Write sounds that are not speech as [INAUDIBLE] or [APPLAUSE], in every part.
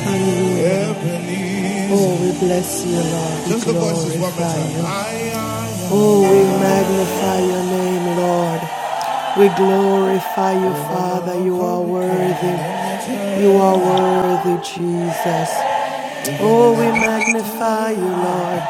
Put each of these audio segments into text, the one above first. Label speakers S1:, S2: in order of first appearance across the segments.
S1: Hallelujah. Oh, we bless you, Lord. We Just the voices one more glorify time. you. Oh, we magnify your name, Lord. We glorify you, Father. You are worthy. You are worthy, Jesus. Oh, we magnify you, Lord.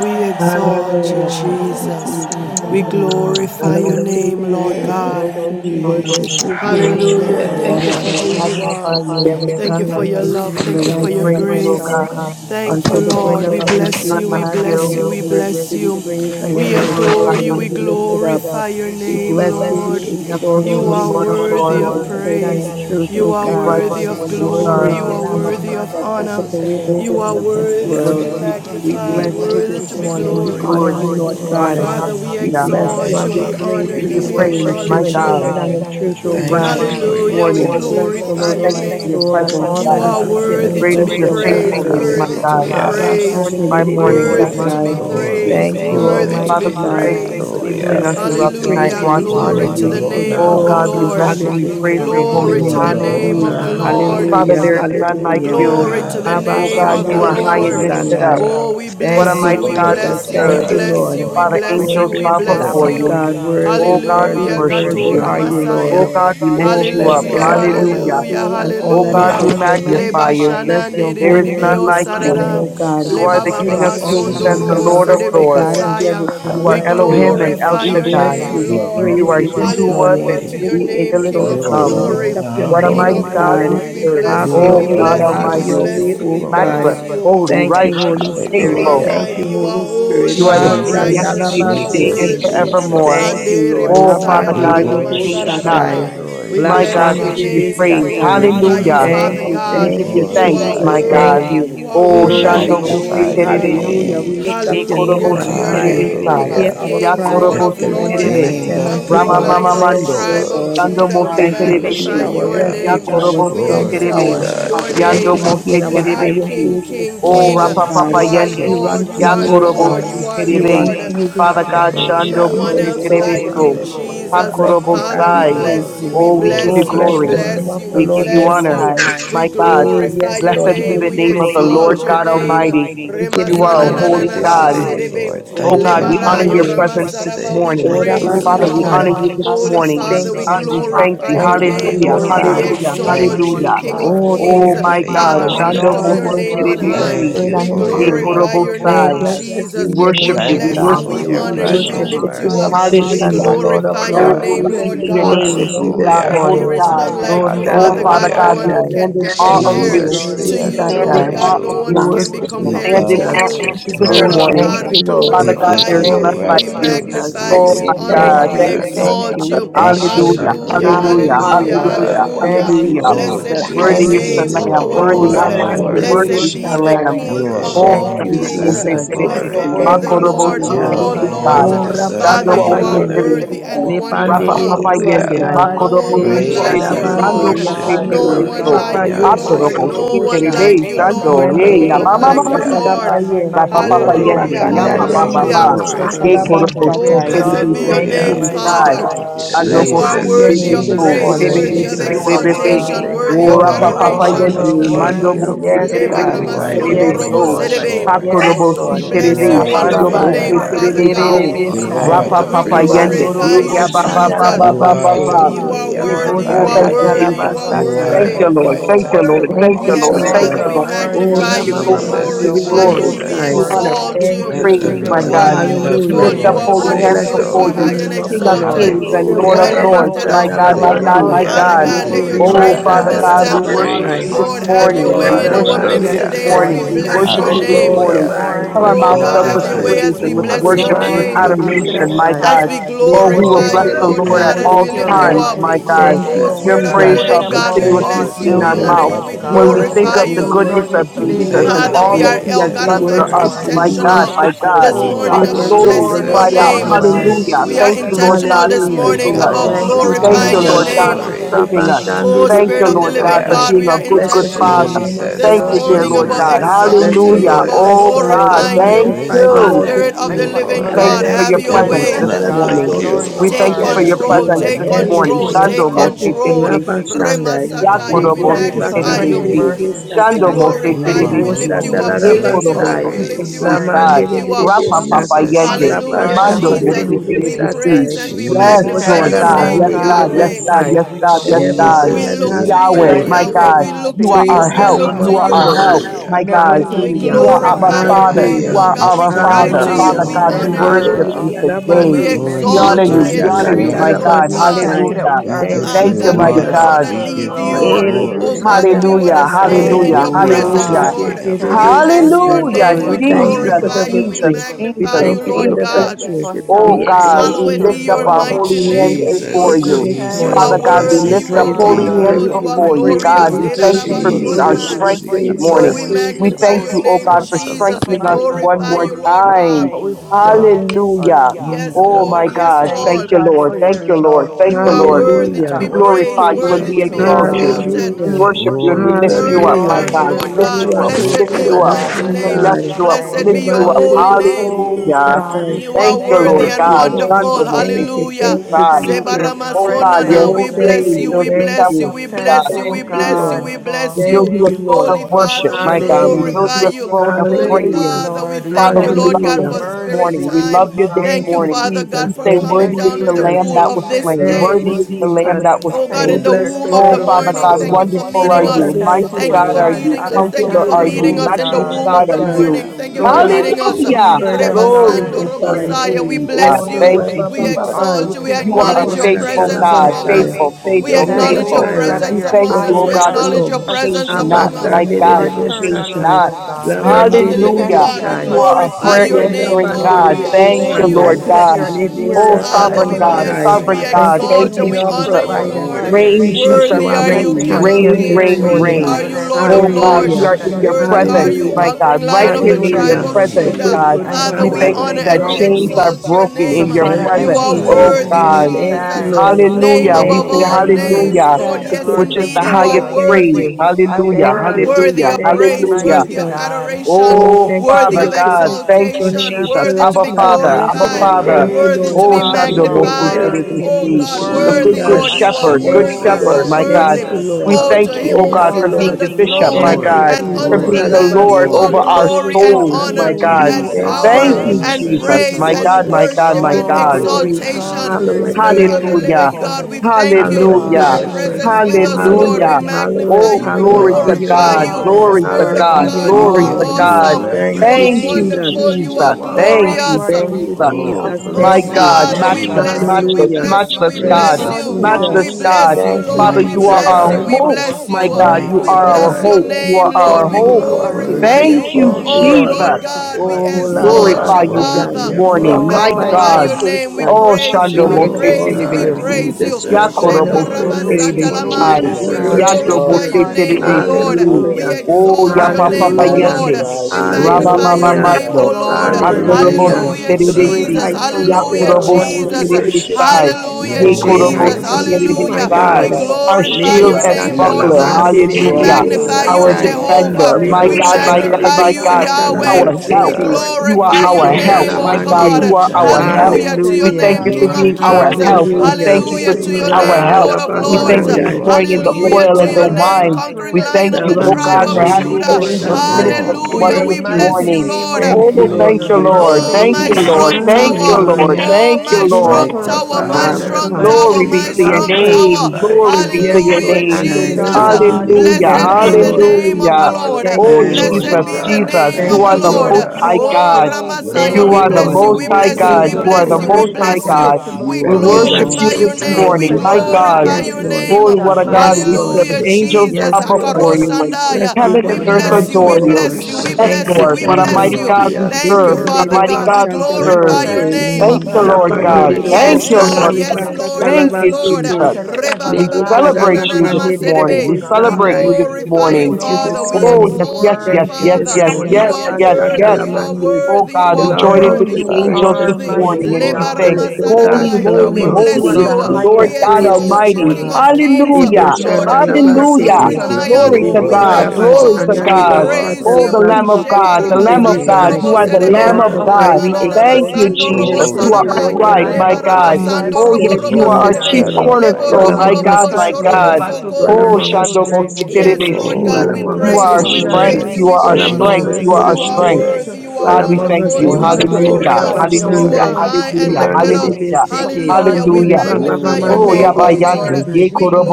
S1: We exalt you,
S2: Hallelujah. Thank you,
S1: Jesus.
S2: Jesus.
S1: We
S3: Hallelujah.
S1: glorify
S2: Father, we
S1: your
S2: praise
S1: name,
S2: you,
S1: Lord
S2: we
S1: God.
S2: exalt
S3: Thank
S2: you, we
S3: you,
S1: We
S3: Lord.
S2: worship
S1: worship you, King.
S2: you, King of kings
S1: Hallelujah.
S4: Yeah,
S2: and
S1: Thank
S2: Lord
S1: you
S2: of
S1: for who
S3: We
S1: we
S2: lords.
S1: you
S3: magnify
S2: There
S3: you.
S1: are. magnify you
S2: is
S1: this Thank is you
S2: none
S1: for none
S2: like
S1: your morning.
S2: you
S1: love. you.
S2: from the
S1: Thank you We for
S3: We
S1: There your worship
S2: rising of
S3: praise
S2: the
S3: you, O
S1: grace. you,
S2: sun
S3: God.
S1: God. Thank you,
S2: until
S1: Until
S2: the
S1: the
S2: going
S1: Lord. We
S2: down
S1: going
S2: of
S1: of
S2: the
S3: There is
S1: bless
S3: none
S1: you.
S2: same
S1: We
S3: like
S1: sun, God,
S2: God. Your
S1: bless
S3: you.
S1: your
S2: name
S1: you. We
S2: is
S1: bless
S2: worthy
S1: worthy
S2: to
S1: to you.
S2: be
S1: be
S2: praised and
S1: praised
S2: your
S1: We
S3: We
S2: name
S1: and worthy
S2: is
S1: adore
S3: glorify
S1: worthy
S2: worthy
S1: you. to
S2: to
S3: you.
S1: We to
S2: be
S1: be lifted up.
S2: lifted up.
S1: glorify up. your
S2: We
S1: name, We
S2: bless
S1: bless
S2: you, we
S1: Lord. you, we
S3: King
S1: You
S3: of
S1: exalt
S2: exalt
S1: are you,
S3: kings
S2: you,
S1: are the
S2: we
S3: and
S1: of
S3: Lord of
S2: worship
S1: worthy of
S2: you
S3: lords,
S2: in
S1: Lords, the
S2: spirit
S1: praise.
S2: and in
S1: and
S2: truth,
S1: in You
S2: O
S1: truth. are God,
S3: the
S2: God.
S3: bright
S1: worthy we
S3: and
S1: of worship
S3: morning
S2: Worthy
S1: glory. You
S3: star.
S2: is
S1: God,
S2: the
S1: are
S2: Lamb of
S1: worthy
S2: God
S1: of
S2: that
S1: honor.
S2: taketh away
S4: Hallelujah.
S2: the
S3: Lord
S1: You
S2: sins
S1: are
S2: of
S3: Jesus,
S2: this
S1: worthy
S3: we
S1: to
S4: Hallelujah.
S1: be
S2: world.
S3: worship
S1: We
S3: you this
S2: We
S1: magnified,
S3: morning.
S4: Thank
S2: bless
S1: worship
S2: you
S4: you,
S1: worthy
S2: this
S1: to be
S4: Lord,
S1: this
S3: We give
S4: for
S2: morning.
S3: you
S2: We
S4: your
S1: morning. We
S2: honor
S3: glory.
S2: you,
S1: glorified.
S3: We
S1: praise
S2: Lord
S3: give
S1: you,
S3: you
S1: Lord God.
S2: God.
S3: honor.
S4: faithfulness.
S1: Father, we We
S2: We
S3: Hallelujah.
S1: exalt you,
S2: bless you
S1: bless you
S2: and
S4: Thank
S1: we
S2: we
S4: you
S1: we
S4: for
S3: We
S2: praise
S1: honor
S4: your
S1: you,
S2: you.
S3: give you
S2: We
S1: praise we you. We
S4: loving.
S2: worship
S3: praise,
S2: you
S3: my
S1: acknowledge
S2: in
S1: my you.
S3: God.
S2: spirit
S1: God.
S2: and in truth,
S3: We
S2: O
S4: Thank
S2: God.
S3: worship
S4: you
S3: you this
S4: for your
S1: Hallelujah.
S3: morning.
S1: We
S2: Oh, bless the
S1: glorify
S3: We
S2: Lord, O
S1: your
S3: thank
S2: my
S4: mercies.
S3: you for
S1: name.
S3: your
S2: soul, and
S3: presence,
S2: all
S1: You
S2: that
S3: God.
S2: is
S1: are
S2: within me.
S1: worthy to
S3: Great is
S2: Bless
S1: be
S3: your
S2: your holy
S4: Hallelujah.
S1: praised,
S3: faithfulness,
S2: name.
S3: my
S1: worthy to
S3: God.
S1: be
S4: Hallelujah.
S2: Abba,
S1: praised,
S3: Morning by
S2: Shatalidebe,
S3: morning, new
S1: worthy
S4: Glory,
S1: to
S2: Satai.
S3: mercies
S1: be
S3: we see.
S4: glory,
S1: praised,
S2: Thank you,
S1: worthy to be
S3: Father,
S2: Almighty
S4: glory.
S3: we
S2: God.
S3: thank you
S1: praised.
S3: for
S2: We
S3: keeping
S4: Hallelujah.
S2: bless
S3: us
S2: you. We
S3: throughout the night
S2: praise you.
S1: Hallelujah.
S2: We
S3: watches.
S4: You
S2: honor
S1: Glory
S2: you.
S1: to the
S2: We
S4: alone
S1: name of
S3: Oh
S4: are
S1: the
S2: exalt
S3: God, we
S2: you.
S1: Lord.
S3: bless
S4: worthy.
S3: and we praise
S2: Hallelujah.
S3: your holy
S1: Glory
S4: You
S1: to the
S3: name.
S1: name
S4: alone
S1: of
S2: Hallelujah.
S1: the
S4: are
S1: Lord.
S3: Father,
S4: holy.
S2: Hallelujah.
S3: there is none like
S2: Hallelujah.
S3: you.
S1: Glory to the
S2: Abba
S3: Oh
S1: name
S3: God,
S1: of the
S3: you are
S4: Hallelujah.
S3: high and
S1: Lord.
S4: Glory to
S3: lifted up.
S2: Shandai.
S4: God.
S1: Oh, we
S3: What
S1: bless
S3: a
S2: Thank you,
S1: you,
S3: mighty
S1: we
S3: God
S4: Glory
S3: we
S2: Jesus.
S1: bless
S4: to
S1: you, we
S3: serve.
S2: Thank you,
S4: God.
S1: bless
S2: Lord.
S1: you, we
S4: Glory,
S3: Father,
S1: bless you,
S3: angels
S2: Worthy
S4: glory,
S1: we
S2: is
S3: bow
S2: the
S4: glory.
S2: Lamb
S1: bless
S3: before
S2: of
S3: you.
S1: you.
S2: God. Worthy,
S3: Oh God, we
S2: worthy,
S1: Hallelujah.
S3: worship
S2: worthy
S3: you.
S2: are
S4: Glory,
S1: Gatora
S2: you, Lord.
S4: glory,
S3: Oh God, we
S2: Oh,
S3: lift you
S2: bless
S3: up.
S2: the
S1: Hallelujah,
S5: I
S4: hallelujah.
S2: Lord,
S5: will
S2: oh my
S3: Hallelujah.
S1: hallelujah, Hallelujah. Oh
S2: soul, and all
S3: Oh
S2: that
S1: hallelujah.
S3: God,
S2: is
S3: we
S4: Ah,
S1: God, we
S2: within me.
S1: Leba magnify
S3: magnify
S1: you.
S3: you.
S2: Bless
S1: shana There's de
S2: your
S1: de no, de
S3: There
S1: de
S3: is
S2: holy
S1: there is
S3: none
S2: name
S1: like
S3: like
S2: this
S1: sarada.
S3: you.
S2: morning, oh God.
S1: Leba
S3: You
S1: You ba
S3: are the
S1: are
S2: You
S3: King
S2: are
S3: of
S4: Jesus,
S3: kings
S2: awesome
S3: and
S2: and
S3: the
S1: robo and the
S2: you're
S1: Lord
S2: a
S4: Jesus,
S3: Lord of
S1: sedebe
S2: mighty
S3: lords.
S2: God, and
S1: kasaya.
S2: there is
S3: You
S2: none
S1: We
S3: are
S2: like
S3: Elohim
S2: you.
S3: and
S4: hallelujah.
S3: El
S1: glorify
S2: We
S1: your
S3: Shaddai.
S2: bless
S1: name,
S2: you.
S4: You
S2: We
S1: Lord.
S3: You
S2: praise
S3: are
S4: alone
S2: you
S3: he
S4: are
S2: this
S3: who was
S1: Hallelujah
S2: morning.
S3: and
S4: worthy.
S1: to
S3: is
S1: your
S2: We
S3: and
S1: name,
S3: still is
S1: King
S3: to
S1: of
S2: exalt
S4: You
S2: you. We
S3: come.
S1: glory.
S2: lift
S4: alone
S2: up your
S4: are
S3: What a
S2: name, oh
S3: mighty
S4: holy.
S1: Glory,
S3: God
S2: God.
S3: we
S1: we
S3: serve.
S1: bless
S2: Have
S4: You
S1: you,
S2: your
S3: Oh
S1: we oh
S2: way,
S3: God
S1: bless
S4: alone
S2: have
S1: you,
S3: Almighty,
S1: we
S2: your
S1: bless you,
S4: deserve
S2: way,
S4: the
S2: O
S1: we bless
S2: God.
S3: matchless,
S4: glory.
S1: you.
S3: holy,
S2: Thank you,
S3: righteous,
S2: Holy
S1: You
S2: Spirit.
S1: are
S3: faithful.
S4: Hallelujah.
S2: Thank you,
S1: mighty, you are
S2: Holy Spirit.
S1: holy,
S3: You are
S1: you
S3: the
S2: Ha,
S1: are
S3: same
S1: righteous,
S4: Jesus,
S1: you
S3: yesterday,
S1: are
S3: today,
S5: go
S4: Jesus,
S3: and
S2: shandalabasete.
S1: worthy. is the
S5: over
S3: forevermore.
S4: Jesus.
S2: Thank you, Lord.
S3: Oh Father
S4: We
S3: God, you
S5: you
S3: change
S4: worship and
S3: not.
S2: Hamandiridobosatai.
S4: adore
S1: We
S5: in the
S4: you,
S3: My
S5: name of
S1: bless
S3: God,
S1: your
S3: we
S4: Lord.
S3: give you
S1: name, give
S5: Jesus.
S1: we
S3: praise.
S1: praise.
S2: Lashandiribisatai.
S4: We honor
S3: Hallelujah.
S5: You
S1: Father
S2: Thank you,
S4: you.
S5: all
S4: We
S3: We
S1: God,
S5: praise,
S2: thank
S3: give you
S2: you,
S1: you are
S3: thanks,
S5: you
S4: glorify
S3: my
S2: Jesus.
S3: God.
S2: Thank
S4: you.
S1: worthy,
S2: you.
S1: you are
S4: We
S3: Oh,
S1: worthy.
S5: all
S2: Glory,
S3: Shando Mose
S5: glory,
S4: magnify
S2: glory,
S4: your
S5: all
S3: Terebesi.
S2: hallelujah. We
S4: name.
S2: lift up
S5: worship.
S3: Ye
S2: your name
S1: Hallelujah to
S2: on
S3: Korobosi
S1: your si
S2: high.
S1: name, King
S3: terebesai.
S1: of
S4: Hallelujah.
S2: Hear our
S3: Ya
S1: Kings,
S5: You are
S2: cries
S1: Lord
S5: worthy
S2: this
S1: of
S4: Let
S5: of
S1: si
S4: the
S5: the
S3: Korobosi
S2: morning
S1: Lords,
S2: and
S5: praise.
S3: Terebe.
S4: redeemed
S2: attend
S4: of the
S2: unto
S1: conquering
S3: Rama
S1: the
S2: our
S4: Lord
S3: Mama
S4: say
S2: prayers,
S3: Mando.
S2: O
S1: tribe of Judah.
S4: so.
S2: Lord.
S3: Shando
S1: We
S3: Mose
S2: Thank you
S5: Hallelujah.
S2: for
S5: Jesus.
S2: being
S1: glorify
S3: Terebesi.
S2: our
S1: your
S4: Hallelujah.
S3: Ya
S1: name,
S2: refuge and our
S1: we
S3: Korobosi
S1: si
S2: strong
S4: Glory to
S2: tower.
S1: exalt
S3: Terebe.
S4: God.
S5: Father,
S1: your
S5: we
S4: Glory.
S2: Thank
S5: love
S1: name,
S3: Yando
S2: you for
S5: you,
S2: being
S3: Mose
S5: we
S2: our
S5: bless you.
S2: hiding
S3: Terebesi.
S2: place this
S1: King,
S3: Oh,
S1: King.
S2: morning,
S1: You
S2: oh
S3: Rapa Papa
S2: God.
S1: are
S5: Back
S4: Jesus,
S5: to
S2: We
S3: Yende.
S5: God,
S1: Lord,
S2: run
S5: we
S2: to
S1: you
S3: Ya
S4: Jesus,
S2: you,
S1: are
S5: exalt
S2: oh
S1: Lord,
S5: you.
S1: you
S2: God.
S1: si are
S3: Korobosi
S4: Jesus.
S1: Lord.
S2: We
S5: Lord.
S2: run
S3: Terebe.
S2: to you this
S3: Father God,
S1: No
S2: morning.
S3: Shando
S5: You
S4: Hallelujah.
S2: We
S1: one
S3: Mose
S1: else
S5: alone are
S2: exalt
S1: like
S2: your
S1: you,
S5: worthy,
S3: Terebeso.
S2: name.
S5: Lord.
S3: Ha
S2: We
S1: Jesus.
S4: Hallelujah.
S2: bless you and
S1: Father, we
S2: we
S3: Korobosai.
S5: You are
S1: bless
S2: praise
S1: you,
S4: Glory,
S2: you.
S1: we Oh,
S3: Oh, we give
S5: worthy,
S1: bless
S3: you
S2: Oh,
S4: glory,
S1: you,
S5: Lord
S1: we
S2: bless the
S3: glory.
S5: Jesus.
S1: bless you,
S4: glory.
S2: name of the
S3: We give
S2: Lord
S3: you
S1: bless you
S2: Most
S5: We are
S3: honor.
S2: High.
S5: on
S1: We
S3: My
S5: your name,
S3: God,
S5: Lord
S2: Eh,
S1: glorify
S5: God.
S2: yes,
S1: your
S2: Lord,
S3: blessed
S2: we
S3: be
S1: name,
S2: give
S3: the
S1: we
S2: you
S6: If
S3: name
S6: the
S1: exalt.
S3: of the
S2: glory.
S6: name
S2: We
S6: of
S5: King
S6: the
S2: give
S3: Lord
S5: of
S2: you
S1: your
S3: God
S6: Lord
S5: kings
S6: God.
S1: name.
S5: and
S2: praise.
S3: Almighty.
S5: Lord of
S2: We give
S3: You
S1: Remasana
S5: lords.
S2: you
S1: our
S4: Thank
S3: are a
S2: honor,
S4: you
S2: my
S4: for
S3: holy
S5: We
S4: this
S3: God.
S2: God.
S5: bow
S4: day,
S1: maserebe. Oh
S4: Lord.
S3: Oh
S5: before
S2: Oh,
S5: you,
S4: Thank
S3: God,
S1: Lebara
S5: O
S4: you,
S3: we
S5: God.
S3: honor
S1: honor
S4: God,
S3: your
S2: Ramande.
S4: for
S3: presence
S4: this
S3: this
S5: We give
S1: yoramasaraba.
S4: day.
S1: We
S3: morning.
S2: Oh,
S1: pray,
S4: Thank
S5: the
S7: We lift
S4: you
S3: Father,
S5: praise,
S7: your
S3: we
S4: for
S1: Lord.
S7: name
S3: honor
S2: Rabasatai.
S5: Lord
S7: on
S3: you
S4: waking
S3: this
S1: Holy
S5: Jesus.
S7: high,
S4: us up
S3: morning.
S1: Father,
S2: Thank
S4: this
S1: we
S2: you,
S3: God,
S7: Jesus.
S3: we
S2: Lord.
S4: morning in
S3: thank
S5: Father
S4: our
S1: glorify
S3: you.
S5: God,
S1: your
S2: Thank
S4: right
S5: we
S2: you
S7: We
S2: for
S5: thank
S1: name.
S3: Hallelujah.
S5: you,
S2: being
S5: O
S4: minds.
S1: We
S7: glorify
S2: God.
S5: God,
S7: your
S3: Hallelujah.
S7: name
S5: for
S7: this
S1: exalt
S5: being
S4: Thank
S1: you, King
S3: Hallelujah.
S7: morning,
S4: you,
S1: of
S4: Lord,
S2: Oh,
S7: God.
S4: for
S2: thank
S3: Oh
S4: your
S2: you,
S3: my
S7: You
S3: God.
S1: Father, we
S7: are
S2: Jesus.
S5: our
S1: lift up
S3: Shando
S4: faithfulness.
S2: We
S3: Mose
S1: your
S7: Lord
S5: Savior,
S7: and you
S1: name
S2: worship
S7: are
S5: God,
S1: on
S2: you in
S1: high.
S3: Terebesi.
S7: worthy
S4: Thank
S2: spirit
S4: you
S7: to
S2: and
S1: We
S7: be
S2: in
S5: who
S4: for
S5: are
S3: Ye
S4: your
S2: truth.
S7: praised.
S1: glorify
S4: loving
S1: your
S5: matchless,
S1: name,
S2: Oh,
S5: Lord.
S3: Korobosai.
S4: kindness.
S2: blessed be
S3: We
S1: Jesus. We
S2: your
S3: worship
S2: name,
S3: you.
S2: O
S3: We
S4: Thank
S1: bless
S4: you
S3: worship
S1: you, we
S2: God.
S3: you.
S5: Father,
S4: for
S5: we
S4: your
S3: We
S1: honor
S7: Lord,
S1: you.
S7: we
S4: brand
S1: We
S5: worship
S3: worship
S2: Worship
S4: new
S2: the
S3: you.
S1: lift
S5: you.
S1: you
S2: King
S7: magnify
S1: up.
S2: of
S1: We
S7: your
S4: mercies
S2: Kings
S4: this
S7: name.
S2: and the
S3: Hallelujah.
S4: morning,
S2: Lord of
S1: glorify
S4: oh
S5: Lord
S1: your
S3: Oh,
S5: God,
S1: Oh,
S4: God.
S5: we
S2: Lords.
S1: name,
S3: glory
S5: love
S7: We
S3: be
S1: Lord
S3: to
S2: We
S5: you.
S3: your
S1: God.
S7: exalt
S2: worship
S3: name.
S7: you,
S2: you
S3: Holy
S5: We
S2: this
S3: God.
S7: Jesus.
S4: Hallelujah.
S5: thank
S7: We
S3: Holy
S2: morning.
S5: you
S1: None
S3: God.
S7: honor
S5: for your
S7: your
S5: love.
S1: like
S2: Lord
S1: you,
S7: name,
S3: Oh,
S1: Father.
S3: Father
S1: No
S7: Lord.
S1: one
S4: Hallelujah.
S3: God,
S1: God,
S3: we
S1: will be
S2: Dalabastandai.
S3: stand
S5: We
S3: in awe
S7: Great
S5: thank you,
S7: are
S3: of
S7: you,
S1: compared
S5: Lord
S3: you.
S4: Jesus,
S7: Lord,
S5: Jesus,
S1: to
S4: we
S7: and
S3: We
S1: you,
S5: for
S3: stand
S7: greatly
S5: your
S3: in
S1: Lord
S4: adore
S7: to
S2: Lepedededestatai.
S7: be
S3: awe
S1: God. No
S3: of
S4: you.
S2: We
S1: one honor.
S3: you.
S7: praised.
S2: worship
S5: everlasting
S3: We
S2: you,
S4: We
S7: No
S5: love.
S1: compared
S3: stand
S1: to
S3: in
S4: bow
S2: Jesus.
S3: awe
S4: at
S1: you.
S3: of
S4: your
S3: you
S8: Thank you,
S3: this
S5: Your
S1: Spirit
S8: Lord,
S2: Oh,
S1: of
S8: for
S5: love,
S4: throne.
S8: the
S3: morning.
S5: O
S2: thank
S1: God,
S5: God,
S1: we
S2: you,
S5: that
S8: mercy,
S5: looks
S2: Lord.
S3: Father
S4: We
S3: God,
S8: Lord.
S1: glorify
S4: give
S3: there
S5: beyond
S3: is
S8: Thank
S1: you,
S2: Thank
S5: our
S8: you,
S4: you
S3: none
S2: you,
S1: we
S5: home
S3: like
S8: Lord, for us,
S3: you.
S8: and it
S4: reverence.
S2: Jesus.
S8: was
S1: magnify
S8: the
S4: We
S5: and
S1: you,
S3: Oh,
S1: we,
S5: sees
S1: we
S8: mercy
S3: my
S2: We
S4: give
S8: that
S4: you
S8: we
S2: thank
S3: God.
S5: our
S2: you. We
S3: Thank
S4: honor.
S5: needs,
S3: you,
S2: thank
S1: exalt
S8: find.
S2: you.
S5: God.
S1: you.
S2: We
S3: Jesus.
S5: We
S4: We
S5: thank
S2: thank
S4: shall
S5: you.
S2: you.
S3: Hallelujah.
S1: Hallelujah.
S4: back
S1: Hallelujah,
S4: your
S8: Hallelujah.
S3: Hallelujah.
S4: name, O
S2: Hallelujah.
S5: Hallelujah,
S3: Hallelujah.
S4: God.
S7: one
S5: Lord
S8: Thank
S5: God.
S8: you,
S2: Thank
S5: We
S2: you,
S7: compares
S3: Hallelujah.
S7: to
S4: Oh
S1: Blessed
S5: offer
S7: you,
S5: you
S2: Jesus.
S1: be
S5: the
S1: the
S3: Worthy
S7: Jesus.
S2: Thank
S3: is
S5: highest
S4: Jesus,
S3: the
S1: name
S2: you.
S5: place.
S4: you
S1: of our
S3: Lamb,
S2: Oh,
S3: worthy
S8: Lord,
S4: alone
S3: is the
S4: are
S2: Raman
S5: Hallelujah,
S1: Lord.
S7: No
S3: Lamb,
S8: for
S7: one
S1: Blessed
S8: your
S3: worthy
S4: worthy.
S3: is
S1: be
S5: Jesus.
S3: the
S1: the
S7: compares
S5: You're
S7: to you,
S3: Lamb.
S4: You
S7: oh
S1: King of
S8: grace,
S5: worthy.
S3: Oh,
S2: Thank
S1: all
S7: God.
S4: alone
S2: you,
S3: Sando
S8: mercy,
S1: kings.
S3: Mose
S4: deserve the
S2: Jesus.
S8: and
S7: You are
S8: grace
S5: You're
S1: Blessed
S3: Terebesi,
S4: glory.
S7: God
S1: be
S8: that
S7: and
S2: Thank
S8: we
S7: you
S5: worthy
S1: the
S5: of
S7: are
S2: you,
S5: all
S3: Makorobo
S7: God
S1: Lord
S3: Si
S1: of
S4: You
S5: praise.
S8: have
S7: all
S2: Jesus.
S1: all
S7: by
S8: in our
S1: lords.
S3: Terebesi,
S4: alone
S2: Oh,
S7: yourself.
S2: Rapa
S4: deserve
S3: Sando
S1: Father,
S5: You are
S1: you
S4: the
S2: papa
S3: Mose
S1: are
S5: worthy
S4: honor.
S2: yende.
S5: of
S1: worthy and
S3: Terebesi,
S5: all
S1: wonderful.
S5: glory.
S2: Lepande
S3: Rapa
S2: de
S3: Papa
S7: You are
S4: Hallelujah.
S3: Yende,
S2: bostatai.
S7: God,
S3: Makorobo
S1: No
S7: you are
S2: Le
S3: Si
S1: one
S5: You
S1: like
S5: are
S4: Praise
S3: Terebe,
S1: you,
S7: God,
S4: and
S7: and you
S5: worthy
S2: shadabande
S7: are
S3: Yando
S1: Lord.
S5: of
S4: worship
S3: Mose
S7: God,
S5: all
S7: you
S4: and
S1: No
S2: yakando.
S7: are
S5: worship.
S1: one
S4: honor
S3: Terebeso,
S1: like
S7: God,
S2: Repapa
S4: be
S7: and you're
S4: unto
S2: yesto
S7: worthy to
S3: Akorobo
S1: you.
S7: be
S4: you.
S1: No
S3: Si
S2: korobo
S1: one
S5: You
S2: shai.
S7: praised.
S1: like
S3: Terebe,
S1: you,
S5: are
S8: time.
S1: Lord.
S3: Sando,
S1: No
S5: worthy.
S2: Yendo
S3: Ye,
S1: one like
S2: robo
S1: you,
S4: Hallelujah.
S3: Yamama
S1: Lord.
S7: God, we
S2: satalapaye.
S3: Rapa Papa
S7: magnify your
S4: Glory,
S3: Yende,
S5: Glory,
S3: Ya
S7: name,
S5: praise
S3: Papa
S5: you
S4: glory,
S5: in
S1: Hallelujah.
S2: Repakandariando
S1: Hallelujah.
S3: Baba,
S5: the
S7: Jesus.
S5: highest.
S4: glory.
S3: Ye
S8: Hallelujah.
S1: the
S3: Korobo
S7: We
S1: Oh,
S3: Si
S2: koshotalabastatai.
S1: blessed
S3: Terebe
S7: exalt
S1: be
S7: your
S3: Si
S5: But,
S1: your
S2: Thank
S7: name,
S1: name,
S2: you,
S4: Hallelujah.
S3: Terebe
S5: oh
S7: mighty
S1: Father.
S3: Sai,
S5: God,
S8: Spirit,
S2: Jesus.
S5: on the great
S8: here,
S7: God.
S3: Shando
S1: You
S3: Bo
S1: are
S2: Blessed
S5: high,
S2: be
S3: Si
S4: Jesus,
S2: your
S1: worthy
S7: We
S3: Terebe
S2: name
S1: of
S2: this
S3: So,
S1: praise,
S7: bless
S3: Bebe
S4: Jesus,
S7: your
S2: morning.
S8: in
S3: Bebe
S1: worthy
S8: the
S1: of
S7: name,
S5: we
S2: You
S8: living
S3: Bebe
S2: are
S4: Jesus.
S7: mighty
S3: Bebe
S1: exaltation,
S5: praise
S8: God, we
S3: Be,
S5: you
S2: worthy.
S8: thank
S7: God.
S5: high
S1: worthy
S8: you,
S1: of
S3: O
S4: You
S2: Lord,
S8: Lord,
S3: Rapa
S2: you
S4: are
S5: above
S2: are
S4: the
S1: adoration.
S3: Papa
S7: Lord,
S5: all.
S4: King
S7: you
S5: And
S7: are
S4: of
S3: Yende,
S8: to
S2: wonderful.
S5: you
S8: lift
S5: are,
S3: Mando
S7: worthy
S8: you
S4: kings.
S3: Bo
S8: up
S7: to
S3: Se
S7: be
S8: on
S2: Yes,
S8: the
S1: yes,
S8: Lord.
S3: Terebe
S2: God.
S4: You
S7: praised,
S3: Si
S8: I
S4: are
S5: Lord,
S4: the
S8: will
S3: Terebe
S2: Yes,
S4: Lord
S3: So,
S4: of
S2: Lord.
S7: Jesus.
S8: magnify
S5: worship you.
S4: lords.
S5: Thank
S2: Yes,
S3: Hakorobo
S5: you,
S1: We
S3: Si
S2: Lord.
S7: We
S5: Jesus.
S4: You
S1: bless
S3: Terebe,
S1: your
S4: are
S7: bless
S2: Apa
S4: the
S7: your
S3: Shando
S1: wonderful
S4: great
S3: Bo
S2: papai.
S7: name,
S1: name,
S4: I
S3: Se
S5: Father, as
S7: mighty
S8: you,
S1: Father
S4: am.
S5: we
S3: Terebe
S8: Lord.
S2: Yere
S5: bow
S1: God.
S2: de
S3: So,
S7: God.
S8: All
S7: We
S5: before
S4: You
S8: the
S5: you.
S7: lift
S1: We
S2: besai.
S4: are
S7: you
S8: things
S3: Rapa
S4: the
S7: on
S8: we
S3: Papa
S7: high,
S4: Prince of
S2: Lebando
S3: Yende,
S8: have
S1: glorify
S3: Ye
S8: done
S1: you.
S7: Jesus.
S4: Peace.
S2: robo
S3: Ya
S8: in
S3: Baba
S5: Hallelujah.
S2: shandala
S3: Baba
S4: You
S7: We
S3: Baba
S4: are
S7: love
S2: labaste.
S4: the
S3: Baba,
S7: you
S1: You
S7: this
S1: are
S4: lily
S8: my
S4: of
S8: life,
S4: the
S2: Lebo
S1: worthy, you
S7: morning,
S3: Oh,
S8: we are
S1: are
S4: valley.
S3: thank
S7: God.
S5: Hallelujah.
S7: We
S3: you,
S1: worthy,
S3: Jesus.
S1: you
S7: love
S1: are
S7: on you
S4: You
S2: sakata
S7: this
S4: are
S3: Thank
S8: here,
S4: the
S3: you,
S1: worthy.
S7: morning,
S3: Lord.
S7: oh
S5: For
S4: bright
S3: Thank you,
S4: and
S7: God.
S3: Lord.
S5: worthy of
S2: Thank
S3: Thank
S4: morning
S5: all
S3: you,
S2: you,
S1: Yes,
S3: Lord.
S5: praise,
S3: Thank
S7: Lord,
S4: star.
S7: you
S8: Yeah.
S1: Father,
S2: Jesus.
S3: you,
S1: we
S7: are
S3: Lord.
S5: my.
S7: worthy
S2: Oh,
S3: We
S7: of
S1: magnify
S3: give you
S1: you, we
S3: glory. We
S7: praise.
S4: Jesus,
S3: give
S7: You're
S3: you
S2: Ramamamandiri
S5: For
S1: glorify
S3: glory.
S7: worthy to
S5: worthy
S3: We
S1: you,
S5: of
S7: be
S1: we
S3: give you
S2: Yorobosai.
S4: Jesus.
S5: all
S3: honor. We
S7: worshipped.
S5: glory,
S1: exalt
S3: give you
S2: Thank
S1: you.
S5: Lord
S2: you,
S4: Let
S3: praise,
S4: the
S5: Jesus.
S7: You're
S3: my
S2: Jesus.
S1: You
S3: God.
S7: worthy
S1: are
S7: to
S4: redeemed
S7: be
S4: of
S3: We
S4: the
S2: Hallelujah.
S1: beautiful,
S3: lift up
S1: you
S7: praised.
S4: Lord
S1: are
S3: holy
S2: Oh,
S1: wonderful,
S4: say
S3: hands
S2: blessed
S1: you
S5: Honorable.
S2: be
S3: before
S4: so.
S1: are
S2: the
S3: you,
S1: high and
S2: name of
S3: King
S2: the
S3: of
S1: exalted,
S2: Lord.
S3: kings and
S7: You're
S3: Lord of
S4: Hallelujah.
S1: high
S7: worthy to
S2: Lipaba
S3: lords.
S7: be
S1: lifted
S3: My
S1: up.
S3: God, my
S7: adored.
S3: God,
S7: All
S2: Shandalabandi.
S3: my
S4: Hallelujah.
S1: Father
S4: We
S3: God.
S1: God,
S5: Hallelujah.
S1: let
S4: give
S1: your
S7: glory,
S4: you
S2: Lipuriba
S7: all
S4: the
S3: Oh,
S1: train fill
S3: Father
S1: this
S3: God,
S4: highest
S3: we
S7: majesty,
S1: temple.
S3: worship
S7: all
S2: Sandalabasai.
S3: you
S4: praise.
S3: this
S1: Lord, have
S2: Let
S5: From
S7: honor.
S1: your
S3: morning. We
S1: way
S2: God
S1: in
S5: generation
S3: worship
S1: our
S7: We
S3: you
S2: arise
S5: to
S1: midst
S3: this
S2: this
S4: Hallelujah.
S1: today as we
S7: ascribe
S3: morning.
S5: generation,
S7: to
S3: We
S2: morning.
S5: my
S7: your
S1: bless
S3: worship
S1: your
S2: Let
S5: God,
S3: you this
S7: name
S5: from
S1: name.
S2: God
S7: this
S3: morning.
S4: Hallelujah.
S5: Asia.
S2: arise.
S3: Fill
S2: Let
S3: our
S7: morning,
S1: Oh
S3: mouths
S4: We
S2: God
S1: God,
S3: up with
S1: have
S4: give
S1: your
S7: God.
S1: way
S4: you
S2: arise.
S1: as
S3: praise
S1: we
S3: and with
S1: bless
S5: Hallelujah.
S1: your
S3: worship
S4: glory.
S3: and with
S7: Lord,
S4: We
S7: be
S2: Libandiri
S1: name.
S4: give
S7: lifted
S4: you
S3: adoration,
S7: on
S3: my
S2: Bistatai.
S1: As
S7: high
S4: honor.
S3: God.
S1: we
S7: this
S3: Oh, we
S5: You are
S3: will
S2: Liboshe
S1: glorify
S7: morning.
S3: bless
S4: Oh,
S1: you,
S4: we
S3: the
S5: worthy, you
S1: Lord
S3: Lord at
S1: God,
S4: thank
S1: and
S4: you
S7: Take
S3: all
S4: for
S7: your
S1: lift you
S4: your
S3: times,
S1: up.
S7: rightful
S3: my God.
S2: Thank
S7: place,
S2: you,
S1: Oh
S5: are
S4: faithfulness.
S7: oh
S3: Your
S1: Spirit of the
S7: God,
S3: praise
S2: Jesus.
S7: high
S3: shall
S1: living
S5: worthy,
S4: We
S5: my
S1: God, we
S7: above
S2: Thank
S4: thank
S2: you,
S4: you
S3: continuously
S7: all
S1: bless
S3: be
S1: you.
S3: in
S4: for
S3: our
S1: We,
S7: else,
S4: your
S2: Jesus.
S3: mouth.
S7: oh
S1: we
S4: loving
S2: We
S3: When we
S5: God.
S7: God.
S2: worship
S3: think
S1: glorify
S3: of
S2: you.
S1: you.
S3: the
S2: We
S4: kindness.
S5: Holy,
S3: goodness
S7: Lord, we
S2: worship
S3: of
S2: you.
S4: We
S2: We
S7: place
S3: Jesus
S7: you at
S4: thank
S3: and
S7: the
S4: you
S2: worship
S1: Father,
S3: all
S4: for
S1: we
S2: you.
S7: highest
S3: that
S1: are
S4: your
S3: he
S1: El
S3: has
S7: place
S1: God
S2: We
S7: this
S4: tender
S3: done
S1: I'm
S3: for us,
S2: worship you.
S3: my
S2: We
S5: you
S4: mercies.
S7: morning.
S5: are
S3: God,
S1: intentional
S3: my
S2: worship you.
S3: God,
S1: this
S5: mighty.
S7: Oh
S3: our
S1: morning
S2: We
S4: Oh,
S7: God,
S1: about
S2: worship
S3: souls
S2: the
S7: Lord
S1: blessing your
S7: of
S3: cry
S2: Lord
S4: Jesus,
S2: this
S3: out,
S7: our
S1: name.
S2: morning.
S4: Jesus,
S7: lives.
S3: hallelujah.
S1: We are
S5: Hallelujah.
S3: Thank you, Lord
S4: Jesus.
S1: intentional
S3: God,
S1: this
S3: for
S4: The
S2: Hallelujah.
S1: morning
S3: saving us.
S1: about
S7: Oh
S4: heavens
S5: Lord,
S2: Thank
S5: we
S2: you,
S4: declare
S3: Thank
S1: glorifying
S3: you,
S4: your
S1: your
S2: Jesus.
S3: Lord
S7: God,
S5: worship,
S3: God,
S1: name.
S7: we
S3: for
S4: glory.
S7: thank
S3: saving us.
S1: Oh,
S7: you.
S3: Thank
S1: Spirit
S3: you,
S1: of
S5: we
S1: the
S3: Lord
S1: Living
S3: God, for
S4: Hallelujah.
S2: Abashandidididisatai.
S1: God,
S5: worship
S3: being a
S5: you
S3: good,
S2: Blessed
S3: good
S7: God, you're
S2: be
S7: the
S2: the
S5: today.
S3: father.
S2: name of
S7: same
S2: the
S1: this
S4: Jesus,
S3: Thank
S2: Lord
S3: you,
S7: God, the
S3: dear
S1: morning
S2: Most
S3: Lord
S7: same
S1: about a
S2: High.
S3: God.
S7: God
S4: Jesus,
S2: Bless the
S7: yesterday,
S3: Hallelujah.
S7: the
S2: Lord. Bless
S4: Jesus.
S7: same
S3: Oh
S2: the
S7: God
S1: glorified
S2: Lord.
S3: God,
S2: Oh,
S3: thank
S4: There
S7: today,
S2: magnify
S4: is
S2: the
S3: you.
S4: none
S2: Lord with
S1: spirit
S4: like
S1: of
S7: and
S1: the
S4: you,
S2: me.
S5: Hallelujah.
S1: living
S3: We
S7: forever
S4: Lord.
S2: And
S7: you
S3: thank
S2: let
S1: God.
S3: you
S7: will
S3: for
S1: Have
S3: your
S1: your
S4: There
S2: everything,
S7: stand,
S3: presence
S4: is
S1: way.
S3: this
S7: oh
S2: let
S5: Blessed
S2: us
S4: none
S5: be the
S3: morning.
S7: God.
S4: like
S2: exalt
S4: you.
S2: his
S5: name
S7: Lord,
S5: of
S7: you
S3: We
S2: name
S5: the
S1: Take
S3: thank you
S7: are
S3: for
S5: Lord.
S2: together.
S3: your
S1: control,
S4: You
S3: presence
S2: Let
S1: take
S3: this
S4: alone
S3: morning.
S1: control,
S2: everything,
S7: faithful.
S2: let
S1: take
S3: Shando
S4: deserve the
S5: Lord,
S3: Mose
S2: everything.
S1: control.
S4: glory.
S3: Terebesi.
S1: Remodify
S2: Abashandai.
S4: You
S7: We
S2: Lebo
S4: alone
S7: Thank you
S3: Yakorobosi
S7: for
S4: deserve
S1: you.
S7: fresh
S4: the
S3: Terebesi.
S4: honor.
S7: mercies
S1: We
S7: this
S3: Shando
S2: rebakandidididisatai.
S5: we
S3: Mose
S7: morning.
S5: thank
S1: glorify
S5: you. Lord, we thank
S4: You
S5: you.
S1: you.
S2: Lebo
S7: Thank you
S3: Terebesi.
S7: for
S4: alone
S1: you up,
S5: Lord,
S7: waking
S5: we
S4: deserve the
S5: thank
S7: us up
S2: shatalarabasai.
S3: Yekorobosi
S7: this
S1: you
S4: praise.
S1: up,
S5: you.
S3: Terebesi.
S7: morning
S1: you up.
S3: Rapa Papa
S7: to see
S4: Jesus,
S7: the
S4: we
S3: Yende.
S1: Hallelujah.
S7: start of
S5: Lord,
S4: worship
S5: we
S3: Mando
S2: Labashati
S7: a
S5: thank
S3: Mose
S4: you.
S5: you.
S7: new day.
S3: Terebesi.
S1: Praise
S2: Satai,
S1: and we
S3: Yes,
S1: magnify.
S4: Jesus,
S3: Lord
S7: Thank
S4: we
S7: you,
S5: Words.
S3: God.
S7: oh
S3: Yes,
S2: Libosharabandi
S4: honor
S3: God.
S7: God, for
S3: Yes,
S4: you.
S5: Hallelujah.
S3: God.
S2: Didobosai,
S7: being
S3: Yes,
S7: with
S3: God.
S2: and
S7: us,
S3: Yes, God.
S2: everything
S7: Lord.
S1: We
S2: that
S4: Jesus,
S1: look to
S4: we
S2: has breath,
S3: Yahweh,
S4: adore
S7: Thank
S3: my
S5: Hallelujah.
S7: you
S1: Yahweh.
S7: for
S1: We
S4: you.
S3: God.
S7: being
S1: look
S3: You
S1: to
S3: are
S1: you.
S7: faithful,
S3: our
S2: praise the
S1: We
S7: God.
S3: help.
S7: You
S2: name
S1: look.
S2: of
S3: You are
S2: the
S3: our
S7: promised
S2: Lord.
S3: help,
S4: Hallelujah.
S3: my God.
S7: never to
S1: We
S7: leave
S2: Hallelujah,
S3: You
S7: us
S3: are
S4: You
S3: our
S4: are
S1: glorify you.
S3: Father.
S7: alone.
S4: high
S3: You
S2: hallelujah,
S3: are
S4: and
S7: And
S3: our
S4: lifted
S7: God,
S4: up
S1: Christ
S7: we
S3: Father.
S7: are
S4: this
S3: Father
S2: hallelujah,
S3: God, we
S4: morning,
S1: honor
S4: O
S1: you.
S7: remembered
S3: worship
S4: God.
S3: you
S7: of
S2: hallelujah.
S7: you,
S1: Oh,
S3: today.
S7: We're
S1: we
S2: Rabandi,
S4: Lord,
S3: We
S4: we
S1: exalt
S7: remembered
S3: honor
S1: you,
S3: you.
S4: give
S7: by
S3: We honor
S4: you
S3: you,
S7: you.
S3: my God.
S7: We
S4: reverence.
S1: God.
S7: thank
S2: Loboshakantalabasatai.
S7: you that
S3: Hallelujah.
S7: we
S4: We
S7: are the
S2: Thank
S4: give
S2: you,
S3: Thank you,
S4: you
S3: mighty
S7: redeemed
S2: Jesus.
S4: honor.
S7: of
S3: God.
S4: We
S7: the
S1: Leave
S4: give
S1: you.
S4: you
S1: Oh,
S7: Lord.
S4: glory.
S1: Father, we
S3: Hallelujah.
S1: stay
S2: Eroboshandalabatai,
S1: in
S5: Hallelujah.
S7: Oh
S3: Hallelujah.
S1: your
S4: Hallelujah
S1: present
S4: to the
S3: Hallelujah.
S7: God, we
S4: King of Kings.
S7: thank you
S2: Lebosheketerebesatai.
S7: for the
S3: Hallelujah.
S1: name. We
S2: We
S7: work of
S2: thank
S7: the
S2: you
S5: Hallelujah.
S3: Jesus,
S1: glorify
S2: for the
S7: cross.
S3: Jesus,
S2: victory.
S4: Hallelujah.
S2: We
S3: Jesus,
S1: you,
S2: thank you
S7: We
S1: Lord
S2: for
S4: Glory,
S2: the
S3: Jesus.
S7: thank you
S4: glory,
S2: victory.
S7: for
S3: Oh
S2: We
S4: glory.
S3: God,
S2: exalt you
S3: we
S1: Hallowed be
S2: this
S3: lift
S7: salvation,
S3: up
S1: your
S3: our
S2: morning.
S1: might.
S3: holy
S7: Lord.
S3: hands
S2: We
S3: before
S4: Jesus,
S2: exalt you
S7: We
S3: you.
S2: this
S1: You are
S7: thank
S3: Father
S4: Jesus,
S2: morning.
S7: you,
S3: God, we
S1: worthy
S2: We
S7: oh
S3: lift
S4: blessed
S3: up
S2: praise you.
S3: holy
S2: We
S7: God,
S3: hands
S4: Redeemer.
S2: praise
S7: for
S2: you.
S1: of
S2: We
S3: before you.
S2: praise
S1: glory.
S2: you.
S3: God,
S2: We
S3: we thank
S2: praise
S7: continuously
S3: you
S2: you.
S3: for
S2: We
S3: being our
S2: praise
S7: and
S2: you.
S4: Jesus,
S2: We
S3: strength this
S2: praise you.
S1: Oh,
S2: We
S7: continually
S3: morning.
S1: we
S4: Jesus,
S2: praise
S1: magnify
S7: looking
S3: We
S2: you.
S3: thank
S7: out
S1: your
S3: you,
S4: Jesus,
S3: oh
S7: for
S1: name,
S3: God, for
S7: us
S4: Prince of
S7: in
S1: Jesus. We
S3: strengthening us
S7: spite
S5: Hallelujah.
S7: of
S3: one
S1: glorify
S3: more
S7: us
S1: you, Lord.
S5: Glorified.
S7: and
S3: time.
S7: what we've
S1: God.
S7: done.
S3: Hallelujah.
S1: Yes,
S3: Oh
S1: Lord,
S4: Wonderful
S3: my
S7: We
S3: God.
S5: Hallelujah.
S7: thank you,
S3: Thank
S1: Lord.
S4: Counselor.
S3: you,
S7: God,
S3: Lord.
S7: for
S3: Thank
S7: your
S3: you, Lord.
S7: love
S3: Thank
S1: You
S3: you,
S1: are
S3: Lord.
S1: worthy
S4: Hallelujah.
S2: Hallelujah.
S3: We
S7: that
S1: to be
S7: was
S1: praised,
S3: glorify you and
S1: worthy,
S3: we
S7: patient, oh
S3: exalt you.
S4: Hallelujah.
S7: God.
S3: We
S2: Hallelujah.
S3: worship you and we
S4: Glory
S3: lift
S4: to
S3: you
S1: worthy.
S4: your
S3: up, my
S2: Hallelujah.
S7: Lord,
S1: you,
S7: your
S3: God.
S4: name.
S3: We
S1: Lord
S3: lift
S7: love
S2: You
S3: you
S1: God,
S7: is
S2: are
S3: up.
S2: the
S3: We
S1: blessed
S3: lift
S1: be
S2: true
S4: Glory.
S3: you
S1: your
S7: patient,
S2: and
S3: up.
S7: God.
S1: mighty
S7: Your
S2: living
S3: We
S7: love
S1: name.
S3: lift
S7: is
S2: God.
S3: you up. We
S1: Blessed
S3: lift
S1: be
S2: Live
S7: kind.
S1: your
S3: you up.
S2: under
S1: holy. name.
S2: the city this
S7: Oh
S3: Hallelujah.
S7: God,
S2: time.
S7: we
S1: You are
S3: Thank
S7: thank you
S3: you,
S7: for
S1: worthy
S3: Lord
S7: your
S2: Thank
S1: and
S2: you,
S3: God.
S2: thank
S1: wonderful.
S3: Shando
S2: you,
S7: peace.
S3: Mose
S2: thank you,
S1: Hallelujah.
S2: thank
S7: We
S2: you,
S7: thank you
S3: Terebesai.
S7: for
S2: Jesus.
S7: your
S5: Hallelujah.
S3: Oh God,
S4: Lily
S3: your
S4: of
S2: Oh,
S3: whole
S7: presence.
S4: the
S1: We
S2: thank
S4: valley,
S1: bless,
S3: train
S2: you,
S3: fills
S1: you, we
S3: this
S2: thank
S1: bless,
S3: temple,
S7: We
S2: you,
S1: you, we
S4: bright
S7: thank
S1: bless
S3: God.
S7: you,
S1: you,
S7: oh
S1: we
S2: thank
S4: and
S2: you,
S4: morning
S1: bless you,
S2: Lord.
S7: God,
S1: we
S5: Hallelujah.
S4: star,
S7: for
S3: We
S1: bless
S3: build
S2: Thank
S3: you
S1: you.
S3: a
S2: you,
S3: throne
S2: Lord.
S3: of
S1: Holy
S4: we
S1: Father,
S3: worship,
S4: worship
S1: we
S3: my God. We
S2: Hallelujah,
S3: build
S1: glorify
S3: you a
S1: you.
S3: throne of
S1: Holy
S3: praise,
S7: Grace,
S2: hallelujah,
S1: Father, we
S7: Lord, we
S4: the
S1: thank
S3: Father,
S1: you,
S3: we
S7: thank you
S1: Lord
S3: love
S7: for
S1: God,
S3: you
S2: hallelujah.
S1: for
S3: this
S4: highest
S1: spirit
S3: morning.
S7: mercy.
S3: We
S4: praise.
S1: time.
S3: love you
S5: Thou
S3: this
S2: Thank
S1: Thank you,
S5: before
S2: you,
S4: Hallelujah.
S3: morning.
S1: Father
S3: We
S1: God,
S2: Jesus.
S1: for
S3: say,
S4: We
S2: Thank you,
S4: give
S3: Worthy
S7: Thank you
S3: is
S1: down
S7: for
S1: in
S3: the
S1: the
S4: you
S7: your
S2: Jesus.
S3: Lamb that was
S1: of
S4: glory.
S1: this
S7: patient
S3: slain.
S2: Thank
S1: day.
S7: love.
S3: Worthy
S2: you,
S4: We
S3: is the
S4: give
S5: thou
S3: Lamb that
S2: Jesus.
S4: you
S3: was
S5: art.
S1: Oh God,
S7: Thank
S4: honor.
S2: Oh,
S7: you
S1: in
S3: slain.
S1: the
S7: for
S2: bless
S7: your
S2: the
S1: womb of the
S3: Oh,
S2: Lord, oh
S7: kind
S2: my
S3: Father
S1: morning,
S3: God,
S2: soul,
S7: love.
S4: Jesus,
S1: for
S3: wonderful
S2: and
S3: are
S1: meeting us,
S2: all that
S3: you.
S2: is
S4: Jesus,
S7: Thank you
S3: Mighty
S7: for
S2: within
S3: God
S2: me.
S3: are
S5: Hallelujah.
S7: chance
S4: Jesus.
S3: you.
S4: Have
S2: Bless
S7: after
S2: your
S4: your
S3: Counselor
S2: holy
S3: are
S7: chance,
S4: way,
S3: you.
S1: meeting
S2: name
S7: oh
S2: this
S1: us
S4: Lord.
S1: in the
S3: Matchless
S1: womb
S2: morning, O
S1: of
S3: God
S7: God.
S1: the
S3: are
S2: God.
S3: you.
S1: morning.
S4: Have
S1: Thank you
S2: We
S1: for
S7: Lord,
S4: your
S7: like
S2: worship
S1: meeting
S4: way.
S1: us.
S2: you in
S3: Hallelujah.
S7: sheep,
S5: Thank
S2: spirit
S7: we
S2: and
S7: have
S2: in
S7: gone
S2: truth,
S3: Glory
S2: oh
S3: be
S4: Have
S3: to your
S2: God.
S4: your
S1: Rebandorobosaya,
S7: astray,
S1: We
S4: way,
S3: name,
S2: O
S1: bless
S3: God.
S4: Lord
S3: Thank
S7: but
S2: reba
S4: God.
S7: you
S1: you.
S2: ba
S3: you,
S1: We
S2: ba
S7: keep
S3: Jesus.
S2: ba
S5: you,
S7: on
S2: bai.
S1: exalt you. We
S7: looking
S3: You are
S7: out
S4: Oh,
S3: a
S1: acknowledge
S7: for
S2: Lebo
S1: your
S7: your
S2: sata
S3: faithful
S1: presence.
S2: la
S3: God,
S4: Jesus,
S7: children.
S4: King
S2: basai.
S4: of
S3: faithful,
S1: We
S4: kings
S3: faithful,
S4: and
S2: Jehovah
S1: acknowledge
S7: Thank
S5: Lord.
S1: your
S7: you,
S3: faithful.
S7: oh
S4: Lord of
S7: God,
S2: Jireh.
S7: that
S3: We
S1: presence
S7: your
S3: thank
S1: among us.
S4: lords.
S3: you, oh
S7: eyes
S2: Jehovah
S1: We
S3: God,
S7: are
S3: because
S1: Acknowledge
S3: you
S1: your
S2: Shalom.
S3: change
S1: presence
S2: Abba
S1: among us.
S3: not.
S7: attuned to,
S3: My
S2: sande de
S4: Wonderful
S3: God,
S2: de
S7: are
S3: you
S7: turned
S3: change
S7: on us,
S2: besatai.
S4: counselor.
S3: not.
S7: oh God.
S1: Spirit of
S2: Lamande de de
S7: Thank
S3: Hallelujah.
S7: you,
S1: God, we
S7: God,
S2: besai.
S3: You
S7: for
S3: are a
S1: glorify
S4: Jesus,
S3: prayer
S1: your
S2: Lebo
S7: seeing
S1: name,
S7: me,
S3: answering
S2: rapande
S1: Lord.
S2: de
S3: God.
S2: de
S7: Lord.
S1: for
S3: Thank you,
S1: you.
S3: Lord
S2: besandai.
S7: Thank you that
S4: Jesus,
S3: God.
S7: your
S2: Lebo
S3: Oh,
S7: ears
S4: Jesus.
S2: sata
S7: are
S2: la
S3: sovereign
S1: We
S3: God,
S4: Glory
S1: bless
S2: masai.
S1: you.
S4: to
S7: attentive
S1: We
S3: sovereign
S7: and
S4: your
S2: Thank
S3: God.
S2: you
S4: name.
S2: for
S1: exalt
S3: Thank you,
S2: being our
S7: attuned to
S3: Jesus.
S7: our
S2: provider.
S1: Lord.
S4: Glory
S3: Reign,
S4: to
S7: prayers.
S2: Jesus,
S4: your
S3: Jesus,
S2: you
S1: Worthy
S2: are
S1: are
S4: name.
S2: my
S1: you,
S7: Thank you
S3: reign,
S7: for
S2: champion
S3: reign,
S2: this
S7: hearing
S3: reign,
S7: me,
S1: worthy
S2: morning.
S7: God.
S1: are
S3: reign.
S7: When
S1: you,
S7: I
S4: Jesus,
S1: Lord of
S4: we
S3: Oh
S7: pray,
S3: God,
S7: I
S1: Lords.
S3: we
S2: Hallelujah.
S7: know
S3: are
S4: worship
S7: that
S3: in your
S4: and
S7: you
S1: Worthy
S7: hear
S1: are
S3: presence,
S1: you,
S4: adore
S2: Hallelujah.
S3: my
S7: me.
S4: you.
S1: conquering
S3: God, right
S1: Lion
S7: I
S1: of
S3: here
S1: the
S7: know
S3: in
S7: that
S3: your
S4: We
S2: Hallelujah.
S7: you
S2: The
S3: presence,
S4: honor
S7: see
S1: Judah.
S2: good,
S4: you.
S3: God.
S7: me.
S2: good
S7: I
S4: We
S1: Father,
S3: We
S7: know
S1: we
S2: Father.
S7: that
S3: thank
S7: you
S5: Only
S1: honor
S3: you that
S1: and we
S5: one
S4: glorify
S2: Thank
S7: love
S3: chains
S2: you.
S4: you.
S3: are
S7: me.
S1: exalt your
S3: broken
S4: We
S7: So,
S3: in
S1: name.
S3: your
S7: Father,
S2: Thank you,
S7: I
S1: You
S3: presence.
S1: are
S4: magnify
S2: Jesus.
S3: Oh
S7: give
S4: your
S1: worthy,
S7: you
S3: God.
S4: name.
S2: Thank you, Lord.
S7: thanks.
S1: name
S3: Hallelujah. We
S2: Thank
S1: above
S3: say
S2: you,
S4: Oh,
S1: all
S7: I give
S1: names,
S7: you
S2: Jesus.
S3: hallelujah,
S1: Lord.
S2: The
S7: thanks,
S4: hallelujah.
S1: Yes,
S2: good,
S3: which
S7: Lord
S3: is
S2: good
S3: the
S1: you
S2: Father,
S3: highest
S1: are
S2: thank
S7: Jesus.
S1: worthy,
S3: praise.
S2: you.
S7: I
S3: Hallelujah.
S2: Thank you.
S7: worship
S1: worthy
S3: Hallelujah.
S7: your
S1: of
S2: Thank
S7: name,
S2: you,
S1: praise,
S3: Hallelujah.
S7: mighty
S1: worthy of
S2: Jesus.
S7: God.
S1: adoration,
S2: Oh,
S3: Oh,
S2: thank you for
S1: worthy of
S3: Father
S2: your
S3: God,
S2: goodness
S3: thank
S2: that's
S1: exaltation,
S3: you,
S2: running
S3: Jesus.
S1: worthy
S2: after us,
S1: to
S3: Abba
S1: be
S2: my
S7: I
S3: Father,
S2: God.
S7: bless
S3: Abba
S7: and
S1: glorified,
S7: I
S3: Father.
S2: Thank
S4: Hallelujah.
S2: you,
S7: praise
S1: worthy
S7: you,
S2: Lord.
S1: to
S3: Oh,
S1: be
S2: Thank
S7: God. You
S2: you
S8: Lord,
S3: Shando
S2: for
S7: are
S3: Mose
S2: your
S1: magnified.
S8: Lord,
S2: grace
S4: Hallelujah.
S7: worthy
S2: and
S7: to
S2: your
S7: be
S1: Oh
S3: Terebesi,
S1: God,
S2: mercies,
S3: the
S2: Lord
S3: good,
S1: worthy,
S3: good
S7: worshipped
S2: God.
S1: Lord, you
S7: and
S4: Jesus,
S1: are
S3: shepherd, good
S2: Thank
S1: worthy,
S2: you,
S8: Lord,
S7: adored.
S3: shepherd,
S2: Lord.
S4: Jesus,
S3: my
S1: worthy.
S3: God.
S2: Thank you,
S4: Jesus.
S3: We
S8: Lord,
S2: Lord.
S1: Oh,
S3: thank
S1: to
S3: you,
S1: him
S3: oh
S2: Thank
S1: who's
S3: God,
S4: Hallelujah.
S2: you,
S3: for
S7: Lord, let
S3: being
S7: us
S2: Lord.
S3: the
S7: love
S3: bishop,
S1: throne
S7: on
S3: my
S5: Lord.
S2: Thank
S7: you
S2: you,
S3: God,
S4: Glory,
S7: this
S3: for
S2: Jesus.
S3: being the
S4: glory,
S7: morning
S3: Lord
S1: all
S3: over
S4: glory.
S3: our
S1: glory and
S7: for
S3: souls,
S1: honor,
S3: my
S2: Alabasteketelelebesandai.
S7: who
S3: God.
S7: you
S2: Thank you,
S4: Jesus,
S1: power
S3: Thank you,
S2: Lord.
S7: are.
S1: and
S3: Jesus,
S2: We
S4: Jesus,
S1: praise,
S3: my
S2: exalt
S3: God, my
S2: you.
S4: Jesus.
S1: worship,
S3: God,
S2: We
S3: my
S2: give you
S3: God.
S7: Lord, I
S2: glory.
S1: exaltation.
S7: exalt your
S2: Hallowed be
S1: Spirit of
S2: your
S4: Hallelujah.
S2: name,
S7: name
S2: O
S3: Hallelujah.
S7: for
S2: God.
S1: we
S7: who
S1: thank
S4: We
S7: you
S2: Hallowed be
S3: Hallelujah.
S2: your
S4: worship
S7: are.
S2: name.
S4: and
S5: My
S1: you with
S4: adore
S1: us, Lord.
S2: Hallowed,
S3: Hallelujah.
S4: you.
S2: hallowed,
S3: Oh,
S4: We
S7: You
S2: hallowed
S3: glory
S4: bow
S2: be
S3: to
S7: are
S4: at
S2: your
S4: your
S1: Glorify you,
S3: God.
S2: name.
S7: God and
S3: Glory
S4: throne.
S7: you
S3: to
S1: Spirit
S7: are
S1: of
S2: Hallowed be
S3: God.
S7: God
S2: your
S4: We
S2: name,
S3: Glory
S7: all
S3: to
S4: give
S2: Lord.
S7: by
S4: you
S3: God.
S1: awesome. You
S2: Thank you,
S1: are
S7: yourself.
S3: Thank
S4: reverence.
S3: you,
S4: We
S2: Jesus.
S1: wonderful,
S4: give
S3: Jesus.
S1: you
S5: child,
S1: are
S4: you honor.
S3: Thank
S7: Lord, you
S3: you,
S7: are
S1: glorious.
S2: Thank
S5: my
S3: Jesus.
S2: you,
S7: in need
S4: Oh,
S7: of
S2: Jesus.
S7: no
S3: My
S1: Oh
S2: Thank
S4: blessed
S2: you.
S3: God,
S7: one,
S1: Father,
S7: oh
S1: we
S3: matchless,
S1: bless you,
S4: Redeemer,
S7: God.
S3: matchless,
S2: Hallelujah.
S3: matchless
S2: Thank
S4: Prince
S3: God,
S1: bless
S2: you,
S7: Lord,
S4: of
S1: you,
S7: who are
S2: Jesus.
S3: matchless
S7: we
S4: Peace,
S7: that
S1: bless
S3: God.
S7: you
S1: you,
S2: Thank you,
S7: should
S1: Lord.
S3: Father,
S7: be
S1: We
S3: you
S4: mighty
S3: are
S2: Jesus.
S1: bless you,
S3: our
S7: mindful
S4: God,
S2: Thank
S1: we
S3: hope.
S7: of
S2: you.
S7: us,
S1: bless
S3: My
S7: O
S1: you.
S3: God,
S2: Thank
S3: you
S2: you,
S1: We
S4: mighty
S3: are
S8: thank
S7: God?
S3: our
S2: thank
S1: bless
S2: you,
S4: God,
S1: your
S3: hope.
S2: thank
S3: You are
S1: name,
S2: you,
S1: Lord.
S7: But
S3: our
S2: thank
S1: We
S5: thank
S4: you
S2: you,
S3: hope.
S7: you
S4: are
S2: thank
S7: are
S5: you.
S2: you.
S1: glorify
S7: so
S4: worthy
S1: you.
S3: Thank
S4: of
S3: you,
S4: all
S2: Thank you,
S7: kind
S4: the
S1: Oh
S8: you.
S7: and
S2: Lord.
S3: Jesus.
S1: Lord
S4: honor.
S8: We
S1: God,
S8: are
S7: merciful
S1: we
S7: and
S3: We
S2: Oh, Lord
S4: You
S2: of
S5: Blessed
S7: pure.
S4: are
S2: our
S3: glorify you this
S2: Satan,
S4: worthy
S1: Father,
S4: of
S2: rock
S3: morning.
S4: all the
S2: of
S3: My
S2: my
S1: glorify
S7: Lord,
S1: your
S3: God.
S4: praise.
S7: we
S1: name. We
S2: salvation,
S7: thank
S3: Oh,
S7: you, Lord
S2: we
S3: Shando
S7: God,
S3: Mose
S7: who
S4: Oh
S1: praise,
S2: exalt
S7: sits
S4: God,
S2: you.
S4: you
S3: Terebesi.
S7: high,
S1: praise
S2: The
S1: you.
S2: chief
S4: deserve it,
S7: but
S3: Yakoro
S7: yet
S3: Mose
S7: you
S4: Lord.
S2: cornerstone
S7: look
S2: this morning,
S4: You
S7: low,
S1: mind.
S3: Terebesi.
S7: O
S2: we
S1: We
S9: We
S7: God.
S4: deserve
S7: You
S8: worthy.
S4: it.
S2: worship
S3: Yando
S7: look
S1: glorify
S9: exalt
S2: you.
S9: you
S3: Mose
S1: your
S9: this
S7: upon
S1: name, O
S4: Hallelujah.
S9: morning.
S1: Lord.
S3: Terebesi.
S7: little
S1: We
S2: Hallelujah,
S8: You
S9: Hallelujah.
S1: exalt
S8: are
S3: Oh, Yapa
S8: worthy,
S9: We
S7: us,
S1: him,
S3: Papa
S1: O
S8: Lord.
S2: hallelujah,
S1: Lord.
S3: Yende.
S9: magnify
S4: Jesus,
S1: We
S9: you.
S1: magnify
S3: Rama Mama
S4: Jesus.
S2: hallelujah,
S1: him,
S9: Hallelujah. We
S1: O
S3: Mando.
S1: Lord.
S4: From the
S7: Lord,
S9: glorify
S7: and
S3: Akoro
S9: you.
S1: Hallelujah,
S8: Thank
S2: hallelujah.
S4: rising
S7: because
S3: Mose
S4: of
S7: you
S4: the
S7: do
S2: The
S1: Jesus.
S9: Hallelujah.
S7: these
S4: sun
S2: great
S3: Terebesi.
S7: things,
S2: high
S9: We
S4: until
S7: we
S4: the
S7: have
S9: lift
S7: a
S2: priest
S1: Hallelujah.
S9: you
S2: this
S4: going
S9: up.
S3: Yakoro
S4: down
S7: hope.
S4: of
S2: morning,
S3: Mose
S4: the
S2: we
S9: Hallelujah.
S3: Terebesi.
S4: same,
S2: worship
S9: We
S2: you
S8: you
S7: We have
S1: Hallelujah,
S8: for
S4: your
S2: the
S8: it.
S7: a
S9: exalt
S1: Jesus.
S9: you.
S2: great
S3: Yakoro
S7: hope
S9: There
S4: name
S7: that
S2: high
S7: would
S9: is
S3: Mose
S4: is
S7: not
S4: to
S8: Please,
S9: none
S7: be
S2: priest,
S4: be
S3: Terebesi.
S9: like
S7: put
S2: my
S7: to
S1: Hallelujah.
S9: you.
S2: God.
S7: shame,
S4: praised.
S9: Hallelujah.
S3: Our
S7: O
S5: is
S1: Glorify
S8: Lord,
S1: your
S2: Lebo
S3: shield and
S1: name,
S7: God.
S8: that
S2: sata
S1: Lord
S2: la
S3: buckler.
S1: God.
S2: mande
S4: Jesus,
S8: you
S2: de
S9: You
S1: We
S2: de
S9: are
S2: de
S7: because
S3: Hallelujah.
S2: be
S7: you
S1: magnify
S9: worthy
S7: are
S4: Jesus,
S3: Our
S1: you,
S9: this
S7: um
S2: satai.
S7: you are
S9: morning.
S7: not
S4: Jesus,
S9: You
S3: defender.
S1: Jehovah.
S9: are
S8: are
S7: like
S3: My
S2: Lebo
S7: man
S1: We
S9: worthy.
S3: God,
S7: that
S4: mighty
S9: You
S3: my
S7: you
S9: are
S2: shande
S7: should
S2: de
S3: God,
S4: God,
S1: magnify
S2: be
S9: worthy
S3: my
S9: to
S1: you,
S3: God.
S7: lie.
S9: be
S2: sata la
S9: seated.
S1: Yahweh.
S3: Our
S4: mighty
S3: help
S9: Hallelujah.
S2: baseke.
S4: God,
S7: Lord, if
S3: you
S9: Hallelujah.
S3: are
S8: able
S2: De
S7: you
S1: Glorify
S8: to
S1: your
S3: our
S4: you
S8: lift
S4: are
S2: kunda
S7: said
S3: help.
S1: name,
S2: la
S8: you
S3: My
S1: O
S8: up,
S7: it,
S3: God,
S1: God.
S2: mande.
S4: Jehovah
S3: you are
S8: Lord.
S3: our
S7: if
S1: Hallelujah
S9: Hallelujah.
S4: Jireh,
S7: you
S3: help.
S7: said
S3: We
S7: it,
S2: Hallelujah.
S3: thank you
S7: God,
S4: you
S7: you
S3: for
S7: are
S4: are
S3: being
S8: Our
S3: our help.
S7: faithful
S9: Yes,
S4: Jehovah
S3: We
S7: to
S9: the
S2: Hallelujah.
S3: thank
S8: soul
S3: you
S8: is
S3: for
S7: do
S1: to
S8: all
S9: Lord.
S7: it.
S3: being
S1: your
S8: right.
S2: La
S4: Siskinu,
S3: our
S1: name,
S3: help.
S2: da
S1: Lord of
S7: You
S3: We
S7: are
S1: Lords.
S3: thank
S4: oh,
S3: you for
S2: bastandai.
S4: you are
S7: faithful
S9: Hallelujah.
S3: pouring in
S7: to
S1: Hallelujah,
S3: the
S2: Ye
S8: And
S7: do
S4: Jehovah
S3: oil
S7: it.
S3: and
S7: So
S3: the
S2: konde.
S9: Hallelujah.
S7: God, we
S4: Rapha,
S3: wine.
S8: I'm
S7: pray
S1: conquering
S3: We
S7: that you
S1: Lion
S3: thank
S1: of
S2: Da
S3: you, oh
S4: You
S7: will
S4: are
S9: Hallelujah.
S3: God,
S7: do
S3: for
S2: bastande
S7: it
S2: de
S7: this
S3: having
S2: de
S3: your
S2: be
S4: Jehovah
S1: Judah.
S3: angels
S7: morning.
S8: of
S2: satai.
S3: minister
S9: Hallelujah.
S8: we
S3: to
S4: Shalom,
S7: In
S3: us
S1: Hallelujah.
S7: the
S4: my
S2: Thank
S3: this
S1: We
S9: Hallelujah.
S2: you.
S7: mighty
S1: bless
S9: Thank
S1: you,
S3: morning.
S9: you,
S4: peace,
S7: name
S1: Lord.
S2: Thank
S3: Oh,
S7: of
S2: you,
S9: Jesus.
S4: my
S2: Lord.
S3: thank you,
S7: Jesus, you are
S4: Prince
S3: Lord.
S8: say,
S9: Glory
S4: of
S1: Oh,
S2: You
S1: my
S3: Thank
S9: to
S2: are
S3: you,
S7: faithful
S9: God.
S7: to
S3: Lord.
S4: Peace.
S1: strong
S7: do
S3: Thank
S7: it,
S3: you,
S1: tower.
S3: Lord.
S7: God.
S2: Yahweh.
S4: Hallelujah.
S1: Oh,
S3: Thank
S1: my
S3: you,
S7: Do it
S3: Lord.
S1: strong
S4: My
S7: for us,
S8: Father,
S1: tower. My
S7: Lord, in the
S4: provider.
S1: strong
S2: Alpha.
S8: that's
S4: Thank
S7: mighty
S1: tower.
S3: Glory
S4: you
S3: be
S4: for
S7: name
S3: to
S8: the
S3: your
S8: word,
S7: of
S4: being my
S2: Alpha.
S1: Tower.
S8: Lord.
S3: name.
S7: Jesus.
S3: Glory
S4: provider.
S1: Hallelujah.
S3: be to
S2: Yes,
S3: your
S2: Lord,
S3: name.
S2: and
S8: Thank
S4: Thank
S8: you.
S4: you
S2: Omega.
S4: for
S9: Hallelujah.
S7: God, we
S1: Bless
S4: being
S3: Hallelujah.
S4: my
S2: Thank
S8: And
S2: you, Lord.
S8: thank
S7: thank
S4: healer.
S7: you,
S8: you,
S5: my
S1: the
S3: Hallelujah.
S8: Lord,
S7: Lord,
S1: Lord.
S7: for
S2: Thank
S8: for
S3: Oh,
S2: you,
S7: who
S4: Thank
S7: you
S2: Lord.
S4: you,
S3: Jesus,
S1: Be the
S4: God.
S7: are.
S3: Jesus,
S1: name,
S3: you
S2: Thank
S3: are
S4: Thank
S2: you,
S3: the
S7: You
S4: you,
S1: Lord.
S7: are
S3: most
S2: Lord.
S4: God.
S3: high
S1: Oh, God.
S7: powerful,
S3: God.
S7: oh
S5: word
S8: our
S4: You
S2: Thank
S5: is
S1: Ramasaya.
S3: You
S1: We
S2: you,
S3: are
S7: God.
S3: the
S8: bread
S2: Lord.
S3: Most
S8: of
S4: alone
S7: There
S3: High
S8: life,
S1: bless.
S7: is
S2: Eh,
S4: deserve
S3: God.
S2: bo-
S4: the
S3: You
S2: bo-
S3: are
S8: Lord.
S3: the
S2: bo-
S7: nothing
S2: bo-
S7: that
S3: Most
S7: is
S4: glory.
S3: High
S2: Shaddai.
S3: God.
S1: We
S5: the
S7: impossible
S5: most
S4: You
S3: We
S7: for
S2: Refuge
S3: worship
S2: and
S1: glorify
S7: you.
S4: alone
S3: you this
S2: strong
S1: your
S7: You
S1: name.
S4: deserve
S2: tower.
S1: We
S3: morning.
S4: the
S5: high.
S3: My
S1: glorify
S4: honor.
S8: Hallelujah,
S3: God,
S7: specialize
S2: Yes,
S7: in
S1: your
S7: the
S8: Jesus.
S2: Lord.
S1: name.
S7: things
S3: holy,
S7: that
S3: what
S4: You
S3: a
S8: Thank
S3: God
S7: man
S2: Yes,
S1: Hallelujah.
S3: we
S7: deems
S2: Lord.
S3: serve.
S4: alone
S7: to
S1: right.
S7: be
S1: Jesus.
S3: Angels
S4: deserve the
S3: bow
S2: Yes, Lord.
S3: before
S4: praise.
S3: you
S7: impossible.
S3: and
S1: Rosandaya.
S2: Refuge
S3: heaven
S7: God, we
S3: and
S2: and
S3: earth
S1: Bless
S2: strong
S8: you,
S4: Praise
S7: thank you
S3: adore
S7: that
S4: and
S7: there
S2: tower.
S3: you.
S7: is
S8: Lord.
S1: you. We
S3: Yes,
S4: worship
S2: Thank
S1: bless.
S7: nothing
S2: you,
S7: that
S3: Lord, what
S7: can
S3: a
S4: and
S2: Jesus.
S3: mighty
S4: honor
S3: God
S4: be
S7: separate
S3: we
S7: us
S4: unto
S1: Thank
S7: from
S1: you,
S3: serve.
S7: your
S3: What a
S2: Lebonde
S4: you.
S1: Father.
S3: mighty
S2: reba
S7: love.
S3: God we
S7: We
S4: Let
S3: serve.
S4: the
S1: Glorify your
S2: satalabase.
S7: thank you,
S1: name.
S7: oh
S3: Thank
S4: redeemed
S3: you,
S7: God,
S4: of
S7: that
S3: Lord
S4: the
S7: we are
S2: Lapande
S3: God.
S2: de
S4: Lord
S2: robo
S1: Yes,
S3: Thank
S4: say
S7: loved
S3: you, Lord
S8: Give
S2: shanda
S1: Lord.
S4: so.
S8: me
S7: beyond
S1: Yes,
S3: God.
S2: libaka
S1: Lord.
S8: mercy,
S7: measure
S1: Yes,
S3: Thank you,
S1: Lord. you,
S2: talabasete.
S7: with
S3: Jesus.
S1: Jesus. We
S7: an
S8: give
S3: We
S2: Libuka
S3: celebrate
S7: everlasting
S3: you this
S2: rabakande
S7: love,
S2: de de de
S3: morning.
S7: oh
S3: We
S8: me
S1: We
S7: God.
S3: celebrate
S2: besandai.
S3: you this
S5: Hallelujah.
S1: glorify
S8: understanding.
S4: Glory
S1: you,
S3: morning.
S2: Thank you
S4: to
S1: Father.
S2: this
S1: We
S7: Lord, we
S3: Oh,
S2: morning.
S3: yes, yes,
S1: exalt you.
S8: I
S3: yes,
S2: Thank you
S3: yes,
S7: worship
S4: you.
S8: never
S2: this
S7: your
S3: yes,
S4: Glory
S3: yes,
S2: morning.
S3: yes,
S7: name,
S5: Thank
S4: to
S1: You
S3: yes,
S4: your
S1: are
S3: yes.
S4: name.
S9: Hallelujah.
S7: Jesus,
S2: Abashtakalamande.
S3: Oh
S1: worthy. You
S3: God, we
S2: Fill
S4: We
S1: are
S2: our
S7: for
S3: join in
S2: mouth
S7: who
S3: with
S1: worthy. oh
S3: the
S2: with
S1: You
S7: you
S1: are worthy. You are
S4: magnify
S2: praise
S3: angels
S7: are,
S2: this
S1: worthy.
S3: this
S4: you. We
S5: you.
S2: morning.
S3: morning
S7: mighty
S3: and we
S2: Fill
S3: say,
S2: it,
S1: Lebaramasai,
S4: glorify
S7: God.
S2: O
S4: you.
S2: God.
S3: Holy,
S7: We
S2: Fill our
S1: oh, we
S3: holy,
S2: mouth.
S7: place
S4: We
S7: you
S3: holy
S2: Fill
S1: bless
S7: at
S3: is
S1: you.
S2: our
S4: give
S7: the
S3: the
S2: mouth
S4: you
S2: with
S3: Lord
S4: the
S7: highest
S3: God
S5: Word,
S2: praise this
S4: highest
S7: place,
S3: Almighty.
S2: morning.
S4: praise.
S7: God.
S2: Ebo
S3: Hallelujah.
S1: Lord
S4: Hallelujah.
S7: Lord,
S1: of
S7: take your
S3: Hallelujah.
S2: Shandalabasete.
S4: We
S7: place
S1: the
S7: on the
S4: give
S1: lion,
S4: you
S3: Glory to
S7: throne
S5: word,
S7: room
S3: God.
S7: of
S4: worship.
S3: Glory
S4: We
S7: our
S3: to
S4: give you
S3: God.
S7: hearts,
S1: praise.
S3: Oh,
S4: honor.
S3: the Lamb
S7: King
S3: of
S7: of
S3: God, the
S4: We
S3: Lamb of
S7: kings,
S1: Do
S3: God.
S2: Lipokarabashandalebasatalambaseketelebesai.
S1: robo
S4: praise
S3: You are
S4: your
S3: the
S2: We
S1: lebe,
S3: Lamb
S4: name,
S7: Lord
S3: of
S7: of
S4: O
S2: magnify,
S4: God.
S3: God.
S2: we
S3: Thank
S7: lords,
S2: exalt
S3: you,
S2: you, we
S1: robo
S3: Jesus.
S1: you,
S2: worship
S3: You
S4: Holy,
S3: are
S2: you,
S7: conquering
S2: Lord
S3: upright,
S2: God.
S4: holy,
S1: like
S7: lion
S3: my
S7: of the
S5: God.
S3: God.
S2: Come,
S4: holy.
S2: Holy
S7: tribe
S3: Oh,
S7: of
S1: robo
S3: yes,
S2: Spirit,
S3: you
S1: robo
S3: are
S2: come
S3: our
S4: Lord
S2: this
S7: Judah.
S3: chief
S4: God
S2: morning.
S1: sebo
S2: Dwell
S3: cornerstone,
S1: robo
S3: my
S4: Almighty.
S7: God,
S2: among
S7: you
S2: us
S3: God,
S2: this
S1: like
S3: my
S7: fight your
S1: shorobo
S2: morning.
S3: God.
S7: battles for
S2: Dwell
S1: soko.
S3: Oh,
S7: your
S2: among
S4: Hallelujah.
S2: us,
S3: Shando
S2: Holy
S7: children
S2: Spirit.
S3: Moshe
S1: Yes, Lord
S7: daily.
S2: Dwell
S1: God, we
S4: Oh,
S2: among
S3: You
S7: God,
S2: us
S1: praise
S7: we
S3: are our
S2: this
S1: You We
S7: do
S1: praise you.
S7: not
S2: morning.
S3: strength.
S5: Hallelujah.
S3: You
S1: We praise
S7: need
S4: Jesus,
S1: you. You
S3: are our
S2: Dwell
S7: to
S2: among
S3: strength.
S7: worry.
S2: us,
S7: We
S3: You
S7: do
S3: are
S4: Jesus,
S2: Holy
S3: our
S7: not
S1: are
S3: strength.
S2: Spirit.
S7: need to
S1: worthy.
S4: Jesus.
S1: You are
S2: Dwell
S3: God,
S7: fret.
S3: we
S2: among
S3: thank
S2: us,
S1: wonderful. You
S3: you.
S7: We
S2: Holy
S7: do
S1: are
S7: not have
S2: Spirit.
S7: to
S4: Wonderful
S3: Hallelujah.
S1: glorious.
S7: fight in our
S1: You
S3: Hallelujah.
S1: are
S4: counselor,
S2: Alabashandai.
S7: own
S1: high and
S3: Hallelujah.
S1: lifted
S7: strength.
S4: Prince
S1: up.
S4: of
S3: Hallelujah.
S7: But
S2: Lebandedebeseke.
S4: Peace,
S1: Hallelujah.
S7: God, you
S3: Hallelujah.
S7: go
S1: By
S4: Lily
S1: your
S4: of
S3: Oh,
S4: the
S7: before
S1: name,
S7: us,
S4: Valley,
S3: Yabayando,
S7: Lord
S2: Rebambamamandedebesata.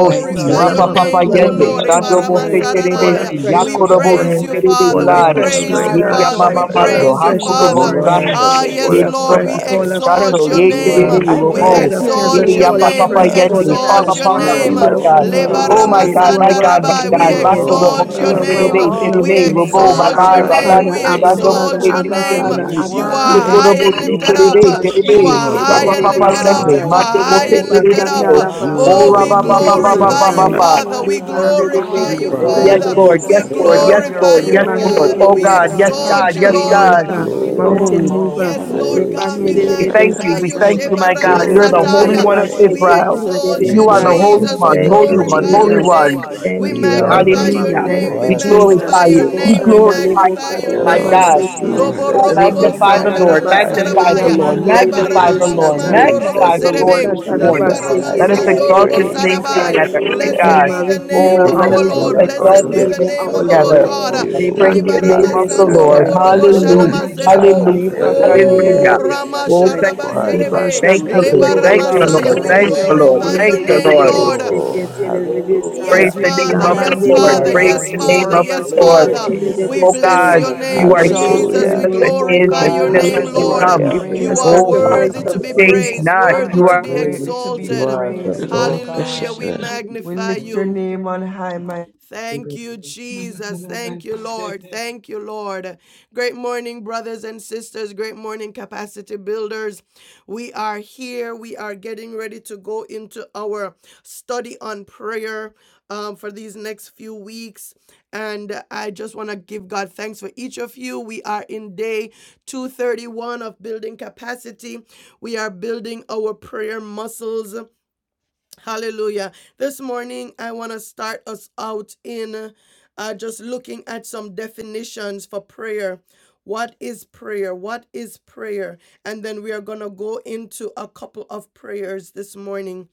S4: Bright and
S2: Dwell
S3: Rapa
S1: your
S2: among us,
S1: name,
S3: Papa
S4: Morning
S7: You
S2: dwell
S1: O
S3: Yende,
S2: among
S1: Lord.
S7: make
S4: Star.
S2: us,
S7: a
S2: my
S3: Shando
S2: God.
S3: Mose
S7: way for
S2: Fall
S1: Ebaramasararaya.
S7: your
S3: Terebesi,
S2: afresh this
S4: Hallelujah.
S1: Praise
S3: Yakorobosi
S2: morning.
S7: children.
S1: you,
S2: Fall
S1: Father.
S4: You
S1: We
S3: Terebesai,
S4: are the
S2: afresh,
S7: Oh
S1: praise
S2: my
S7: God,
S1: you,
S4: Rose
S7: and
S4: of
S2: God.
S7: so
S1: Father.
S7: I
S1: We
S4: Sharon.
S2: Fall
S3: Yamamamando,
S1: praise
S7: thank
S1: you,
S7: you,
S2: afresh this
S1: Father.
S4: You
S7: Lord.
S4: are
S3: Hakurobosai,
S2: morning.
S4: the
S1: Ah,
S4: Lily
S2: Fall
S1: yes,
S4: of the
S1: Lord,
S2: afresh,
S1: we
S3: Yekurobosi,
S2: fall
S4: Valley.
S2: afresh
S1: exalt
S3: Shando,
S1: your
S2: this
S4: You
S1: name.
S3: Yekerebe,
S4: are
S2: morning.
S4: the
S7: I
S1: We
S2: Bread
S3: Robo,
S4: Bright
S7: bless
S2: of
S7: your
S4: and the
S1: exalt
S2: heaven,
S1: your
S7: name,
S2: fall
S1: name.
S3: Yapa
S4: Morning
S3: Papa
S2: afresh,
S4: Star.
S2: fall
S7: Jesus,
S3: Yende,
S7: and I
S3: fall
S1: Exalt
S2: afresh.
S1: your
S3: upon
S4: You
S3: us,
S1: name.
S2: We
S3: my
S7: worship
S3: God.
S4: alone
S2: welcome
S7: you,
S2: you,
S4: are
S2: Holy
S3: Oh
S8: Name.
S3: my
S1: Lebaramarabai.
S7: God.
S2: Spirit.
S3: God,
S2: You
S4: worthy.
S2: are
S3: my God,
S2: welcomed in
S3: my
S4: You
S1: We
S3: God,
S2: our midst.
S7: Lord,
S8: call
S4: alone
S1: exalt
S7: we
S2: You
S1: your
S3: Makorobosi
S2: are
S4: are
S1: name.
S3: Terebe,
S2: welcomed in
S4: holy.
S7: exalt
S2: our
S1: We
S3: Terebe,
S7: you,
S8: your
S2: midst.
S3: Robo,
S4: There
S8: name, call your name,
S1: exalt
S4: is
S7: God.
S8: we
S3: Rabai,
S2: Abba
S8: [LAUGHS]
S4: none
S8: call your
S2: Father,
S4: like
S1: we
S3: Ramando,
S4: you,
S2: Abba
S3: Shando
S8: name.
S4: Lord.
S2: Father,
S1: exalt
S3: Mose
S7: Faithful
S1: your
S2: Abba
S7: God,
S1: name.
S7: we
S2: Father,
S4: There
S3: Terebesi,
S4: is
S2: Abba
S1: You
S4: none
S1: are
S2: Father.
S4: like
S1: high
S7: worship
S1: and
S4: you.
S3: Yekorobosi
S1: lifted
S7: you.
S1: up.
S3: Terebe,
S1: You
S3: Terebe,
S2: Lebarabashake,
S4: You
S1: are high
S3: Rapa
S7: Faithful
S1: and
S4: alone
S3: Papa
S1: lifted up.
S4: deserve
S3: Yende,
S7: God,
S1: You
S7: we
S4: the
S1: are
S3: Mande
S1: high
S3: Mose
S1: and
S7: bless
S4: glory.
S7: you,
S1: lifted up.
S2: Lebakanda
S7: O
S3: Kiriso,
S4: You
S3: Oh
S7: God.
S1: Oh,
S9: You
S2: labaseke
S1: we
S3: rabba,
S4: alone
S3: Papa
S9: are
S7: We will
S3: Papa
S1: glorify
S4: deserve
S1: you,
S3: Papa
S2: tedebesai.
S4: the
S7: bless
S3: Papa.
S7: you,
S1: Father.
S7: O
S4: honor.
S1: We
S7: God, at
S2: Lebande
S1: glorify
S10: Hallelujah.
S7: all
S4: You
S2: debeke
S1: you,
S10: Thank you,
S3: Yes,
S1: Father.
S7: times.
S9: the
S4: alone
S3: Lord,
S10: Jesus.
S3: yes,
S4: deserve
S9: only
S3: Lord,
S2: torodobosatai.
S4: the
S3: yes,
S7: Lord,
S9: one
S7: your
S1: Glorify
S3: Lord,
S4: praise.
S9: who's
S1: you.
S3: yes,
S10: Thank you,
S2: Lebande
S3: Lord. Oh
S10: Lord.
S7: praise
S3: God,
S7: will
S3: yes,
S2: debesatai.
S9: you you
S1: Exalt
S3: God,
S1: you,
S3: yes,
S7: continually
S1: Lord.
S10: Hallelujah.
S3: God.
S2: Waymaker,
S7: be
S10: Father, we
S7: in
S4: Glory,
S9: you
S7: our
S10: thank you
S2: mountain
S3: Mm.
S10: this
S2: mover.
S7: mouth.
S1: Yes,
S10: morning.
S1: Lord
S4: glory
S1: God.
S4: to
S2: Lebande
S4: your
S10: We
S3: We thank
S10: thank
S4: name.
S3: you,
S10: you,
S3: we
S2: debesatai.
S3: thank you,
S8: [LAUGHS]
S3: my
S10: Jesus.
S1: Shebaramataya.
S3: God.
S10: Thank
S3: You're
S10: you,
S4: Glory
S3: the
S2: Lebokanda
S4: to
S10: Lord.
S3: Holy
S4: your
S3: One of
S10: Thank
S4: name.
S2: labaseke
S10: you.
S3: Israel.
S1: Exalt you.
S4: We
S3: You
S10: Thank
S3: are
S10: you.
S3: the
S10: This
S2: tedebesai.
S10: is
S3: Holy
S4: worship
S10: the
S1: We
S10: day
S3: One,
S4: and
S10: that
S2: Thank
S10: you
S3: Holy
S2: you,
S10: have
S1: glorify
S10: made,
S4: adore
S3: One,
S10: and
S3: Holy
S10: we
S1: your
S4: you.
S2: Jesus.
S10: will
S3: One.
S1: name.
S10: rejoice
S1: We
S2: Thank
S10: and be
S2: you,
S4: We
S1: magnify
S10: glad in
S2: Lord.
S10: it.
S4: honor
S10: Father,
S1: your
S4: you.
S3: Hallelujah.
S10: we
S4: You
S2: Thank
S1: name.
S2: you,
S1: We
S3: We
S4: are
S10: thank
S4: the
S10: you,
S1: magnify
S2: Jesus.
S10: Lord.
S3: glorify
S4: blessed
S3: you.
S2: Lebo
S3: We
S4: one.
S10: We
S2: shanda
S3: glorify
S9: are
S2: lebo
S9: not
S10: thank you,
S1: your
S3: you, my
S1: name.
S4: Oh,
S3: God.
S10: Jesus.
S9: in
S2: katarabaseti.
S1: Lobo
S3: Oh,
S4: Jesus,
S10: Hallelujah,
S1: robo bo
S4: we
S10: Lord.
S2: Lebo
S10: You
S3: magnify
S10: are
S3: the
S2: kanda
S3: Lord,
S4: magnify
S10: worthy.
S2: labakando
S4: your
S3: magnify the
S1: sarabaya.
S3: Lord,
S4: name.
S10: You
S2: diamande
S10: are
S1: Lebando
S3: magnify the
S10: worthy
S3: Lord,
S10: in
S2: debesatai.
S10: the name of
S1: robo
S3: magnify
S4: Jesus,
S3: the
S4: we
S3: Lord
S1: serebe.
S4: give
S3: this
S9: a
S10: Jesus.
S4: you the
S10: You
S3: morning.
S10: are
S3: Let us
S4: highest
S10: worthy.
S3: exalt his
S1: robo
S4: praise.
S10: You
S3: name
S1: sarabai.
S10: are
S2: Ebukatarabaseketerebesatai.
S3: together. My
S10: worthy,
S4: Hallelujah.
S1: Blessed
S3: God.
S1: be
S2: Redeemer,
S1: the
S10: Jesus.
S1: name
S2: Redeemer,
S3: Oh,
S1: of
S10: You
S4: With
S3: let
S2: our
S4: the
S10: are
S3: us
S1: our
S9: a
S1: Lord.
S4: fruit
S2: Redeemer,
S4: of
S10: worthy.
S2: our
S4: our
S1: Blessed
S3: exalt
S1: be
S3: his
S1: the
S2: Savior,
S3: name
S4: lips,
S1: name
S9: I'm
S2: our
S4: we
S1: of
S9: I'm
S1: our
S2: Lord.
S3: together.
S4: praise
S1: God.
S10: Hallelujah,
S9: the
S4: you.
S1: Libo
S3: Praise
S10: Jesus.
S3: the name of
S10: Thank
S3: the
S10: you,
S9: service
S10: Lord.
S3: Lord.
S4: Hallelujah.
S2: Lebanderebesatai.
S9: of
S1: robo
S9: the
S2: The Lord
S3: Hallelujah.
S2: my
S10: Thank you,
S9: Hallelujah.
S1: serebo.
S2: shepherd,
S3: Hallelujah.
S9: Lord, you are
S10: thank
S1: Oh,
S3: Hallelujah.
S4: Hallelujah.
S10: you,
S9: worthy, you are
S1: Ramasha.
S3: Oh,
S2: Ebakanderebesatai.
S3: thank
S9: worthy,
S4: You
S3: you,
S4: are
S10: thank you,
S3: Jesus.
S9: hallelujah.
S1: Serebe,
S3: Thank you,
S10: Jesus.
S1: Leba,
S3: Lord.
S4: beautiful
S7: Oh
S3: Thank
S4: for
S10: Thank
S7: God,
S3: you,
S9: Lord,
S10: you,
S7: we
S9: you
S10: Lord.
S3: Lord.
S9: are
S3: Thank
S9: worthy,
S7: bless
S2: Lebashakaterebesatai.
S3: you,
S7: your
S1: glory,
S4: situation.
S3: Lord.
S7: holy
S3: Thank
S9: hallelujah,
S3: you,
S7: name,
S10: Hallelujah.
S3: Lord.
S1: Lord.
S9: hallelujah.
S4: Oh,
S7: Jesus.
S9: Lord,
S7: We
S2: Leperebeseketerebesai.
S9: I
S4: hallelujah.
S1: Yes,
S3: Praise
S7: give
S3: the
S9: bless
S7: you
S3: name
S9: you,
S1: Father,
S9: I
S3: of the
S9: bless
S1: yes,
S7: thanks,
S4: You
S9: you,
S3: Lord.
S7: oh
S9: I
S1: Father,
S4: are the
S9: bless
S3: Praise
S7: God.
S1: yes,
S3: the
S7: We
S9: you, I
S3: name
S1: Father,
S9: bless
S3: of
S9: you.
S4: ancient
S1: yes,
S7: worship
S3: the
S4: of
S7: you,
S3: Lord.
S1: Father.
S7: Lord
S9: Lord, I love
S10: Hallelujah.
S9: you,
S4: days.
S1: We
S7: Jesus.
S3: Oh
S1: bless
S9: I
S2: Lamanderebesatalabasteketebesoi.
S9: love
S10: Thank
S3: God,
S9: you, I love you, I
S1: your
S9: love you, I love you, I
S10: you,
S7: We
S3: you
S2: We
S1: name,
S3: are
S10: Jesus.
S2: worship
S7: exalt
S2: you,
S1: Jesus.
S7: your
S2: we
S9: love
S1: We
S4: Hallelujah.
S3: for
S7: name,
S2: worship
S7: O
S3: his
S2: you,
S1: glorify
S2: we
S3: and
S7: God,
S1: your
S3: still is
S9: you,
S2: worship
S1: name,
S7: because
S3: to
S9: I
S7: you
S2: you.
S5: Lord,
S7: are
S1: Lord.
S3: come.
S2: We
S5: you
S4: Hallelujah.
S2: bring
S5: are
S7: great,
S2: a
S1: You are
S5: worthy.
S7: Lord
S3: Oh,
S4: You
S3: Father,
S2: sacrifice
S1: worthy
S4: are
S2: of
S1: to
S3: you
S4: the
S1: be
S7: Jesus,
S4: King
S3: change
S2: praise
S4: of
S1: praised,
S3: not.
S7: and you
S1: worthy
S3: You
S7: are
S4: kings.
S1: to be
S3: are
S9: love
S7: greatly to be
S4: You
S1: exalted.
S4: are
S10: Thank
S4: the
S10: you,
S7: praised,
S4: Lord.
S7: O
S8: Good Lord,
S10: thank
S8: shit,
S1: Hallelujah.
S7: God.
S10: you,
S1: We
S10: thank you,
S7: We
S1: magnify
S7: lift your
S1: you.
S7: name on high, my
S1: Thank
S9: you. Lord,
S1: you, Jesus.
S10: thank
S1: Thank
S10: you,
S1: you,
S10: thank
S1: Lord.
S10: you.
S1: Thank you, Lord. Great morning, brothers and sisters. Great morning, capacity builders. We are here. We are getting ready to go into our study on prayer um, for these next few weeks. And I just want to give God thanks for each of you. We are in day 231 of building capacity. We are building our prayer muscles. Hallelujah. This morning, I want to start us out in uh, just looking at some definitions for prayer. What is prayer? What is prayer? And then we are going to go into a couple of prayers this morning.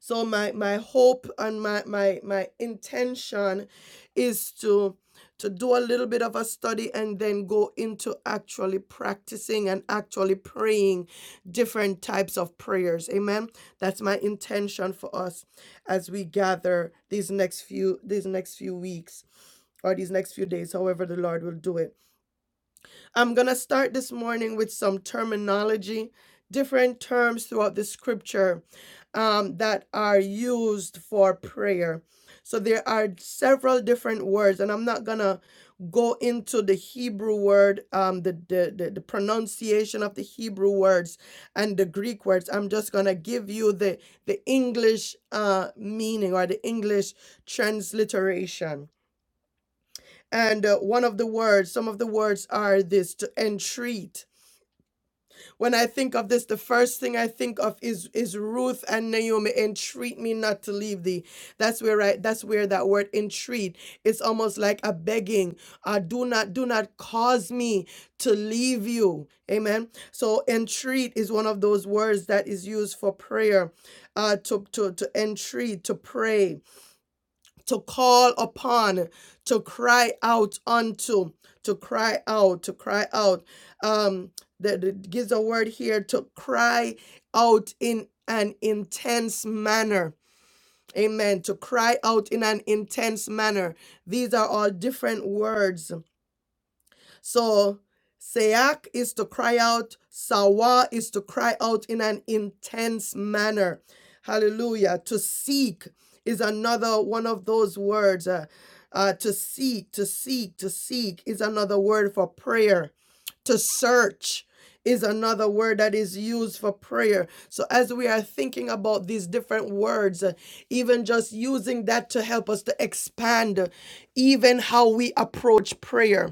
S1: So my my hope and my my my intention is to to do a little bit of a study and then go into actually practicing and actually praying different types of prayers. Amen. That's my intention for us as we gather these next few these next few weeks or these next few days, however the Lord will do it. I'm going to start this morning with some terminology, different terms throughout the scripture um, that are used for prayer. So there are several different words, and I'm not going to go into the Hebrew word, um, the, the, the, the pronunciation of the Hebrew words and the Greek words. I'm just going to give you the, the English uh, meaning or the English transliteration. And uh, one of the words, some of the words are this to entreat. When I think of this, the first thing I think of is is Ruth and Naomi entreat me not to leave thee. That's where I that's where that word entreat. It's almost like a begging. Uh, do not do not cause me to leave you. Amen. So entreat is one of those words that is used for prayer. Uh, to to to entreat to pray to call upon, to cry out unto, to cry out, to cry out. Um, that it gives a word here to cry out in an intense manner. Amen. To cry out in an intense manner. These are all different words so sayak is to cry out, sawa is to cry out in an intense manner. Hallelujah. To seek is another one of those words. Uh, uh, to seek, to seek, to seek is another word for prayer. To search is another word that is used for prayer. So, as we are thinking about these different words, uh, even just using that to help us to expand uh, even how we approach prayer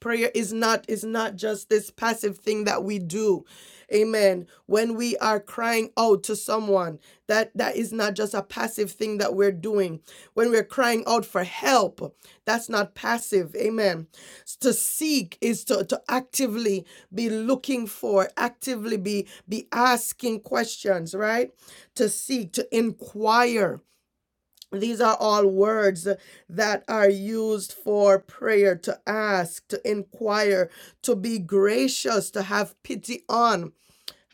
S1: prayer is not is not just this passive thing that we do amen when we are crying out to someone that that is not just a passive thing that we're doing when we're crying out for help that's not passive amen to seek is to, to actively be looking for actively be be asking questions right to seek to inquire these are all words that are used for prayer to ask, to inquire, to be gracious, to have pity on.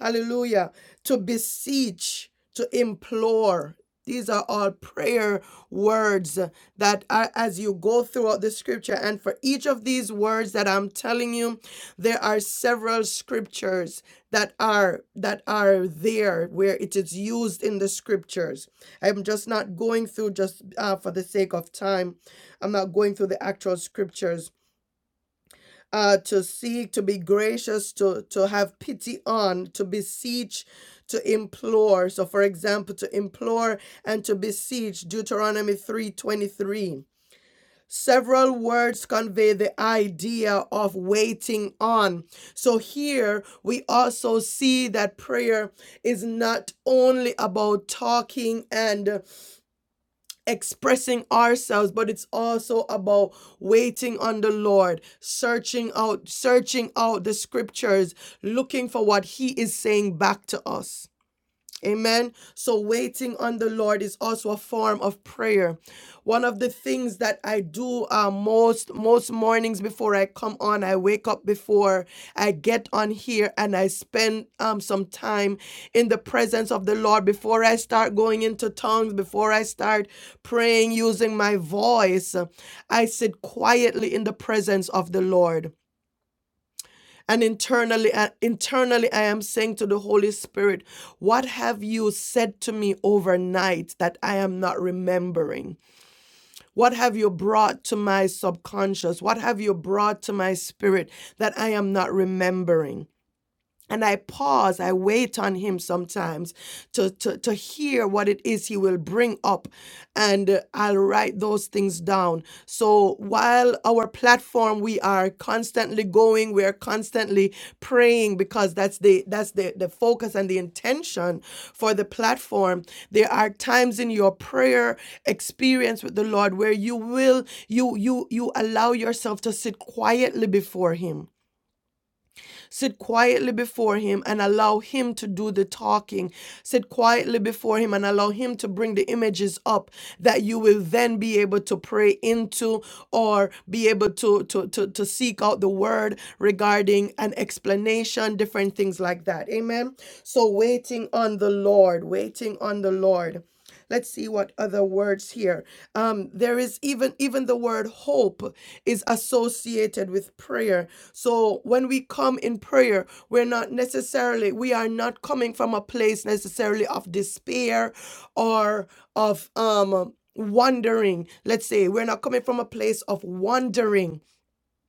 S1: Hallelujah. To beseech, to implore. These are all prayer words that are as you go throughout the scripture. And for each of these words that I'm telling you, there are several scriptures that are that are there where it is used in the scriptures. I'm just not going through just uh, for the sake of time. I'm not going through the actual scriptures uh, to seek, to be gracious, to, to have pity on, to beseech, to implore. So, for example, to implore and to beseech, Deuteronomy 3:23. Several words convey the idea of waiting on. So here we also see that prayer is not only about talking and expressing ourselves, but it's also about waiting on the Lord, searching out, searching out the scriptures, looking for what He is saying back to us. Amen. So waiting on the Lord is also a form of prayer. One of the things that I do uh, most most mornings before I come on, I wake up before I get on here and I spend um, some time in the presence of the Lord before I start going into tongues, before I start praying using my voice. I sit quietly in the presence of the Lord. And internally, uh, internally, I am saying to the Holy Spirit, What have you said to me overnight that I am not remembering? What have you brought to my subconscious? What have you brought to my spirit that I am not remembering? And I pause, I wait on him sometimes to, to, to hear what it is he will bring up. And uh, I'll write those things down. So while our platform, we are constantly going, we are constantly praying because that's the that's the, the focus and the intention for the platform. There are times in your prayer experience with the Lord where you will you you you allow yourself to sit quietly before him Sit quietly before Him and allow Him to do the talking. Sit quietly before Him and allow Him to bring the images up that you will then be able to pray into or be able to, to, to, to seek out the word regarding an explanation, different things like that. Amen. So, waiting on the Lord, waiting on the Lord let's see what other words here um there is even even the word hope is associated with prayer so when we come in prayer we're not necessarily we are not coming from a place necessarily of despair or of um wandering let's say we're not coming from a place of wandering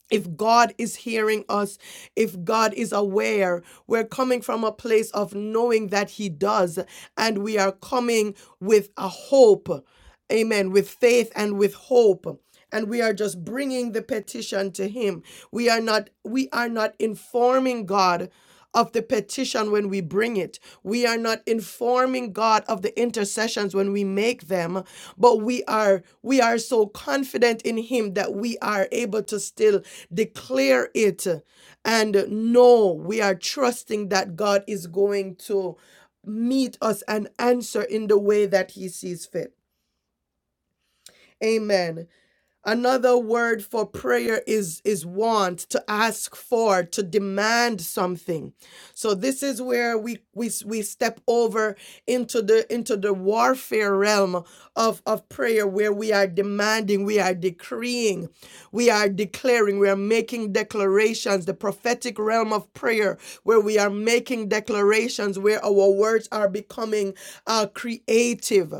S1: if God is hearing us, if God is aware, we're coming from a place of knowing that He does, and we are coming with a hope, amen, with faith and with hope. And we are just bringing the petition to Him. We are not, we are not informing God of the petition when we bring it. We are not informing God of the intercessions when we make them, but we are we are so confident in him that we are able to still declare it and know we are trusting that God is going to meet us and answer in the way that he sees fit. Amen. Another word for prayer is is want, to ask for, to demand something. So this is where we we we step over into the into the warfare realm of of prayer where we are demanding, we are decreeing, we are declaring, we are making declarations, the prophetic realm of prayer where we are making declarations where our words are becoming uh, creative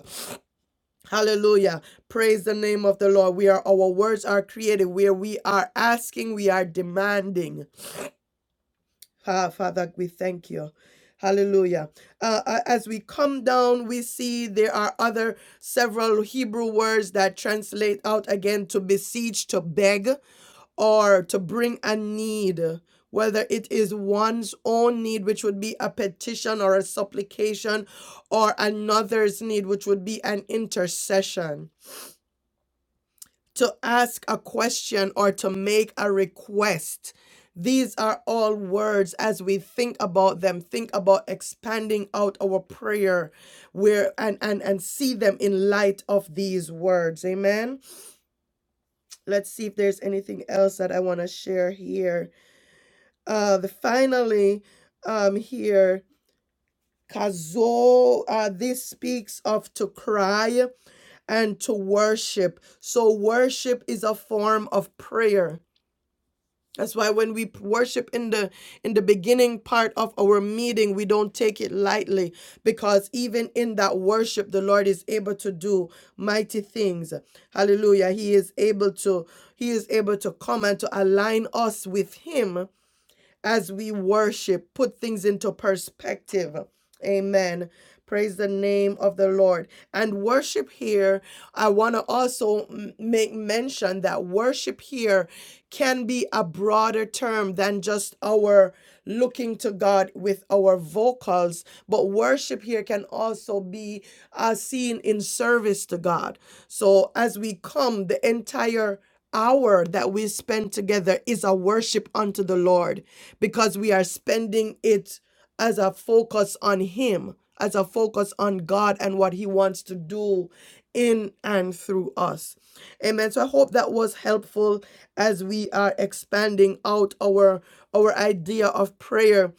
S1: Hallelujah. Praise the name of the Lord. We are our words are created where we are asking, we are demanding. Ah, Father, we thank you. Hallelujah. Uh, uh, as we come down, we see there are other several Hebrew words that translate out again to beseech, to beg, or to bring a need, whether it is one's own need, which would be a petition or a supplication, or another's need, which would be an intercession to ask a question or to make a request. These are all words as we think about them, think about expanding out our prayer where and and and see them in light of these words. Amen. Let's see if there's anything else that I want to share here. Uh the finally um here kazo uh this speaks of to cry and to worship. So worship is a form of prayer That's why when we worship in the in the beginning part of our meeting, we don't take it lightly because even in that worship, the Lord is able to do mighty things. Hallelujah. He is able to he is able to come and to align us with him as we worship, put things into perspective. Amen. Praise the name of the Lord. And worship here, I want to also make mention that worship here can be a broader term than just our looking to God with our vocals, but worship here can also be uh, seen in service to God. So as we come, the entire hour that we spend together is a worship unto the Lord because we are spending it as a focus on Him, as a focus on God and what He wants to do in and through us. Amen. So I hope that was helpful as we are expanding out our our idea of prayer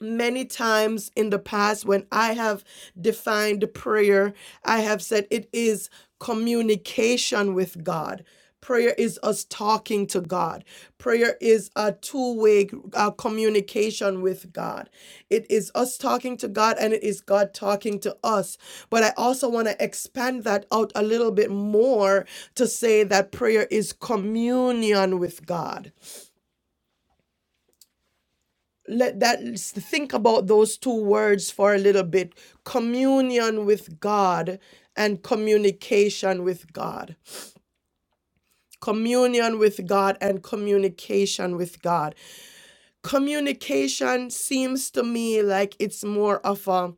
S1: many times in the past when I have defined prayer, I have said it is communication with God. Prayer is us talking to God. Prayer is a two way uh, communication with God. It is us talking to God and it is God talking to us. But I also want to expand that out a little bit more to say that prayer is communion with God let that let's think about those two words for a little bit communion with god and communication with god communion with god and communication with god communication seems to me like it's more of a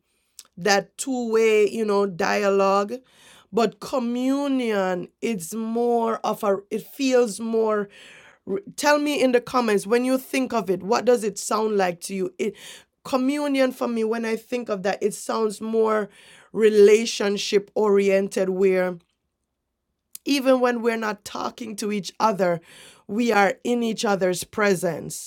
S1: that two-way, you know, dialogue. But communion, it's more of a it feels more tell me in the comments when you think of it what does it sound like to you it communion for me when i think of that it sounds more relationship oriented where even when we're not talking to each other we are in each other's presence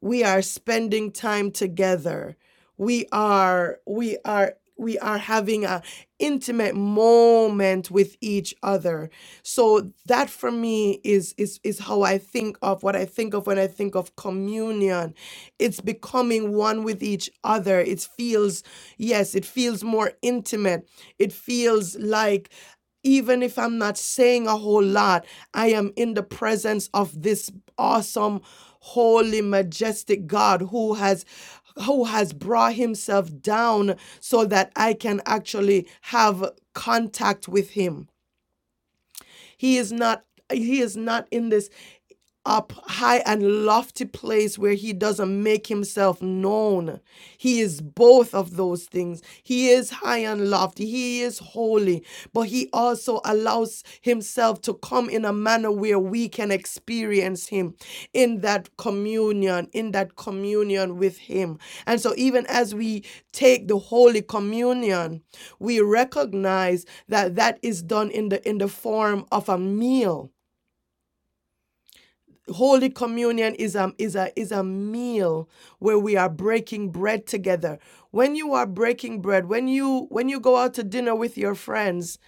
S1: we are spending time together we are we are we are having an intimate moment with each other so that for me is is is how i think of what i think of when i think of communion it's becoming one with each other it feels yes it feels more intimate it feels like even if I'm not saying a whole lot, I am in the presence of this awesome, holy, majestic God who has who has brought himself down so that I can actually have contact with him. He is not he is not in this up high and lofty place where he doesn't make himself known. He is both of those things. He is high and lofty. He is holy, but he also allows himself to come in a manner where we can experience him in that communion, in that communion with him. And so even as we take the holy communion, we recognize that that is done in the in the form of a meal Holy Communion is a, is, a, is a meal where we are breaking bread together. When you are breaking bread, when you when you go out to dinner with your friends,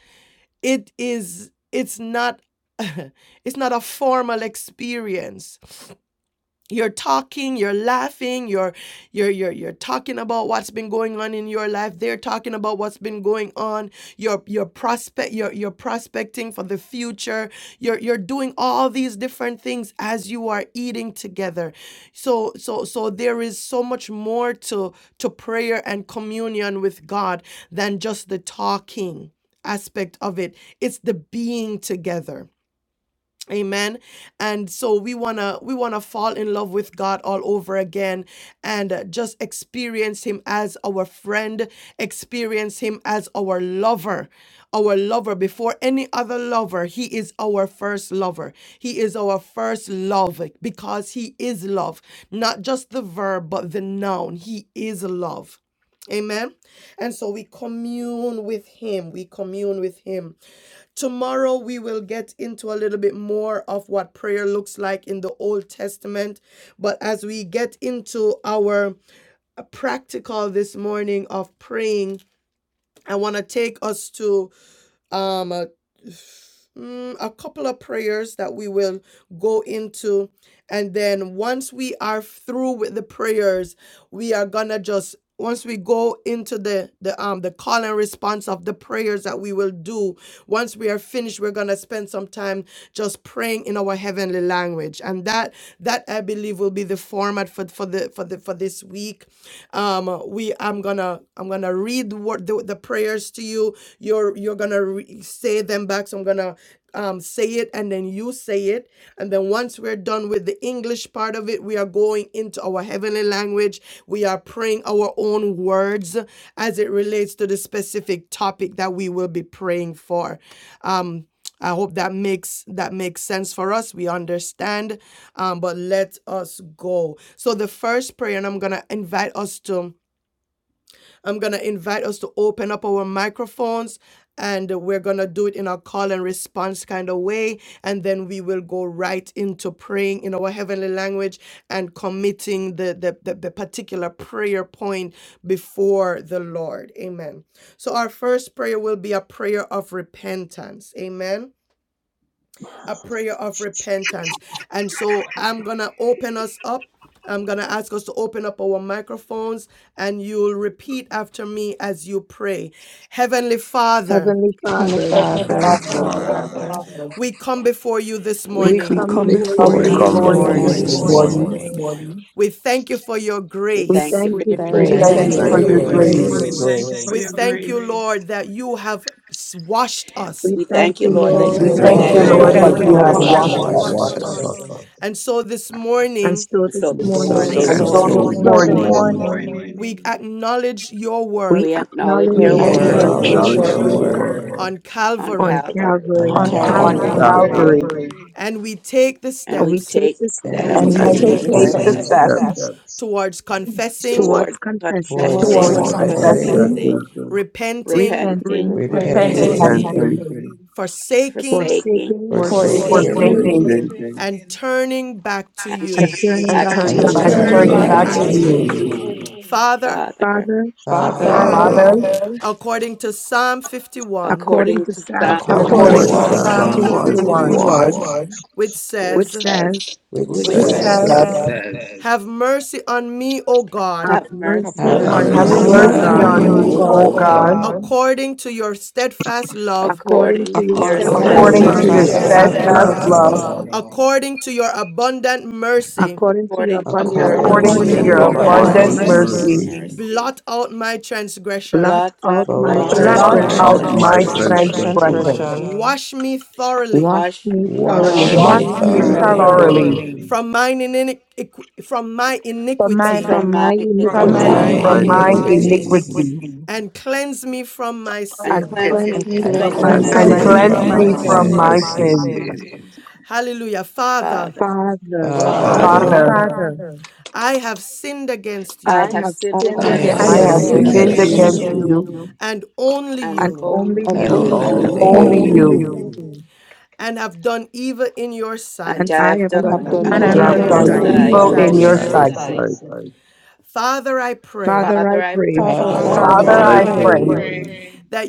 S1: it is it's not [LAUGHS] it's not a formal experience you're talking you're laughing you're you're you're you're talking about what's been going on in your life they're talking about what's been going on you're you're prospect you're, you're prospecting for the future you're you're doing all these different things as you are eating together so so so there is so much more to to prayer and communion with god than just the talking aspect of it it's the being together Amen. And so we want to we want to fall in love with God all over again and uh, just experience him as our friend, experience him as our lover. Our lover before any other lover, he is our first lover. He is our first love because he is love, not just the verb but the noun. He is love. Amen. And so we commune with him. We commune with him Tomorrow, we will get into a little bit more of what prayer looks like in the Old Testament. But as we get into our uh, practical this morning of praying, I want to take us to um, uh, mm, a couple of prayers that we will go into. And then once we are through with the prayers, we are gonna just once we go into the the um the call and response of the prayers that we will do once we are finished we're gonna spend some time just praying in our heavenly language and that that i believe will be the format for for the for the for this week week. Um, we I'm gonna I'm gonna read what the, the prayers to you. You're you're gonna re- say them back. So I'm gonna um, say it and then you say it. And then once we're done with the English part of it, we are going into our heavenly language. We are praying our own words as it relates to the specific topic that we will be praying for. Um, I hope that makes that makes sense for us. We understand, um, but let us go. So the first prayer, and I'm gonna invite us to, I'm gonna invite us to open up our microphones, and we're gonna do it in a call and response kind of way, and then we will go right into praying in our heavenly language and committing the the, the, the particular prayer point before the Lord. Amen. So our first prayer will be a prayer of repentance. Amen a prayer of repentance. And so I'm going to open us up. I'm going to ask us to open up our microphones and you'll repeat after me as you pray. Heavenly Father,
S2: Heavenly
S7: Heavenly
S2: Father,
S3: every
S11: Heavenly
S7: Father,
S12: Father,
S3: Father.
S5: Heavenly
S11: Father,
S5: Father,
S10: Father,
S1: we come
S13: come
S1: before you
S13: before you
S1: this
S12: we
S13: this
S2: we
S1: morning.
S7: we
S2: come
S13: morning.
S12: come
S7: come
S3: We
S2: before
S5: we
S2: you
S7: before
S4: We
S3: come
S11: we
S12: before
S14: Come
S7: you
S2: this
S5: come
S4: come
S12: you
S7: this
S11: come
S14: before
S3: before you
S5: before
S12: this
S14: you
S4: before
S11: before
S2: morning.
S11: you
S5: you
S3: this
S4: you
S14: this
S12: morning.
S5: this
S11: this
S7: morning.
S4: this
S14: evening.
S11: morning.
S5: morning.
S3: morning.
S4: morning.
S1: We
S13: We
S1: thank you for
S13: thank you
S1: your
S13: for your
S12: We
S2: We
S1: grace.
S12: thank you
S13: grace.
S2: thank
S7: We
S10: we,
S12: for
S2: you
S14: We
S12: your
S4: We
S2: for
S7: thank
S3: We
S5: We
S15: We
S2: your
S7: you
S14: thank
S11: We
S4: thank
S3: thank
S14: you
S7: for
S12: grace.
S4: you
S10: we
S15: thank
S5: thank
S3: you
S14: for
S15: you
S4: for
S2: grace.
S7: your
S3: for
S14: your
S10: come
S5: you
S11: thank
S15: for
S11: you
S4: your
S9: we
S3: your
S5: for
S15: your
S11: for
S10: before
S5: your
S13: We
S9: thank you
S10: you
S11: your
S10: this
S14: grace.
S3: grace.
S9: for
S13: thank
S15: grace.
S4: grace.
S9: your
S13: you,
S7: grace.
S10: morning.
S5: grace.
S11: grace.
S10: Thank you
S9: grace.
S10: for
S1: We
S10: your
S1: thank
S10: grace.
S1: you, Lord, that
S13: Lord,
S1: you
S13: that you
S1: have
S13: have
S1: washed
S13: washed
S1: us.
S2: We
S12: We
S13: us
S2: thank
S12: thank you,
S14: We
S7: We
S2: you,
S12: Lord,
S4: We
S12: that
S11: We
S7: thank
S14: thank
S2: Lord,
S13: so
S12: you
S7: you,
S9: We
S3: We
S5: We
S14: you,
S12: have
S2: that
S4: thank
S11: thank
S15: We
S9: thank
S10: We
S3: thank
S5: thank
S4: you,
S14: Lord,
S5: you,
S11: you,
S7: Lord,
S9: you,
S3: you,
S2: you
S15: thank
S14: that
S7: that
S12: washed
S2: have
S15: you
S5: Lord,
S10: thank
S3: Lord,
S5: that
S10: you,
S4: Lord,
S15: that
S11: Lord,
S5: you
S14: you
S3: that
S12: us.
S2: washed
S7: you
S4: that
S15: you
S5: have
S11: that
S3: you
S15: have
S7: have
S9: Lord,
S10: Lord,
S14: have
S3: have
S4: you
S9: that
S10: that
S2: us.
S11: you
S15: watched
S10: you
S5: washed
S4: have
S14: blessed
S7: washed
S10: have
S11: have
S3: watched
S9: you
S15: us.
S14: us.
S9: have
S5: us.
S3: us.
S4: watched
S7: us.
S11: watched
S10: washed
S9: watched
S4: us.
S9: us
S11: us.
S10: us.
S13: And
S1: And so
S13: so
S1: this
S13: this
S2: And
S1: morning,
S2: so
S13: morning,
S2: this
S12: So
S14: And
S4: And
S12: this
S7: And
S14: so we
S4: so
S7: so
S2: morning,
S7: this
S5: And
S9: so
S12: morning,
S3: And
S4: this
S11: And
S5: so
S9: this
S14: remember,
S3: so
S5: this
S4: morning,
S3: this
S11: so
S9: morning.
S13: Lord,
S7: morning,
S5: morning,
S15: So
S11: this
S10: And
S15: this
S10: so
S3: morning,
S13: Lord, we acknowledge
S10: this
S13: your
S11: morning,
S15: morning,
S13: work
S10: morning,
S1: we
S13: on
S1: acknowledge
S13: Calvary.
S1: your
S2: we
S12: we
S1: work
S12: acknowledge
S7: we
S2: acknowledge
S14: we
S15: we
S12: your
S5: we
S4: we
S2: your
S11: we
S7: acknowledge
S10: we
S9: You
S3: we
S12: work
S7: your
S2: work
S14: acknowledge
S15: acknowledge
S3: are
S5: acknowledge
S14: your
S15: your
S7: work
S4: acknowledge
S3: meet
S11: acknowledge
S5: your
S10: acknowledge
S15: work
S9: acknowledge
S14: word
S4: your
S11: your
S10: your
S5: work
S9: your
S3: you
S4: word
S11: work
S10: work
S9: word
S1: on
S12: on
S2: on
S1: Calvary
S12: Calvary
S7: on
S4: on
S2: Calvary
S5: on
S14: and
S15: on
S16: and
S1: on
S9: on
S14: our
S10: on
S11: on
S3: on
S4: Calvary
S7: Calvary
S14: word.
S15: Calvary
S5: Calvary
S16: Calvary,
S1: Calvary,
S9: Calvary,
S10: Calvary,
S11: Calvary
S3: Calvary
S1: and we
S13: And we
S1: take the
S13: take
S12: and
S13: the
S2: and we
S12: we
S13: step
S2: take
S12: take
S2: the
S12: the
S4: and
S7: and
S9: and
S16: and
S12: step
S4: we
S2: steps
S7: we
S5: and
S15: and
S14: We
S9: we
S16: we
S13: we
S5: we
S15: we
S14: take
S4: take
S7: take
S3: and
S11: and
S16: give
S9: pay
S3: we
S5: take
S11: we
S7: the
S15: take
S14: this
S13: take
S16: this
S9: this
S15: the
S5: the
S14: back
S3: take
S11: take
S13: the
S16: gift
S9: debt.
S3: the
S11: the
S7: steps
S15: steps
S1: steps
S5: steps
S3: steps
S13: step
S11: steps
S1: towards
S13: towards
S1: confessing,
S2: towards
S12: towards
S13: confessing,
S2: confessing,
S4: towards
S7: towards
S9: towards
S1: towards
S15: towards
S3: towards
S12: confessing,
S5: towards
S11: towards
S1: confessing,
S9: confessing,
S5: confessing,
S7: confessing
S4: confessing,
S3: confessing,
S15: confessing,
S11: confessing,
S1: repenting,
S13: repenting,
S2: repenting,
S12: repenting,
S1: repenting,
S7: repenting,
S15: repenting,
S10: repenting,
S5: repenting,
S4: repenting,
S9: repenting,
S11: repenting,
S3: repenting,
S1: forsaking,
S13: forsaking,
S12: forsaking,
S2: forsaking,
S16: of
S1: forsaking,
S16: your
S5: forsaking,
S7: forsaking,
S4: forsaking,
S9: forsaking,
S15: forsaking,
S16: Son,
S3: forsaking,
S10: forsaking.
S11: forsaking,
S1: and turning back to
S12: and
S2: and
S1: you.
S12: turning
S2: turning
S7: and
S12: back
S2: back
S12: to
S10: and
S2: to
S14: and
S5: and
S7: turning
S4: and
S9: and
S15: and
S16: and
S12: you,
S7: back
S2: you.
S3: and
S11: and
S7: to
S5: turning
S16: bury
S15: turning
S4: turning
S14: bring
S7: you.
S3: turning
S14: it
S9: turning
S15: back
S10: turning
S5: back
S16: the
S4: back
S9: back
S14: back
S3: back
S15: to
S11: turning
S10: back
S4: to
S3: to
S5: to
S11: back
S14: to
S15: you.
S10: to
S9: to
S11: to
S5: you.
S3: you.
S14: you.
S4: you.
S11: you.
S9: you.
S10: you,
S1: Father,
S12: Father,
S2: Father,
S7: Father,
S5: Father,
S4: Father,
S16: Father
S15: Father,
S11: Father,
S10: Father,
S3: Father,
S1: according to Psalm 51,
S2: according
S12: according
S2: to
S12: to
S2: Psalm
S12: Psalm
S7: according
S5: according
S9: According
S16: according
S4: according
S7: to
S5: to
S10: according
S9: to
S15: according
S16: to
S4: to
S3: according
S10: to
S15: to
S11: according
S2: 51,
S11: to
S7: Psalm
S12: 51,
S5: Psalm
S16: Christ,
S15: Psalm
S4: Psalm
S9: Psalm
S11: Psalm
S10: Psalms
S5: 51,
S7: 51,
S15: 51,
S9: 51,
S4: 51,
S3: to
S11: 51,
S10: 51
S1: which
S12: which
S2: which
S1: says,
S12: says,
S2: says,
S4: which
S9: which
S16: with
S7: which
S5: which
S15: which
S13: It
S11: which
S16: God.
S9: said,
S5: says,
S3: 1
S13: says,
S15: says,
S4: says,
S7: says,
S11: said,
S10: says,
S1: Have
S13: Have
S1: mercy on
S13: mercy
S1: me,
S13: on
S1: O
S13: me, O
S2: Have
S12: Have
S13: God,
S12: mercy
S7: Have
S2: mercy
S12: on
S4: Have
S5: Have
S16: Have
S9: Have
S10: have
S11: Have
S7: mercy
S2: on
S3: Have
S2: me,
S12: me,
S16: mercy
S7: on
S15: Have
S5: mercy
S7: me,
S12: O
S9: mercy
S4: mercy
S7: O
S2: O
S16: on
S10: mercy
S11: mercy
S5: on
S4: on
S12: God
S15: mercy
S3: mercy
S16: me,
S10: on
S16: O
S15: on
S2: God
S5: me,
S9: on
S15: me,
S4: me,
S3: on
S5: O
S11: on
S7: God,
S10: me,
S9: me,
S4: O
S15: O
S16: God,
S3: me,
S11: me,
S9: O
S4: God
S5: God
S10: O
S9: God,
S3: O
S15: God,
S11: O
S10: God,
S3: God,
S11: God
S1: God, according to your
S13: according to your
S1: steadfast love
S13: steadfast love,
S2: according
S12: according
S2: to
S12: to
S2: your
S12: your
S7: according to your
S4: according
S16: according
S5: according
S2: steadfast
S5: to
S15: according
S1: according to your
S4: to
S16: to
S11: according
S3: according
S9: according
S15: to
S5: your
S11: to
S3: to
S12: steadfast
S16: your
S9: to
S13: according
S15: your
S2: love,
S4: your
S10: according
S3: your
S13: to
S11: your
S10: to
S9: your
S7: steadfast
S13: your
S10: your
S12: love,
S15: steadfast
S5: steadfast
S7: love,
S1: steadfast
S16: compassion,
S5: love,
S3: steadfast
S15: love,
S4: steadfast
S1: love,
S11: steadfast
S10: steadfast
S9: steadfast
S4: love,
S3: love,
S11: love,
S9: love,
S10: love,
S1: according to your abundant
S13: abundant
S1: mercy,
S2: according
S13: mercy,
S2: to your
S12: according to
S2: abundant
S12: your
S4: according
S1: according
S5: according
S7: according
S4: to
S5: to
S11: according
S3: according
S7: to
S16: according
S9: according
S3: to
S11: to
S15: according
S5: your
S1: to
S16: to
S7: your
S4: your
S9: to
S15: to
S2: mercy,
S3: your
S15: your
S12: abundant
S11: your
S16: your
S1: your
S9: your
S7: abundant
S5: abundant
S15: steadfast
S4: abundant
S3: abundant
S11: abundant
S1: abundant
S12: mercy.
S16: abundant
S7: mercy.
S1: mercy,
S5: mercy.
S9: obedience,
S15: mercy,
S3: mercy.
S11: mercy.
S4: mercy.
S1: blot
S13: blot
S1: out my
S13: out my
S2: blot
S1: transgression,
S13: transgression.
S12: Blot
S2: out
S12: out
S2: my
S12: my
S16: love
S4: Blot
S9: and
S5: Blot
S7: Blot
S15: blot
S4: out
S11: Blot
S3: Blot
S15: out
S5: out
S4: my
S9: me,
S15: my
S16: and
S7: out
S3: out
S11: out
S5: my
S2: transgression.
S12: transgression,
S11: my
S3: my
S7: my
S15: transgression.
S4: transgression.
S16: mercy,
S5: transgression.
S11: transgression,
S3: transgressions.
S7: transgression,
S13: Wash me
S2: Wash
S13: thoroughly
S12: wash
S2: me
S12: me
S10: wash
S4: Wash
S5: Wash
S2: thoroughly
S7: wash
S3: Wash
S11: wash
S10: me
S16: wash
S15: Wash
S13: wash
S4: me
S5: me
S12: thoroughly
S7: me
S1: wash
S15: me
S13: me
S16: me
S11: me
S3: me
S1: me thoroughly
S10: thoroughly
S4: thoroughly
S7: thoroughly
S5: thoroughly
S15: thoroughly
S16: thoroughly
S11: thoroughly
S3: thoroughly
S13: thoroughly
S1: from mine,
S13: from mine
S1: iniqu-
S13: iniquity
S1: from my
S13: from my
S15: for
S1: iniquity
S15: mine,
S12: from
S2: from
S13: iniquity
S2: my
S12: my
S15: for
S10: from
S5: from
S9: and
S7: from
S4: from
S15: mine
S9: I
S12: iniquity,
S13: from
S10: my
S2: iniquity
S16: from
S13: my
S5: my
S11: from
S13: and
S7: mine
S4: my
S9: will
S16: my
S3: from
S9: be
S11: mine
S15: iniquity
S9: with
S3: mine
S5: iniquity
S9: you.
S7: iniquity,
S10: iniquities
S16: iniquities
S4: iniquities
S13: iniquity.
S11: iniquity,
S3: iniquity
S1: and cleanse me
S13: cleanse
S1: from
S13: me
S1: my
S13: from my
S12: and
S2: and
S1: sin.
S13: sin.
S12: cleanse
S2: cleanse
S12: me
S7: and
S2: me
S12: from
S4: and
S12: my
S2: from
S16: and
S7: cleanse
S5: and
S12: sin,
S15: and
S2: my
S7: me
S11: and
S7: from
S10: and
S4: cleanse
S3: and
S5: cleanse
S15: cleanse
S9: Blessed
S7: my
S4: me
S5: me
S2: sin.
S15: me
S11: cleanse
S9: and
S16: cleanse
S3: cleanse
S15: from
S10: cleanse
S9: I
S4: from
S11: me
S15: my
S16: me
S7: sins.
S5: from
S3: me
S4: my
S10: me
S5: my
S15: sins.
S11: from
S16: from my
S3: from
S10: from
S11: my
S3: my
S5: sin.
S10: my
S16: sins.
S4: sins.
S11: sin.
S3: sins.
S10: sins.
S1: Hallelujah.
S13: Hallelujah.
S1: Father,
S12: Father.
S13: Father,
S2: Father,
S16: for I
S4: Father,
S5: Father,
S11: Father,
S10: Father,
S7: Father,
S1: Father.
S3: Father,
S13: Father,
S15: Father,
S1: I have
S13: I have
S1: sinned
S13: sinned
S1: against
S12: I
S2: I
S1: you
S13: against
S12: have
S2: have
S13: you
S7: I
S12: sinned
S1: I have
S2: sinned
S10: I
S16: have
S5: I
S4: I
S7: have
S5: have
S9: have
S11: I
S4: have
S10: have
S13: I
S15: I
S12: against
S3: I
S2: against
S11: have
S15: have
S7: sinned
S3: have
S12: you
S9: seen
S5: sinned
S2: you
S4: sinned
S13: have
S10: sinned
S16: sinned
S15: sinned
S9: you,
S11: sinned
S9: I
S7: against
S3: sinned
S1: sinned
S4: against
S10: against
S16: against
S5: against
S11: against
S3: against
S15: against
S7: you
S4: you
S16: you
S5: you
S10: you
S11: you,
S15: you,
S3: you,
S1: and
S13: and
S1: only
S13: only
S12: and
S2: and
S1: you,
S13: you
S2: only
S12: only
S7: and
S12: you,
S1: and
S4: and
S2: you,
S5: and
S8: Don't
S7: only
S16: and
S9: have
S10: and
S8: leave
S11: and
S16: known
S7: you,
S9: heard
S4: only
S5: only
S3: only
S16: you.
S10: only
S11: only
S9: you,
S15: only
S5: you,
S4: you.
S3: you,
S11: you,
S15: you,
S10: you,
S1: have
S13: and
S1: done
S13: have done
S1: evil in
S13: evil
S1: your
S13: in your
S12: and
S2: and
S1: sight.
S12: I
S2: I
S13: sight.
S12: have
S2: have
S12: done
S7: and
S2: done
S9: and
S7: have
S16: the
S13: and
S9: I've
S7: done
S13: I
S10: and I
S15: and
S5: and
S2: evil
S11: and
S12: evil
S9: done
S13: have
S3: and
S15: I've
S5: I've
S16: man
S2: in
S10: have
S3: have
S11: have
S15: done
S12: in
S2: your
S5: done
S7: evil
S10: done
S13: done
S16: from
S12: your
S9: it.
S8: me
S11: done
S3: done
S7: in
S15: evil
S2: sight.
S7: your
S13: in
S5: evil
S15: in your
S8: even
S16: evil
S10: evil
S12: sight.
S3: evil
S8: in
S11: evil
S5: in
S8: his
S3: in
S5: your
S16: in
S13: your
S15: sight.
S7: sight.
S10: in
S16: their
S11: in
S3: your
S10: your
S8: sight.
S13: sight.
S11: your
S5: sight.
S3: sight.
S10: sight.
S11: sight.
S1: Father, I
S13: Father, I
S1: pray
S2: Father,
S13: pray
S2: I
S12: Father, I
S2: pray
S12: pray
S7: Father,
S4: Father,
S7: I
S4: I
S16: father
S5: Father,
S13: Father,
S15: Father,
S9: Father,
S3: Father,
S15: I
S13: I
S5: I
S16: and
S10: Father,
S11: Father, I
S3: I
S7: pray
S4: pray
S10: I
S15: pray
S13: pray
S5: pray
S16: him,
S1: that
S11: pray
S3: pray
S10: pray
S9: that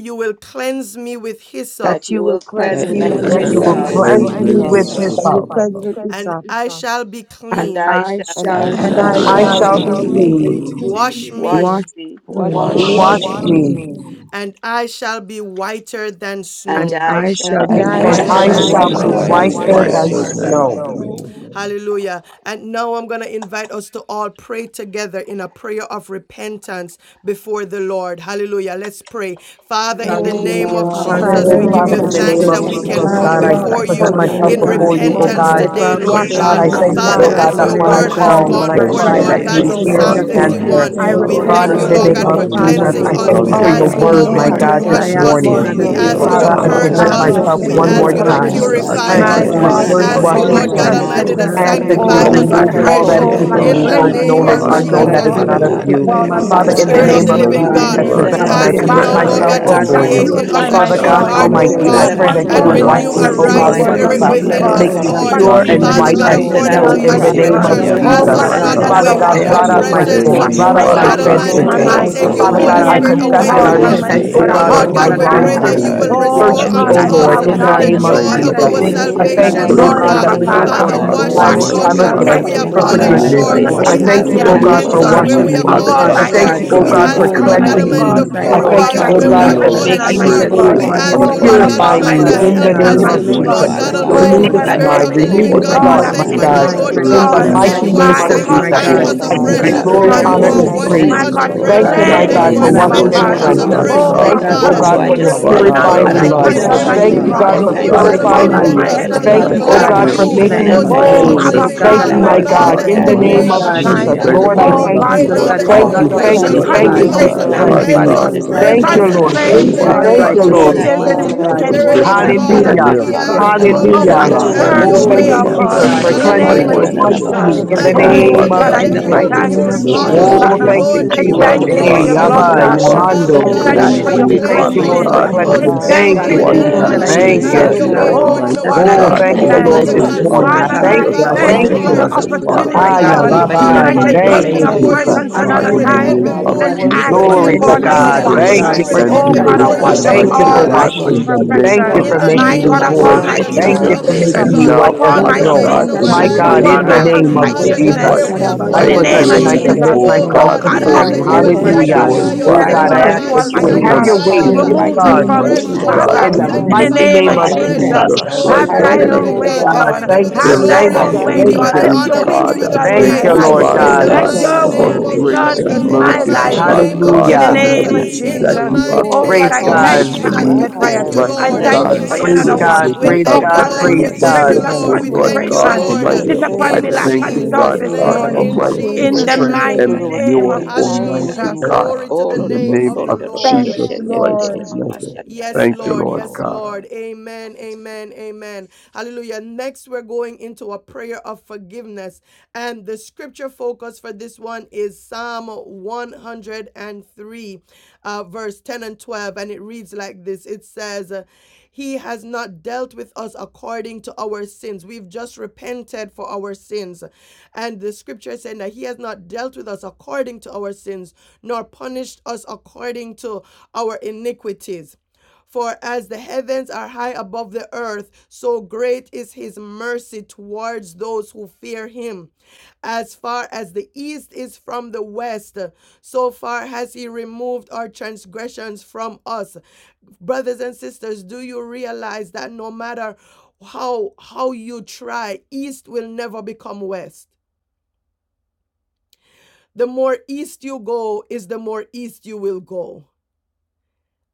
S1: you
S13: that
S1: will
S13: you will
S1: cleanse me
S13: cleanse
S1: with
S13: me with
S1: hyssop,
S12: that
S2: that you
S12: you
S13: hyssop
S2: will
S12: will
S7: that you
S2: cleanse
S4: that
S8: That
S12: cleanse
S2: me
S7: would
S16: that
S12: me
S5: that
S4: you
S8: you
S2: with
S5: you
S12: with
S9: Jesus
S11: that
S16: he
S4: would
S3: that
S5: will
S11: you
S3: you
S7: cleanse
S16: will
S8: cleanse
S11: will
S3: will
S2: hyssop,
S7: me
S8: me
S9: thanks
S12: hyssop,
S4: cleanse
S7: for,
S9: you
S13: that
S5: cleanse
S8: with
S16: clothe
S13: you
S3: cleanse
S9: were
S7: with
S11: cleanse
S4: me
S9: transmitted
S8: his
S13: would
S5: me
S16: me
S13: and
S9: with
S3: me
S11: me
S5: with
S4: with
S16: with
S8: up.
S7: hyssop,
S3: with
S11: with
S16: his
S4: hyssop,
S5: hyssop,
S15: that
S11: this
S3: hyssop.
S15: you
S13: preserve
S15: cleanse me with
S1: and
S15: hyssop,
S1: I
S13: I
S1: shall be
S13: shall be
S2: and
S12: and
S1: clean.
S12: I
S13: clean.
S2: I
S12: shall
S7: and
S12: be
S2: shall
S8: I
S7: I
S4: and
S5: and
S10: and
S15: and
S2: be
S8: shall
S16: splendor,
S11: and
S5: I
S4: I
S7: shall
S15: I
S13: I
S3: and
S8: be
S11: I
S9: what
S12: clean.
S3: I
S7: be
S2: clean.
S4: shall
S15: shall
S10: I
S5: shall
S8: clean.
S15: be
S3: shall
S16: righteousness,
S11: shall
S13: shall
S5: be
S9: service
S4: be
S3: be
S13: be
S9: to
S7: clean.
S11: be
S10: shall
S9: be
S5: clean.
S15: clean.
S3: clean.
S13: clean.
S10: be
S4: cleaned.
S11: clean.
S1: Wash
S10: clean,
S12: Wash
S1: me,
S2: Wash
S12: me
S7: Wash
S2: me
S16: and
S5: Wash
S7: me,
S4: Wash
S15: Wash
S3: Wash
S11: Watch
S10: washed,
S5: me
S4: me
S16: faith.
S13: and
S3: me,
S11: me,
S15: me,
S1: and I
S13: I
S1: shall be
S13: shall be
S1: whiter
S13: whiter
S1: than
S13: than
S2: and
S12: and I
S13: snow.
S2: I
S12: shall
S7: and
S2: shall
S12: be
S16: I
S15: and
S13: and
S2: be
S7: I
S4: and
S15: I
S5: and
S16: will
S3: and
S4: I
S11: and
S7: shall
S5: I
S16: make
S13: I
S12: whiter
S10: and
S2: whiter
S15: shall
S3: I
S7: be
S15: be
S11: I
S12: than
S5: shall
S4: shall
S2: than
S13: shall
S5: be
S10: I
S3: shall
S13: be
S16: be
S4: be
S3: be
S11: shall
S12: snow.
S15: whiter
S7: whiter
S10: shall
S2: snow.
S16: my
S10: be
S5: whiter
S7: than
S15: than
S11: be
S4: whiter
S13: white
S3: whiter
S5: than
S15: snow.
S16: father,
S4: than
S3: than
S13: as
S7: snow.
S11: whiter
S5: snow.
S10: whiter than
S1: snow.
S16: my
S11: than
S4: snow.
S3: snow.
S13: snow.
S11: snow.
S10: snow.
S1: Hallelujah.
S13: Hallelujah.
S1: And now
S13: And
S1: I'm going
S13: now
S1: to
S13: I'm going to
S1: invite us to
S13: invite us
S1: all
S13: to all
S1: pray
S13: pray
S1: together in a
S13: together in a
S1: prayer of
S13: prayer of
S1: repentance
S13: repentance
S1: before the
S13: before the
S1: Lord.
S13: Lord.
S1: Hallelujah. Let's
S13: Hallelujah. Let's
S1: pray.
S13: pray.
S1: Father, in the
S13: Father,
S7: Oh
S13: in the
S1: name
S2: Hallelujah.
S1: of
S13: name
S7: God,
S16: father
S13: of
S7: as
S2: Father,
S10: Father,
S1: Jesus,
S7: I
S2: in
S11: Father,
S16: and
S15: Father,
S2: the
S11: in
S5: Hallelujah,
S10: in the
S15: in
S3: Lord
S11: the
S16: his
S15: the
S7: come
S13: Jesus,
S2: name
S1: give oh
S15: name
S3: Father,
S1: you
S2: of
S5: mighty
S10: name
S11: name
S15: of
S3: in
S7: before
S11: of
S10: of
S3: the
S7: you
S4: This
S1: thanks
S12: I
S5: God,
S3: name
S15: Jesus,
S7: again
S1: that
S2: Jesus,
S3: of
S12: give
S2: I
S1: we
S11: Jesus
S7: once
S3: Jesus,
S12: you
S5: Heavenly
S2: come
S10: Jesus,
S1: can
S7: more,
S10: we
S15: my
S4: Jesus,
S11: Christ
S1: come
S3: God,
S10: give
S2: before
S5: Father.
S3: I
S11: and
S2: you
S12: praise,
S10: you
S15: God,
S7: Lord,
S15: I
S2: this
S1: before
S11: Nazareth,
S12: Lord.
S1: you
S3: present
S15: come
S10: thanks,
S11: Lord
S2: morning,
S4: Father,
S7: I
S12: I,
S15: before
S3: myself
S2: O
S10: oh
S1: in
S5: Lord,
S4: in
S11: God,
S15: you
S5: we
S7: thank
S4: your
S10: God,
S7: you
S10: I
S15: this
S3: before
S2: God.
S7: for
S10: will
S3: you,
S7: the
S3: Oh
S5: thank
S4: name,
S7: blood.
S10: come
S1: repentance
S5: you.
S2: And
S15: morning.
S1: oh
S4: O
S2: I
S3: God.
S12: I
S5: We
S10: before
S1: today,
S2: bow
S10: you
S11: we
S4: God,
S10: with
S12: we
S5: bless
S9: your
S5: you,
S1: Lord God.
S11: come
S15: Wash
S2: before
S7: I
S12: come
S3: God,
S2: your
S15: me,
S12: to
S3: I
S4: I
S12: you
S11: before
S12: in
S7: thank
S15: Abba
S11: thee,
S3: thank
S10: repentance
S5: Jesus.
S7: you,
S3: you,
S2: presence
S1: Father,
S4: pray,
S3: Oh
S7: oh
S10: today,
S4: O
S2: this
S11: Father
S15: Father,
S3: God,
S1: as
S12: repentance,
S7: God,
S3: that
S7: that
S10: oh
S1: your
S4: God,
S11: God.
S3: when
S2: morning,
S10: God
S15: from
S3: I
S12: Lord.
S2: O
S5: God, I
S1: word
S15: the
S7: because
S1: for
S8: You
S4: that
S1: has
S7: of the
S4: you
S10: Almighty.
S15: crown
S3: call,
S5: thank
S8: can
S2: God.
S11: We
S4: would
S5: you
S15: of
S7: blood,
S3: when I
S1: gone forth,
S15: my
S11: thank
S5: for
S7: Lord
S2: I
S4: wash
S15: head
S3: cry,
S1: Lord
S15: unto
S4: me
S3: that
S2: ask
S11: you,
S8: cleanse
S15: the
S1: God,
S4: and
S11: Lord
S3: you
S2: this
S7: Jesus.
S12: Lord
S8: my
S1: in
S15: sole
S5: salvation.
S15: of
S12: God,
S3: hear
S9: extent
S2: morning
S8: God.
S12: I
S3: and
S1: Psalm
S15: my
S11: God,
S4: cleanse
S2: that
S3: you
S9: of
S2: you
S9: your
S16: father,
S8: of
S15: feet.
S2: will
S12: just
S5: Lord,
S4: me.
S5: I
S10: Almighty,
S12: thank
S2: search
S3: answer.
S16: very
S1: 51.
S11: Almighty
S1: We
S5: thank
S7: I
S12: you,
S15: I
S5: you
S8: my
S2: me, O
S7: am
S12: Lord,
S16: good
S5: for
S12: and
S11: Father,
S2: Lord
S12: I
S8: faith.
S1: Oh
S7: able
S4: O
S15: repent
S7: to
S3: God,
S1: thank
S2: God,
S16: father,
S1: you,
S3: in
S12: ask
S3: the
S2: from
S12: for
S11: for
S2: the
S1: Lord
S15: before
S4: God,
S1: God,
S3: name
S5: forgiveness.
S15: you,
S7: confess
S11: the
S1: for
S2: crown
S3: of
S15: Abba
S7: my
S9: presence
S2: of
S4: make
S10: God,
S9: is
S2: my
S12: forgiveness,
S11: things
S4: me
S15: Father,
S7: sins.
S3: Jesus,
S11: that
S2: head
S5: Lord,
S1: cleansing
S2: to
S7: Your
S9: of
S5: I
S12: Lord,
S2: the
S3: I
S11: have
S1: us.
S12: for
S9: that
S15: of
S10: We
S4: whole,
S3: thank
S7: word
S1: We
S5: thank
S3: you
S11: done
S12: where
S2: soles
S3: for
S4: O
S12: I
S2: of
S5: you,
S15: all
S7: says,
S10: thank
S11: and
S1: ask
S3: your
S7: oh
S12: have
S2: my
S10: you
S1: you
S10: for
S5: Father
S11: come
S4: God,
S7: God,
S12: missed
S15: sin
S2: feet.
S1: now,
S7: if
S3: word,
S7: we
S5: God,
S12: the
S3: my
S15: known
S1: Lord, to
S11: short
S15: and
S5: for
S4: Lord.
S10: cleansing
S12: mark,
S3: God,
S5: who
S2: And
S10: us.
S3: this
S11: of
S12: Lord,
S15: unknown
S1: wash
S5: you
S2: I
S1: us.
S7: confess,
S11: your
S2: ask,
S12: Father
S15: this
S5: are.
S2: O
S3: morning.
S12: God.
S4: Forgive
S2: God,
S11: glory,
S7: you
S15: morning.
S1: We
S2: that
S7: are
S16: please,
S11: O
S8: But
S10: We
S8: I
S4: me,
S2: you
S5: I
S4: O
S1: ask
S11: Lord
S1: you
S10: thank
S1: to
S5: thank
S8: will
S2: wash
S10: you
S15: Oh,
S3: Father,
S5: you,
S2: me,
S10: for
S3: I
S5: Lord
S8: do
S2: O
S7: faithful
S15: Abba
S11: God
S4: God,
S8: that
S1: purge
S7: and
S5: God,
S12: Father
S1: us.
S7: you
S2: God,
S7: are
S8: is
S12: God,
S3: present
S10: washing
S5: that
S15: Father,
S5: you
S8: not
S5: are
S10: us.
S12: I
S4: forgive
S15: I
S2: cleanse
S8: of
S10: We
S11: Almighty.
S3: myself
S2: me
S7: just
S15: beg
S7: to
S1: We
S12: pray
S4: me,
S8: you,
S2: from
S10: thank you
S3: one
S15: for
S4: O
S12: you,
S1: ask
S5: forgiving
S2: all
S15: your
S10: for
S3: more
S1: you
S7: forgive
S8: Lord
S12: Lord,
S1: to
S5: God.
S4: God,
S3: time.
S11: Mighty
S7: us
S12: Father
S16: father,
S10: purging
S15: forgiveness.
S16: I
S8: Jesus.
S10: us.
S2: unrighteousness,
S11: God,
S12: God,
S10: We
S8: So,
S5: Lord,
S1: purify
S3: I
S16: will
S5: I
S3: ask
S16: come
S10: thank
S4: because
S11: in
S7: and
S5: ask
S8: Lord,
S10: you
S2: mighty
S3: that
S15: My
S1: us.
S4: I
S11: the
S7: to
S10: for
S5: you
S3: you
S5: to
S4: have
S2: God.
S3: would
S1: We
S15: God,
S12: not
S11: name
S5: take
S7: cleanse
S3: purge,
S5: out
S7: us
S15: block
S8: let
S11: of
S4: sinned
S7: from
S1: ask
S3: wash,
S1: you,
S10: purifying
S15: out
S8: me
S7: all
S12: that-
S5: everything
S3: and
S15: my
S2: Create
S10: us.
S1: Lord
S5: in
S12: for
S5: us,
S8: ask
S1: God
S11: Jesus
S2: in
S4: against
S2: me a
S3: cleanse.
S5: oh
S4: you,
S12: not
S11: Christ.
S1: Almighty,
S4: O
S2: clean
S8: you
S5: God.
S1: to
S10: We
S15: transgression.
S7: unrighteousness.
S3: I
S2: heart
S8: to
S3: ask
S2: and
S4: God.
S8: do
S3: that
S10: thank
S11: I
S10: you,
S3: you
S2: renew
S1: sanctify
S5: that
S3: would
S2: a
S7: So I
S15: Oh,
S8: what,
S5: is
S10: Lord.
S11: come
S1: us
S2: right
S7: pray,
S12: believing,
S11: to
S15: God,
S7: oh
S3: remove
S8: you
S5: not
S7: God,
S8: want,
S9: and
S7: that
S2: spirit
S11: thee
S7: you
S4: Forgive
S9: that
S3: all
S15: hide,
S7: would
S1: afresh
S5: of
S8: Lord
S3: that
S16: from
S11: in
S9: you
S3: is
S4: me,
S5: you,
S10: They
S15: oh,
S2: within
S12: totally
S9: can
S16: him,
S4: O
S7: search
S10: have
S16: but only man can
S8: Jesus,
S2: me,
S15: God,
S10: to
S5: Lord
S7: my
S2: Lord
S16: make
S3: within
S1: in
S3: me,
S11: sorrow,
S4: God,
S7: heart
S10: just
S1: the
S16: God yet
S3: both
S16: out
S8: to
S15: cleanse
S2: God.
S11: O
S12: believing
S7: this
S12: in
S5: Jesus.
S15: me,
S1: name
S3: known
S12: your
S3: and
S1: of
S4: because
S7: morning,
S10: sanctified
S8: cleanse
S9: something
S11: God
S16: with
S2: Oh
S4: it's
S16: the
S7: oh
S9: to
S8: us,
S12: word,
S2: God,
S15: Almighty
S3: unknown,
S9: that
S11: and
S12: Lord,
S2: I
S5: Father
S8: Lord.
S3: that is
S10: just
S4: only
S7: God.
S2: pray
S11: my
S5: God,
S15: God,
S12: Father
S2: that
S3: not of
S10: in
S2: you'll
S4: you
S11: Lord,
S12: God.
S10: the
S5: cleanse
S2: give
S15: of
S4: that
S3: you.
S16: person
S5: me,
S2: me a
S7: Any
S15: all
S4: I
S16: I
S5: O
S10: name
S4: have
S8: A
S16: want
S7: sin
S10: of
S2: mind
S16: to
S7: that
S16: be.
S5: God,
S3: Father,
S7: I
S8: fresh
S12: Father
S1: the
S2: after
S7: have
S4: sinned
S3: in
S10: Jesus.
S3: the
S11: requesting
S1: Spirit
S12: God,
S8: and
S4: against.
S11: your
S1: of
S15: unrighteousness.
S5: from
S3: name
S2: Christ,
S7: committed,
S1: the
S5: the
S3: of
S7: oh
S8: a
S2: my
S9: we
S1: Living
S5: crown
S10: Oh
S15: In
S7: God,
S3: Jesus,
S12: you,
S11: mercy,
S5: of
S9: know
S15: the
S2: God.
S11: O
S5: my
S1: God.
S3: I
S7: in
S12: you
S10: God
S15: name
S4: Oh,
S15: of
S5: head
S11: Lord
S12: said
S1: We
S3: present
S2: I
S12: I
S10: Almighty,
S11: God,
S3: and I
S7: thought,
S15: Jesus,
S12: am
S2: pray
S11: for
S1: ask
S4: Father
S5: to
S10: Father,
S1: you
S5: the
S2: this
S3: commit
S11: what
S12: healed,
S1: now,
S8: fresh
S7: in
S15: Father,
S4: God,
S2: morning,
S11: I've
S1: Lord
S4: I
S5: soles
S2: oh
S3: myself
S1: God,
S10: repent.
S12: Lord,
S5: of
S8: start.
S1: to
S15: Oh
S5: my
S7: word,
S2: God,
S11: done,
S4: ask
S12: so
S2: that
S3: before
S15: God,
S12: I
S4: you
S7: in
S2: you
S5: feet,
S3: you.
S12: am
S1: create
S4: to
S2: will
S11: Father.
S5: Lord
S1: in
S2: blot
S1: us
S15: purify
S8: Hallelujah.
S1: a
S7: deed,
S12: healed.
S15: my
S2: out
S3: Father
S11: I
S4: wash
S10: We
S5: Jesus.
S2: all
S11: have
S1: clean
S2: my
S3: God
S15: thoughts.
S4: me,
S7: in
S1: heart,
S11: become a
S7: my
S4: oh
S1: O
S8: Lord,
S7: very
S10: repent.
S12: You
S3: Almighty,
S10: We
S3: I
S8: we
S11: stench
S15: Oh
S2: iniquities,
S4: God.
S12: said,
S1: God,
S5: Take
S16: One
S12: I
S3: pray
S16: of
S15: God,
S11: to
S9: that
S5: this
S12: am
S8: thank
S3: that
S2: mighty
S16: you
S10: come
S9: the
S7: attitude,
S11: your
S3: you
S5: heart
S1: and
S3: would
S7: oh
S5: of
S4: I
S15: order
S2: God.
S16: will
S9: story
S16: be
S3: wash
S15: my
S9: of
S1: renew
S12: forgiven,
S5: stone,
S4: ask
S11: nostrils,
S3: me,
S16: spoken
S5: O
S12: Lord,
S15: steps
S7: God.
S4: you
S11: O
S8: you,
S1: a
S3: O
S15: in
S12: so
S2: Any
S4: to
S16: with
S15: your
S1: right
S3: God,
S5: God.
S12: I
S11: Lord
S8: Jesus.
S3: with
S10: repent.
S16: me,
S2: spot,
S15: words,
S12: am
S11: God.
S1: spirit
S16: and
S4: cleanse
S2: any
S10: Oh
S7: Anything
S9: story
S3: hyssop.
S16: I
S5: Give
S9: and
S15: Almighty
S4: me.
S5: me
S7: in
S10: God
S5: a
S8: Praise
S12: forgiven,
S7: me
S1: within
S4: I
S7: that
S9: then
S2: blemish,
S15: God.
S5: heart
S11: And
S1: us,
S7: is
S12: Lord
S9: the
S3: Make
S5: of
S2: oh
S10: Almighty,
S7: not
S3: me
S4: ask
S12: Father
S4: you
S2: God,
S11: Father
S5: flesh,
S10: in
S1: Lord.
S10: the
S4: to
S12: God.
S5: Lord
S3: pure
S11: God,
S9: system
S15: Continue
S10: name
S2: anything
S11: in
S9: that
S15: to
S11: the
S3: and
S10: of
S2: that
S7: pleasing
S2: is
S4: forgive
S1: Father
S5: Jesus.
S3: white
S7: to
S11: name
S16: will
S1: God,
S12: You
S3: as
S11: of
S7: you,
S10: Jesus.
S2: lying,
S16: make
S15: cleanse
S4: me.
S7: oh
S2: oh
S12: said,
S16: the
S15: me,
S12: I
S1: according to
S2: God,
S5: One
S11: Jesus
S3: snow
S12: will
S8: of
S16: people
S5: that
S7: God.
S3: in
S2: within
S3: the
S2: me
S11: Christ,
S15: Almighty
S8: God.
S2: that
S9: the
S11: I
S4: Forgive
S2: is
S3: name
S12: prosper,
S16: feel
S15: God.
S5: obeys
S3: of
S4: me
S5: you,
S2: not
S7: Anything
S11: pray,
S9: floor
S1: you,
S2: of
S12: Lord,
S7: that I
S4: of
S2: you,
S15: Oh
S1: cast
S7: have
S12: so
S5: Father
S11: O
S9: that
S4: my
S3: Jesus.
S2: Lord
S12: I
S9: is
S15: God,
S1: us
S9: the
S15: I
S11: Lord
S12: will
S5: God,
S7: not
S1: not
S15: need
S2: God.
S11: God,
S7: done
S8: Repent
S4: sins,
S7: that
S3: Father
S15: another
S1: away
S8: of
S7: I
S5: and
S16: free,
S4: O
S9: first
S12: prosper.
S15: wash
S2: I
S1: from
S3: God,
S8: the
S1: your,
S11: that
S5: follows
S9: of
S15: from
S2: ask,
S3: blot
S4: God.
S7: should
S5: your
S2: oh
S9: the
S11: you
S3: out
S7: do,
S15: you.
S3: my
S2: God,
S9: system
S7: oh
S8: evil
S12: And
S2: that
S9: that
S4: Forgive
S2: you
S11: cleanse
S12: so,
S3: sins,
S9: the
S7: God
S5: instruction,
S4: me
S15: Wash
S11: me,
S2: remove
S3: blot
S5: Lord
S15: my
S4: of
S8: actions
S2: it
S3: out
S12: Lord,
S1: O
S3: my
S4: my
S11: Father
S2: now
S15: thought,
S12: I
S1: God
S2: in the
S11: God,
S5: Jesus.
S15: wash
S8: which
S4: wicked
S1: Almighty,
S2: name
S11: from
S15: my
S2: of
S1: do
S8: do
S12: repent,
S7: Lord,
S3: transgressions.
S8: not
S1: not
S12: Lord
S16: for I
S11: all
S7: I
S15: mind.
S4: ways,
S5: Mighty
S1: take
S7: just
S2: Jesus,
S12: Father
S4: O
S9: system
S16: will
S8: place
S1: your
S16: be
S3: Father
S2: my
S9: is
S5: God,
S11: unholy
S15: Give
S12: God,
S5: I
S8: from
S9: the
S3: God,
S1: Holy
S15: me
S4: God.
S7: repent
S3: I
S15: a
S2: God.
S11: alliance.
S9: time
S7: this
S8: the
S1: Spirit
S15: new
S5: repent
S3: confess
S12: but
S8: us,
S1: away
S2: I
S1: from
S3: and
S12: where
S3: I
S15: heart,
S12: I
S8: Lord
S5: before
S7: morning
S11: Cleanse
S9: that
S4: Search
S2: repent
S12: have
S5: you
S9: is the
S11: me,
S3: repent,
S15: Almighty
S8: God.
S12: missed
S4: me
S1: us.
S3: O
S15: God,
S12: the
S7: and
S2: before
S11: O
S15: a
S1: but
S4: and
S7: ask
S2: you,
S3: God,
S5: and
S9: street.
S11: God,
S3: of
S7: that
S15: heart
S5: ask
S12: mark,
S1: Lord
S7: you
S2: Lord
S7: would
S4: know
S3: my
S5: you,
S1: God,
S11: from
S12: Lord
S15: like
S2: God,
S1: we
S2: and
S4: me,
S2: I
S5: Father
S1: pray
S15: thine.
S4: O
S12: Father
S5: God,
S1: that
S3: wrongdoing.
S7: wash
S5: to
S1: you
S2: ask
S8: Knowledge
S12: God.
S11: anything,
S7: me,
S2: for
S8: will
S4: God,
S1: will
S9: if
S11: my
S8: be
S5: forgive
S9: you
S11: God,
S3: Search
S9: don't
S15: Oh
S5: me.
S1: restore
S2: forgiveness
S11: that
S7: you
S4: and
S3: me,
S8: Father,
S2: this
S15: God,
S11: does
S1: unto
S3: O
S7: would
S9: know
S15: I
S4: lead
S11: not
S5: Ask
S12: Lord
S1: us
S8: Jesus,
S2: morning,
S3: Lord,
S9: that
S15: bow
S2: oh
S5: you,
S4: me
S3: in
S11: go
S12: Father
S3: the
S7: cleanse
S8: of
S2: God
S12: God,
S9: the
S15: down
S5: Father
S15: in
S3: name
S11: in
S12: that
S5: God,
S15: your
S7: me,
S3: of
S12: where
S5: to
S11: line
S4: in
S12: I
S1: joy
S4: the
S12: have
S11: with
S2: for
S16: found
S1: of
S7: you
S2: the
S3: Jesus.
S11: your
S8: repentance
S12: come
S15: presence.
S7: would
S1: our
S11: will.
S12: out
S9: first
S5: strengthen
S4: way
S12: of
S5: me
S9: year
S2: things,
S7: make
S8: of
S3: I
S9: and
S2: oh
S5: in
S7: me
S8: our
S15: In
S9: then
S2: God,
S3: thank
S15: this
S5: you.
S12: agreement
S2: that
S9: you
S3: you,
S1: salvation,
S12: with
S2: may
S9: don't
S3: O
S7: whiter
S1: Lord
S2: have
S11: Cleanse
S12: you,
S1: God.
S9: have
S4: everlasting,
S15: morning,
S3: God,
S8: souls
S11: me,
S7: than
S2: done
S8: and
S3: that
S12: Lord
S5: Ask
S15: Abba
S11: O
S4: O
S3: we
S16: to be a
S5: you,
S3: can
S2: knowingly
S8: our
S11: Lord
S7: snow
S5: my
S12: Father
S4: God.
S15: Father,
S3: come
S2: or
S1: Father,
S7: this
S3: to
S12: God.
S5: God,
S8: mind
S11: God,
S5: to
S3: you
S1: wash
S9: power
S8: and
S2: unknowingly.
S5: have
S3: time
S1: us,
S5: your
S3: and
S7: morning.
S4: Lord,
S15: wash
S8: our
S12: So,
S2: Forgive
S11: Almighty
S1: Lord
S3: time
S15: me,
S5: way
S2: me
S8: bodies.
S12: Lord
S1: God,
S9: That
S2: this
S4: forgive
S1: where
S7: That
S11: Father,
S3: again
S12: Father,
S1: we
S7: your
S16: good
S5: in
S15: Almighty
S1: have
S2: morning,
S12: uh,
S4: me,
S3: for
S2: oh
S11: and
S5: me
S15: God.
S12: Father
S9: hallelujah,
S4: O
S1: fallen
S12: God,
S7: blood,
S2: God.
S12: I
S11: make
S3: forgiveness.
S5: and
S7: oh
S4: God.
S11: me
S1: short.
S12: place
S5: through
S9: hallelujah.
S2: Wash
S3: I
S1: We
S5: me,
S11: whole.
S7: God,
S2: me
S15: Cleanse
S8: Hallelujah.
S1: ask
S12: myself
S3: thank
S5: Lord
S16: father,
S2: this
S15: me,
S3: you,
S9: We have
S3: O
S7: that
S8: We
S4: O
S12: back,
S2: morning
S5: Jesus.
S3: God,
S11: Make
S7: can
S2: with
S15: Almighty
S12: Lord
S3: for
S2: your
S11: me
S9: shed
S4: God,
S8: repent
S7: cover
S16: and
S9: your
S15: God,
S12: Father
S7: a
S8: of
S11: new,
S4: I
S3: washing
S2: precious
S9: blood,
S12: God,
S3: me.
S15: of
S2: blood,
S12: in
S9: Lord
S11: Father
S8: sins
S15: all
S12: your
S1: fallen
S3: I
S2: Father
S11: God.
S15: my
S7: multitude
S9: Jesus.
S8: upon
S4: repent,
S3: thank
S9: Let
S7: of
S1: short.
S2: God.
S3: you,
S4: O
S9: me
S8: you.
S12: graces,
S3: O
S5: Lord.
S12: Lord
S9: relieve
S4: God.
S3: God,
S7: sins,
S11: Create
S15: impurities,
S9: you.
S3: for
S8: Repent
S9: Let
S2: Oh
S12: Father
S8: for
S11: in
S2: God,
S8: your
S12: God.
S11: me
S1: God
S4: I
S2: from
S9: me
S11: a
S7: would
S15: Almighty
S2: the
S3: cleansing
S7: just
S1: Almighty,
S15: God
S3: me.
S8: grace.
S1: to
S11: clean
S9: relieve
S5: I
S2: inside
S9: you.
S3: I
S15: of
S9: Let
S11: heart,
S7: invade
S4: repent,
S9: me
S5: pray
S12: Lord
S2: out,
S3: thank
S1: purify
S15: all
S3: you,
S7: this
S1: us
S5: that
S15: my
S5: you
S3: O
S11: a
S2: mighty
S12: Father
S1: where
S8: We
S5: would
S4: Father
S1: we
S3: God,
S12: God,
S11: renew
S2: God.
S1: have
S11: a
S3: for
S12: and
S5: touch
S7: morning
S4: God,
S12: with a
S15: infection,
S8: repent
S11: right
S1: fallen
S5: my
S2: I
S8: for
S1: short.
S3: making
S8: your
S3: me
S5: mouth.
S11: spirit
S15: Almighty
S7: and
S2: present
S4: of
S12: grateful
S2: my
S15: God.
S4: my
S7: cover
S11: away
S1: We
S8: mercy,
S3: whole,
S12: heart,
S7: my
S2: body
S9: relieve
S5: I
S9: you.
S1: ask
S2: as
S3: for
S2: a
S11: on,
S12: Lord
S15: Oh
S5: pray,
S8: Lord
S15: God,
S5: Lord,
S2: living
S11: on
S15: of
S7: sins.
S12: Father
S5: that
S11: me.
S1: God
S5: you
S15: all
S4: iniquities.
S12: God,
S8: Jesus.
S5: would
S4: I
S15: my
S3: purifying
S12: I
S1: Almighty,
S3: me
S5: touch
S2: sacrifice,
S1: to,
S3: in
S2: oh
S11: Cast
S5: my
S7: Lord,
S3: the
S15: sins,
S11: me
S2: God,
S8: Hallelujah.
S4: repent
S3: name
S11: not
S5: tongue.
S2: holy
S12: respectfully,
S3: of
S4: of
S2: and
S7: forgive
S15: Almighty
S11: away
S12: Lord
S7: me,
S4: my
S5: I
S7: oh
S3: Jesus.
S15: God.
S11: from
S1: Lord
S11: your
S12: Father
S1: God
S5: pray,
S2: acceptable
S5: God,
S4: sins,
S12: God,
S5: that
S7: God,
S2: this
S3: Renew
S15: Oh
S4: O
S5: you
S11: presence,
S3: this
S5: would
S11: O
S1: Almighty,
S15: God,
S8: Yes,
S2: morning.
S15: of
S4: God.
S7: for
S8: this
S5: touch
S1: Spirit
S7: the
S11: Lord,
S8: is
S3: mind,
S1: of
S5: my
S1: the
S2: I
S12: acknowledge,
S2: give
S3: renew
S11: or
S5: heart.
S2: you
S7: times,
S3: this
S15: everything,
S4: I
S12: Lord
S2: my
S11: do
S7: Lord
S15: God,
S3: thought,
S4: ask
S12: Father
S11: not
S15: of
S8: the
S3: my
S2: thoughts,
S4: you,
S5: And
S12: God,
S5: I
S11: take
S1: you
S2: my
S7: Jesus,
S4: O
S12: what
S11: your
S3: God,
S1: now,
S5: pray,
S2: mind,
S9: And
S5: Father,
S1: Lord
S4: God,
S2: my
S9: that
S15: everything,
S9: is
S5: that
S11: spirit
S7: when
S3: in
S7: I
S12: what
S1: God,
S4: to
S5: you'll
S3: the
S9: your
S15: God.
S12: you've
S11: from
S7: have
S2: feelings,
S5: touch
S3: mighty
S11: me.
S8: will.
S2: my
S1: that
S12: said
S4: wash
S9: gracious
S7: gone
S5: my
S1: you
S12: in
S1: are
S12: your
S3: name
S4: me.
S15: My
S9: Lord,
S3: of
S11: But
S9: that
S12: word
S5: thoughts,
S2: emotions,
S9: I
S15: God,
S5: Lord
S2: my
S7: astray,
S12: is
S3: Jesus.
S15: that
S4: I
S9: might
S7: O
S9: to
S11: restore
S2: God.
S15: is
S12: truth,
S9: come
S11: unto
S3: I
S4: ask
S5: Jesus.
S9: out
S12: Lord
S11: me
S7: God
S3: give
S9: of
S4: you
S3: you
S2: I
S11: the
S4: to
S9: this
S1: fresh,
S10: Yes,
S12: Father
S8: Hallelujah.
S15: displeasing
S7: and
S9: peace
S3: glory,
S11: joy
S12: God,
S2: surrender
S8: Thank
S12: and
S9: to
S7: I've
S1: you
S15: unto
S11: of
S3: honor,
S12: if
S2: all
S4: cleanse
S9: the
S1: are
S7: done
S11: your
S15: you.
S3: and
S12: you've
S2: to
S1: once
S7: my
S8: you,
S2: you
S9: other.
S4: me.
S12: said
S3: praise.
S2: this
S10: God,
S15: My
S12: it,
S7: own
S15: God,
S5: Forgive
S10: shut
S2: morning,
S12: Lord,
S11: salvation,
S8: Jesus.
S2: oh
S7: thing and
S1: afresh,
S9: That
S8: Thank
S3: Thank
S7: I've
S4: O
S5: me,
S3: you,
S2: God,
S7: not
S9: you
S8: you,
S11: that
S12: then
S3: my
S9: are
S5: oh
S9: a
S1: that
S4: God,
S15: cleanse
S12: it
S11: I
S3: God,
S8: Jesus.
S1: you
S9: good
S12: is
S3: for
S7: listened
S2: and
S15: me,
S5: God.
S11: may
S1: are
S7: to
S2: I
S8: We
S4: renew
S15: Abba
S7: your
S12: so,
S9: God,
S3: washing
S9: a
S4: a
S3: and
S11: worship
S2: withhold
S12: Lord
S5: I
S4: right
S15: Father.
S11: you,
S9: mighty
S11: O
S7: voice.
S3: cleansing.
S9: God,
S11: Lord
S12: Father
S1: fresh,
S2: nothing,
S4: spirit
S12: God.
S15: Oh
S7: I
S5: pray
S2: my
S11: God
S1: Lord
S5: in
S15: God,
S3: Thank
S5: the
S3: you,
S2: God,
S9: a
S3: O
S4: within
S1: God.
S7: repent
S15: touch
S2: from
S9: God
S12: So
S11: Almighty.
S3: God,
S4: me,
S5: name
S9: of
S7: this
S12: I
S3: for
S2: you.
S5: of
S15: me,
S4: O
S3: your
S12: just
S9: power, a
S4: God.
S11: Father
S1: Remove,
S12: thank
S7: morning.
S9: God
S5: Jesus
S11: God,
S12: you,
S9: of
S15: anoint
S1: Lord
S11: I
S3: purifying
S1: God,
S15: me
S2: And
S12: Lord
S2: I
S7: I,
S9: wisdom,
S2: pray
S9: a
S3: blood.
S11: repent
S12: Father
S15: afresh,
S2: that
S11: for
S7: I,
S9: God
S5: as
S2: you
S11: the
S7: I
S4: Wash
S9: of
S12: God.
S5: you
S7: pray
S15: Almighty
S2: will
S3: Thank
S7: that you
S4: me
S3: you,
S11: sin,
S9: knowledge.
S7: would
S1: from
S4: and
S15: God,
S3: God,
S12: I
S2: look
S11: Father
S1: us.
S3: for
S5: cleanse
S12: thank
S2: in,
S12: you
S9: Father,
S15: from
S4: cleanse
S11: God,
S5: us,
S15: the
S9: I
S12: for
S7: consecrate
S4: me,
S2: mighty
S11: my
S5: oh
S7: me
S12: your
S15: crown
S3: purifying
S15: of
S11: Lord
S4: O
S5: God,
S2: God,
S9: thank
S7: now,
S9: you
S2: look
S3: me.
S15: my
S9: that
S7: Lord
S1: Does
S15: head
S4: God.
S9: there
S2: deep,
S12: forgiveness,
S11: of
S1: not
S9: are
S15: unto
S12: Lord
S3: Thank
S11: my
S15: the
S1: look
S2: Father
S3: you,
S7: Jesus.
S5: as
S3: O
S5: you
S15: sole
S12: Father
S15: of
S2: God.
S1: like
S3: God,
S12: God,
S15: my
S1: you,
S3: for
S9: intentionally,
S4: Wash
S5: purge
S11: foreparents
S2: And
S15: feet.
S9: God,
S2: I
S4: me
S12: and
S5: us,
S12: I
S3: making
S1: O
S11: and
S2: ask
S4: and
S3: me
S5: Lord
S11: my
S12: thank you
S1: Spirit
S2: this
S7: Purify
S15: Oh,
S1: of
S12: for
S9: hallelujah,
S3: whole.
S4: cleanse
S2: morning,
S5: Jesus,
S15: Abba
S7: me.
S2: oh
S4: me,
S12: placing
S9: the
S2: God,
S12: me
S11: ancestors,
S4: O
S3: Thank
S2: that
S15: Father,
S11: O
S1: God.
S3: you,
S9: path
S2: you'll
S15: I
S12: back
S3: my
S12: in
S11: Lord
S9: of
S4: God.
S7: Wash
S12: right
S2: remove
S15: come
S5: as
S9: God,
S3: God,
S11: God
S5: your
S7: me,
S1: Father, in
S3: in
S15: before
S1: the
S3: the
S2: anything,
S15: you
S12: standing
S7: God.
S9: hallelujah,
S11: Almighty.
S12: with
S2: oh
S3: name
S5: perfect
S1: name,
S3: of
S15: another
S4: Wash
S12: you,
S2: God,
S5: will
S11: I
S9: and
S12: Lord
S5: is
S4: me
S3: Jesus.
S15: time.
S4: and
S2: in
S12: God.
S11: repent,
S2: the
S4: cleanse
S3: Lord,
S5: done
S3: I
S11: my
S7: Cleanse
S2: name
S15: Oh
S2: of
S9: intentionally
S3: thank
S11: God,
S4: me,
S15: God,
S7: me,
S5: in
S1: pray
S11: for
S3: you.
S15: for
S2: Jesus,
S1: now
S11: those
S4: O
S5: our
S15: your
S2: that
S9: synonymous
S1: that
S2: is
S9: to
S3: Thank
S4: God.
S2: not
S9: the
S3: you,
S11: altars
S2: of
S5: lives.
S11: that
S3: thank
S2: you,
S7: sanctify
S11: they
S9: kingdom
S15: consecration.
S5: God,
S9: of
S3: you,
S11: have
S2: Lord
S7: me
S5: I
S7: for
S3: thank
S9: God,
S4: O
S3: you,
S7: your
S2: God.
S5: thank
S3: Lord,
S11: created,
S15: Consecrate
S3: for
S5: you
S11: O
S15: me,
S9: hallelujah,
S1: we
S2: Oh
S11: Lord
S7: service,
S4: Father.
S1: cleanse,
S3: cleansing
S15: Almighty
S2: Father,
S5: for
S7: Lord
S3: me.
S2: you
S15: God.
S5: your
S11: God
S2: desire
S1: purge
S5: grace
S9: hallelujah,
S3: Thank
S4: O.
S3: you,
S16: Thank
S11: Almighty.
S5: and
S7: Jesus.
S2: holiness,
S3: Lord.
S5: for
S11: The
S15: Consecrate
S2: you
S5: your
S1: in
S3: Thank
S15: me,
S9: hallelujah,
S3: you,
S1: the
S11: Lord
S15: God.
S9: thank
S2: desire
S5: mercy.
S3: thank
S7: Wash
S9: you,
S1: name. of
S11: God
S3: you,
S7: me,
S11: that's
S15: See
S7: O
S15: if
S3: Lord.
S2: righteousness,
S11: in
S9: Jesus,
S15: there's
S1: Jesus,
S15: any
S7: God,
S2: mighty
S11: front
S7: that
S5: Father,
S7: I
S2: God.
S7: may
S15: wicked
S5: I
S7: be
S1: Spirit
S9: glory
S1: of
S15: ways
S2: And
S9: to
S2: I
S11: opposition
S5: thank
S9: God,
S11: to
S15: in
S2: pray
S15: me,
S7: whiter
S1: God,
S2: that
S11: your
S7: than
S3: Hallelujah.
S5: you
S2: you'll
S1: we
S15: Almighty
S11: will.
S2: prepare
S1: ask
S9: hallelujah,
S15: God.
S5: for
S2: me
S1: you,
S7: snow.
S2: to
S5: all
S2: be
S1: Lord
S2: a
S5: that
S15: Oh,
S11: Mighty
S5: you
S3: Hallelujah.
S15: God,
S4: Forgive
S9: oh,
S5: have
S7: Lord,
S11: God,
S7: I
S9: my
S4: me
S1: Have
S11: in
S7: want
S2: sanctuary,
S4: of
S7: to
S11: the
S3: Oh,
S15: search
S1: your
S7: be
S5: done.
S9: God,
S4: all
S3: thank
S15: me,
S9: be
S2: holy,
S11: name
S1: way,
S4: of
S3: you,
S15: oh,
S9: not
S11: of
S4: my
S2: oh
S15: God,
S3: Jesus,
S7: blameless
S1: Lord
S2: God,
S3: for
S1: God
S9: hallelujah,
S15: in
S11: Jesus
S4: sins,
S15: the
S5: Lord,
S10: shut
S5: I
S4: O
S7: before
S10: the
S15: name
S11: Christ
S3: cleansing,
S1: Almighty.
S15: of
S2: before
S11: of
S3: for
S5: pray
S4: God.
S7: you.
S2: you
S5: that
S2: this
S5: you
S11: Nazareth,
S3: cleansing
S7: I
S5: will
S7: want
S15: Jesus.
S3: me
S7: to
S2: morning,
S3: in
S11: I
S7: be
S2: oh
S3: the
S5: have
S1: I pray
S4: Forgive
S2: God
S5: your
S11: come,
S4: me
S3: name
S15: Oh,
S9: hallelujah,
S11: Father
S4: of
S7: holy
S5: way
S3: of
S15: God,
S4: my
S1: today
S15: I
S11: God,
S2: in
S15: give
S1: that
S2: the
S11: in
S9: thank
S1: you
S15: you
S7: before
S3: Jesus.
S9: you,
S1: will
S10: door.
S5: and the
S2: mighty
S11: total
S9: Father,
S7: you.
S15: thanks
S9: but
S2: name
S15: this
S2: of
S4: iniquities,
S9: for
S7: I
S5: flesh
S4: O
S1: purify
S5: will
S9: the
S7: want
S11: submission,
S10: God,
S15: morning,
S7: to
S2: Jesus.
S4: God.
S10: shut
S3: Oh,
S7: live
S9: blessing
S15: Father.
S2: Forgive
S1: us,
S10: the
S7: a
S3: thank
S5: decrease
S2: me
S3: you,
S1: Lord,
S11: repentance,
S10: door.
S2: this
S9: that
S15: I
S11: O
S1: that you
S9: you
S10: God,
S9: have
S7: holy
S3: Jesus.
S5: and
S11: Lord
S2: morning.
S1: will
S7: and
S15: thank
S5: your
S9: given
S15: you
S7: a
S15: for
S1: wash,
S10: shut
S9: us,
S3: Hey,
S2: Forgive
S11: God,
S15: your
S4: Cleanse
S5: Holy
S2: me,
S9: God,
S2: oh
S15: blood
S11: and
S4: me,
S7: righteous
S3: Yaba,
S11: my
S5: Spirit
S4: O
S9: for
S2: God.
S5: will
S15: wash.
S9: the
S1: oh
S7: life.
S11: Father.
S4: God,
S1: Father,
S4: and
S15: I
S9: blessing,
S3: Yamando.
S2: Oh
S10: the
S7: I
S5: increase
S9: hallelujah,
S15: thank
S2: God,
S15: you
S7: want
S5: in
S4: wash
S7: to
S15: for
S11: Cleanse
S2: in my
S15: your
S4: me.
S3: Oh,
S11: me,
S7: do
S5: me.
S2: deeds,
S7: the
S3: thank
S1: cleanse
S9: thank
S4: Make
S3: you,
S11: Father
S4: me
S9: you,
S1: us,
S3: Lord,
S2: mighty
S7: things
S15: cleansing.
S10: door.
S3: for
S11: God,
S2: God,
S9: Lord,
S7: of
S4: whiter
S11: my
S1: oh,
S15: I
S5: Lord,
S2: forgive
S4: than
S3: cleansing.
S11: Lord.
S9: Savior,
S2: me, oh
S7: God
S4: snow,
S15: thank
S3: Thank
S5: have
S2: God,
S15: you
S3: you,
S15: in
S9: hallelujah,
S2: for
S15: the
S2: the
S11: Wash
S4: O
S3: Jesus.
S5: thine
S2: things
S7: without
S15: name
S2: that
S15: of
S11: me
S2: I
S4: God.
S5: own
S2: may have
S3: Thank
S11: in your
S5: way.
S1: have
S3: you.
S2: said,
S9: Central
S15: Jesus.
S2: oh
S1: your
S4: O
S7: reservation,
S9: occupied
S1: way,
S11: blood,
S2: God,
S7: Lord
S1: Lord,
S15: Oh,
S1: in
S11: mighty
S9: Maximus
S1: our
S5: Mighty
S2: that
S4: Lord,
S15: God,
S2: may
S7: Jesus.
S4: I
S1: life,
S15: I
S2: not
S3: Oh,
S9: are
S2: be
S15: give
S11: God,
S5: God, you
S15: you
S3: thank
S5: are
S7: So
S3: you,
S11: in
S7: I
S1: oh
S5: the
S2: pleasing
S11: the
S9: Paramaxis
S2: in
S3: Lord,
S4: repent
S15: thanks.
S2: your
S7: pray
S3: this
S7: that
S9: from
S4: of
S10: Just,
S7: you
S11: name
S7: would
S4: my
S5: potter
S2: sight,
S1: Father,
S9: Syria's
S11: of
S10: oh
S7: help
S3: morning.
S2: my
S3: I
S7: me
S10: God,
S15: Father
S7: to
S4: wicked
S15: God,
S2: God.
S3: thank
S5: and
S15: I
S11: Jesus
S10: deliver
S9: people,
S7: live
S3: you.
S5: we
S10: us
S1: purify
S3: I
S7: a
S10: from
S5: are
S4: ways,
S2: In
S11: Christ
S15: thank
S2: the
S10: the
S5: the
S3: thank
S7: life
S4: O
S15: you
S1: our
S11: of
S9: from
S15: for
S2: name
S7: of
S3: you.
S15: the
S2: of
S4: God.
S11: Nazareth,
S5: clay.
S1: heart
S9: Maxis
S2: Jesus,
S7: pure
S9: to
S11: Father.
S2: my
S15: opportunity,
S3: Ah,
S10: plague.
S9: the
S2: God,
S5: Lord,
S2: look
S9: Lord.
S15: God,
S8: Thank you.
S4: O
S7: obedience
S5: make
S2: into
S7: to
S2: my
S15: that
S3: Yababa.
S5: me
S11: Redeem
S15: I
S4: God,
S7: you
S2: heart
S11: me
S5: and
S15: can
S4: I
S11: back
S2: this
S15: come
S3: Thank
S5: mold
S15: in
S9: Thank
S4: ask
S11: to
S15: your
S3: you,
S5: me
S7: Help
S9: you,
S2: morning
S1: before
S7: me
S11: you,
S3: Jesus.
S4: you
S7: to
S9: Lord.
S1: you,
S4: to
S11: O
S8: Let's
S15: presence
S7: be
S2: and
S9: We
S11: God,
S15: another
S5: after
S2: remove
S11: in
S9: Thank
S7: holy,
S4: clean
S11: the
S9: you,
S5: thine
S7: oh
S15: time
S4: me.
S10: Oh
S1: and
S9: thank
S11: name
S2: anything,
S5: own
S10: my
S8: presence.
S7: God.
S2: oh
S9: you.
S5: will,
S11: of
S7: Your
S8: We
S1: before
S15: and
S2: God,
S1: you,
S5: Lord
S2: any
S7: word
S8: thank
S5: God,
S15: ask
S11: Jesus.
S7: says,
S12: I
S8: you,
S9: Thank
S7: Be
S2: spots,
S15: you
S3: Glory
S9: you,
S2: any
S15: for
S12: submit
S3: to
S11: Put
S7: holy
S8: Jesus.
S1: before
S9: Tenement,
S15: another
S5: while
S2: blemish,
S11: me
S1: you,
S4: Jesus,
S3: God.
S5: I
S9: for
S12: myself
S7: because
S9: the
S11: in
S2: my
S12: to
S5: am
S15: wash.
S7: you
S9: hope
S11: right
S3: Thank
S12: you.
S2: God,
S12: I
S3: you
S4: Jesus,
S7: are.
S9: of
S5: waiting,
S3: for
S4: I
S12: submit
S9: Christ,
S15: Oh
S5: Lord,
S2: that
S11: standing
S9: that
S15: God,
S2: is
S12: my
S3: cleansing.
S15: a
S8: Father
S11: with
S7: And
S1: for
S12: life
S9: every
S2: not
S7: God,
S12: to
S1: you,
S8: God,
S2: of
S11: you,
S7: I
S12: you,
S15: wash
S9: life
S4: repent,
S15: of
S7: want
S2: you,
S7: to
S1: Lord,
S8: like
S9: you
S3: Thank
S1: in
S4: O
S2: oh
S3: you
S7: be
S12: Lord
S9: put
S11: mighty
S5: yielded
S9: in
S15: all
S2: God,
S3: for
S8: you,
S9: the
S7: like
S12: God.
S4: God.
S8: we
S5: and
S15: my
S2: this
S11: God, in
S7: you.
S8: thank
S2: morning.
S3: washing.
S11: the
S5: still.
S8: you,
S9: Father
S2: Forgive
S11: name
S9: there
S3: Thank
S2: me,
S7: So I
S9: is
S3: you
S15: imperfection,
S2: oh
S11: of
S4: O
S8: Jesus.
S3: for
S9: going to
S2: God
S7: repent
S1: the
S8: We
S15: my
S9: stand
S4: God,
S3: making
S12: Blah
S7: this
S1: name
S9: to
S11: Jesus
S3: me
S15: God,
S1: of
S12: blah
S15: of
S8: thank
S1: Jesus,
S12: blah
S2: in
S9: come.
S8: you
S7: morning,
S2: the
S12: blah
S15: all
S3: whole.
S11: Christ
S8: for
S15: my
S9: Thank
S11: of
S12: shit.
S7: mighty
S2: mighty
S8: the
S3: Thank
S2: name
S5: Hembarabakushoya
S1: Spirit
S3: you
S11: Nazareth.
S2: of
S3: for
S9: you,
S7: God.
S15: iniquities,
S4: cleanse
S9: praise
S3: making
S12: Mama.
S9: you,
S11: And
S3: me
S5: mamando.
S2: Jesus.
S4: me,
S1: God,
S4: O
S11: now,
S15: of
S3: white
S12: And
S3: as
S9: glorious
S15: all
S12: Mama.
S1: have
S2: O
S15: my
S4: God,
S11: Father
S1: your
S9: Lord,
S4: and
S1: way
S3: snow.
S8: falcon,
S9: that
S7: I
S11: God,
S1: in
S8: for
S9: every
S15: sins,
S9: life
S1: our
S11: in
S3: My
S4: wash
S9: you
S11: the
S8: the
S4: me.
S7: repent,
S9: put
S1: lives,
S9: in
S15: of
S3: God,
S11: name
S7: mighty
S15: all
S9: the
S3: in the
S15: my
S8: secret
S2: Ramasataribasai,
S11: of
S7: God,
S9: you
S7: for
S8: and
S3: name
S8: the
S3: of
S9: put in
S7: even the
S9: the
S11: Jesus
S1: Father God,
S3: Jesus.
S9: other.
S15: unrighteousness.
S1: where
S5: Ambarikeshatai.
S8: Watch
S7: negative
S11: Christ,
S4: Cleanse
S1: we
S8: me,
S1: have
S7: thoughts
S4: me
S7: I
S3: I
S15: In
S4: and
S11: I
S15: the
S8: watch
S7: have
S1: fallen.
S2: Lebokatarabasata,
S8: me,
S3: present
S15: name
S2: I
S9: Hallelujah,
S5: I
S15: of
S11: pray
S3: and
S4: wash
S3: I
S4: me,
S7: against
S8: watch
S9: that
S7: my
S11: thee,
S5: thank
S2: repent
S9: every
S3: commit
S4: O
S15: Jesus,
S2: this
S9: life
S5: you,
S11: O
S1: Oh
S8: me,
S7: sister.
S5: Lord.
S9: you put
S4: God.
S9: in
S15: oh
S3: myself
S2: morning.
S11: God,
S1: God,
S15: God,
S11: you
S1: we
S8: Lord.
S2: I
S3: before
S7: I
S9: the
S1: ask
S3: you.
S1: that you
S11: restore
S5: I
S2: repent,
S15: uproot
S1: will
S4: See
S2: my
S11: the
S9: Father,
S7: repent,
S4: if
S5: bless
S4: they
S5: your
S3: Hallelujah.
S15: everything
S9: that
S2: God.
S4: are
S11: joy,
S15: in
S9: is
S7: oh
S5: name,
S1: sanctify
S15: me
S4: any
S3: Oh
S15: that
S2: I
S9: coming
S1: us,
S11: Father
S15: is
S9: on
S5: Jesus.
S3: God,
S9: our
S15: not
S4: wicked
S3: I
S11: God
S15: of
S7: God,
S2: repent
S3: ask
S15: you,
S9: mission.
S3: that
S2: this
S4: ways
S3: you would
S11: I
S4: in
S15: Almighty
S7: for
S1: sanctify
S3: have
S2: morning.
S9: Father,
S11: want
S4: means
S15: God.
S3: your
S5: I
S11: to
S7: not
S4: O
S3: way,
S5: ask
S9: that
S2: In
S9: is
S1: us
S5: you
S11: share
S2: the
S5: to
S3: take
S4: God.
S7: always
S8: Thank
S5: have
S11: with
S2: mighty
S15: Remove
S5: your
S7: being
S8: you,
S15: it
S11: you,
S3: charge
S2: name
S5: way,
S2: of
S15: from
S5: God.
S1: afresh,
S8: Jesus.
S15: me,
S11: mighty
S9: the
S1: oh
S2: Jesus,
S7: truthful,
S11: God,
S7: for
S4: Oh,
S9: Spirit
S3: in
S2: I
S15: Father.
S7: not
S9: of
S1: God,
S11: in
S3: the
S11: the
S9: the prayer.
S7: always
S15: In
S2: repent.
S4: cleanse
S15: the
S4: me,
S1: sanctify
S11: name
S3: mighty
S7: being
S15: name
S1: us
S3: name
S15: of
S11: of
S4: O
S2: I
S3: of
S4: God.
S7: committed.
S2: repent.
S3: Jesus.
S15: Jesus,
S9: Hallelujah.
S11: Jesus
S9: Thou
S7: I
S1: Oh,
S4: Wash
S9: King
S15: have
S4: me,
S11: Christ
S2: I
S9: of
S1: Spirit
S11: of
S1: of
S3: Lord
S1: the
S15: thine
S7: repent,
S8: We
S9: angels.
S2: repent,
S15: own
S11: Nazareth.
S7: oh
S1: living
S4: make
S2: O
S4: me
S15: way,
S1: God, and
S8: worship
S7: God,
S3: God,
S2: God.
S9: Hallelujah.
S15: God.
S4: whiter
S8: you,
S3: thank
S8: I
S4: than
S1: the
S3: you,
S2: I
S15: Have
S4: snow,
S11: Spirit
S8: worship
S15: thine
S3: thank
S7: for
S1: glory.
S11: of
S12: Have
S8: you,
S3: you,
S9: Hallelujah.
S15: own
S2: repent.
S11: the
S12: your
S7: bad
S4: O
S1: We
S15: way,
S8: thank
S1: give
S3: thank
S12: way
S1: you
S8: you.
S15: God.
S2: I
S12: in
S4: God.
S1: the
S3: you,
S15: Let
S12: my
S9: And
S15: your
S11: living
S1: honor.
S2: repent
S12: life,
S1: We
S15: will
S2: this
S11: God.
S1: give
S15: be
S1: you
S9: hallelujah.
S12: Lord
S11: I
S9: The
S1: the
S15: done in
S4: Make
S2: morning
S12: God.
S3: thank
S9: saints
S4: me
S11: thank
S15: my
S9: that
S3: you,
S1: praise.
S2: in
S11: you,
S8: Thank
S15: life.
S8: you,
S9: come
S3: Lord
S11: Father
S8: Lord,
S4: whiter
S1: In
S2: Jesus'
S9: before
S12: Lord
S3: God.
S1: the
S8: for
S12: God,
S9: you
S4: than
S15: Let
S9: at
S11: God,
S7: attitudes
S8: the
S12: it's
S2: name.
S1: mighty
S12: not
S7: and
S9: night,
S15: your
S8: thicket,
S11: for
S15: will
S11: the
S12: about
S1: name
S9: saying
S8: we
S15: be
S4: snow,
S1: of
S9: you
S12: me,
S9: kind
S11: grace
S15: done
S12: Lord.
S9: of
S8: worship.
S1: Jesus.
S12: It's
S11: and
S15: in
S8: you.
S1: In
S4: O
S1: the
S12: all
S15: my
S11: mercy,
S12: about
S15: life.
S1: mighty
S7: and
S9: appreciate
S15: uh,
S11: Lord
S7: and
S1: name
S4: Father.
S9: you,
S12: you,
S11: God
S15: In
S12: Lord
S15: the
S3: Hallelujah.
S9: repenting
S12: God.
S1: of Jesus.
S15: name
S12: Lord
S7: evil,
S11: Almighty,
S15: of
S9: before
S12: God,
S4: Cleanse
S9: you.
S12: move
S1: In
S12: me
S11: that
S1: the
S4: me,
S15: Jesus.
S12: out of
S11: you
S9: Hallelujah.
S11: have
S1: mighty
S15: Oh
S12: the
S7: impure
S15: God,
S3: Praise
S12: way,
S1: name
S15: I
S1: of
S9: Seeking
S12: Lord
S15: thank
S3: God,
S11: extended
S4: wash
S15: you
S12: Father
S15: for
S11: to
S7: thoughts.
S12: God.
S9: you,
S1: Jesus.
S4: me.
S1: We
S11: me,
S9: Lord
S15: answered
S9: God,
S7: God,
S15: prayer.
S7: I
S1: thank you,
S8: Hallelujah,
S9: seeking
S15: I
S12: and
S11: Almighty
S1: Lord.
S9: you.
S12: let
S15: thank
S12: me
S11: God.
S7: repent.
S15: you
S9: Hallelujah.
S15: for
S9: I
S15: your
S8: hallelujah.
S9: say,
S3: praise
S12: allow
S4: Jesus,
S15: another
S11: You
S12: your
S4: I
S8: Thank
S3: God,
S15: wash.
S11: didn't
S9: Not
S3: praise
S12: spirit
S11: have
S12: to
S15: Oh
S9: your
S1: Thank
S4: repent
S1: you,
S11: to
S3: God,
S15: God,
S9: hands,
S4: of
S15: let
S12: move
S9: O
S1: Lord.
S11: do it,
S3: praise
S15: your
S9: Lord
S4: my
S12: in
S1: We
S11: but
S12: me,
S1: thank
S3: God.
S7: I
S15: spirit
S1: you,
S9: God,
S12: Lord
S11: you
S15: of
S4: sins,
S12: God.
S9: and
S1: Lord.
S9: my
S11: did,
S4: O
S1: We
S9: feet.
S11: Lord
S1: thank
S4: God.
S7: repent
S1: you,
S11: God
S7: and
S9: It's
S15: consecration
S12: Lord,
S9: a
S7: I
S1: Lord.
S9: good
S8: you,
S12: shodo
S11: Almighty.
S15: sit
S12: do
S9: thing to
S8: worship
S12: boko
S11: I
S15: upon
S7: confess
S1: In
S15: me
S7: for
S15: like
S8: you,
S11: thank
S12: sendo
S15: a
S8: thank
S12: de
S8: you
S11: you,
S9: do.
S15: dove
S1: Jesus'
S8: for
S11: Lord
S8: the
S15: this
S9: Praise
S11: God
S7: choosing
S1: name.
S9: and
S8: prayer.
S9: I'm
S15: morning.
S1: In
S9: not
S11: Almighty, for
S15: In
S9: worried
S15: the
S7: entertainment
S1: Jesus'
S9: about
S7: and
S11: strength
S9: you.
S15: mighty
S1: name.
S7: pleasures
S11: and
S7: over
S15: name
S11: renewal,
S15: of
S7: spending time with
S11: Almighty
S1: Hallelujah.
S7: you,
S15: Jesus.
S7: God.
S11: God,
S9: Hallelujah.
S1: Glory to the
S11: in the
S1: name
S11: name
S1: of the
S11: of
S15: Thank
S1: Lord.
S15: you,
S11: Jesus Christ of
S15: Lord.
S11: Nazareth.
S1: Yes,
S11: Thank you,
S1: Lord.
S11: Lord
S1: Yes, Lord
S11: God.
S1: Amen. Amen. Amen. Hallelujah. Next, we're going into a prayer of forgiveness. And the scripture focus for this one is Psalm 103, uh, verse 10 and 12. And it reads like this It says, uh, He has not dealt with us according to our sins. We've just repented for our sins. And the scripture is saying that He has not dealt with us according to our sins, nor punished us according to our iniquities. For as the heavens are high above the earth, so great is his mercy towards those who fear him. As far as the east is from the west, so far has he removed our transgressions from us. Brothers and sisters, do you realize that no matter how how you try, east will never become west. The more east you go is the more east you will go.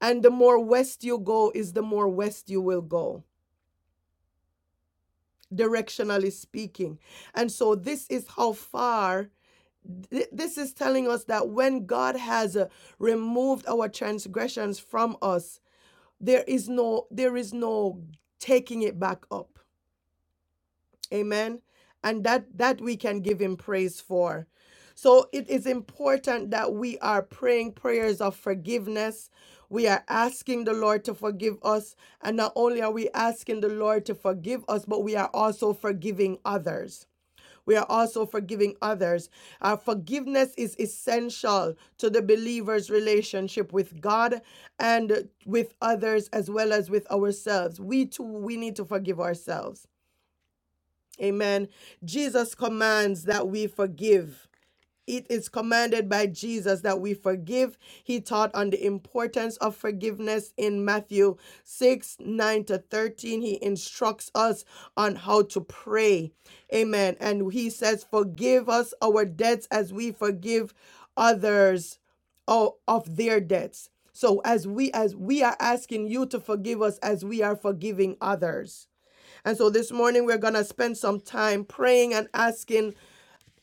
S1: And the more west you go, is the more west you will go, directionally speaking. And so this is how far. th- This is telling us that when God has uh, removed our transgressions from us, there is no there is no taking it back up Amen. And that that we can give him praise for. So it is important that we are praying prayers of forgiveness. We are asking the Lord to forgive us. And not only are we asking the Lord to forgive us, but we are also forgiving others. We are also forgiving others. Our forgiveness is essential to the believer's relationship with God and with others as well as with ourselves. We too, we need to forgive ourselves Amen. Jesus commands that we forgive. It is commanded by Jesus that we forgive. He taught on the importance of forgiveness in Matthew 6 9 to 13. He instructs us on how to pray. Amen. And he says, Forgive us our debts as we forgive others of their debts. So as we as we are asking you to forgive us as we are forgiving others. And so this morning we're going to spend some time praying and asking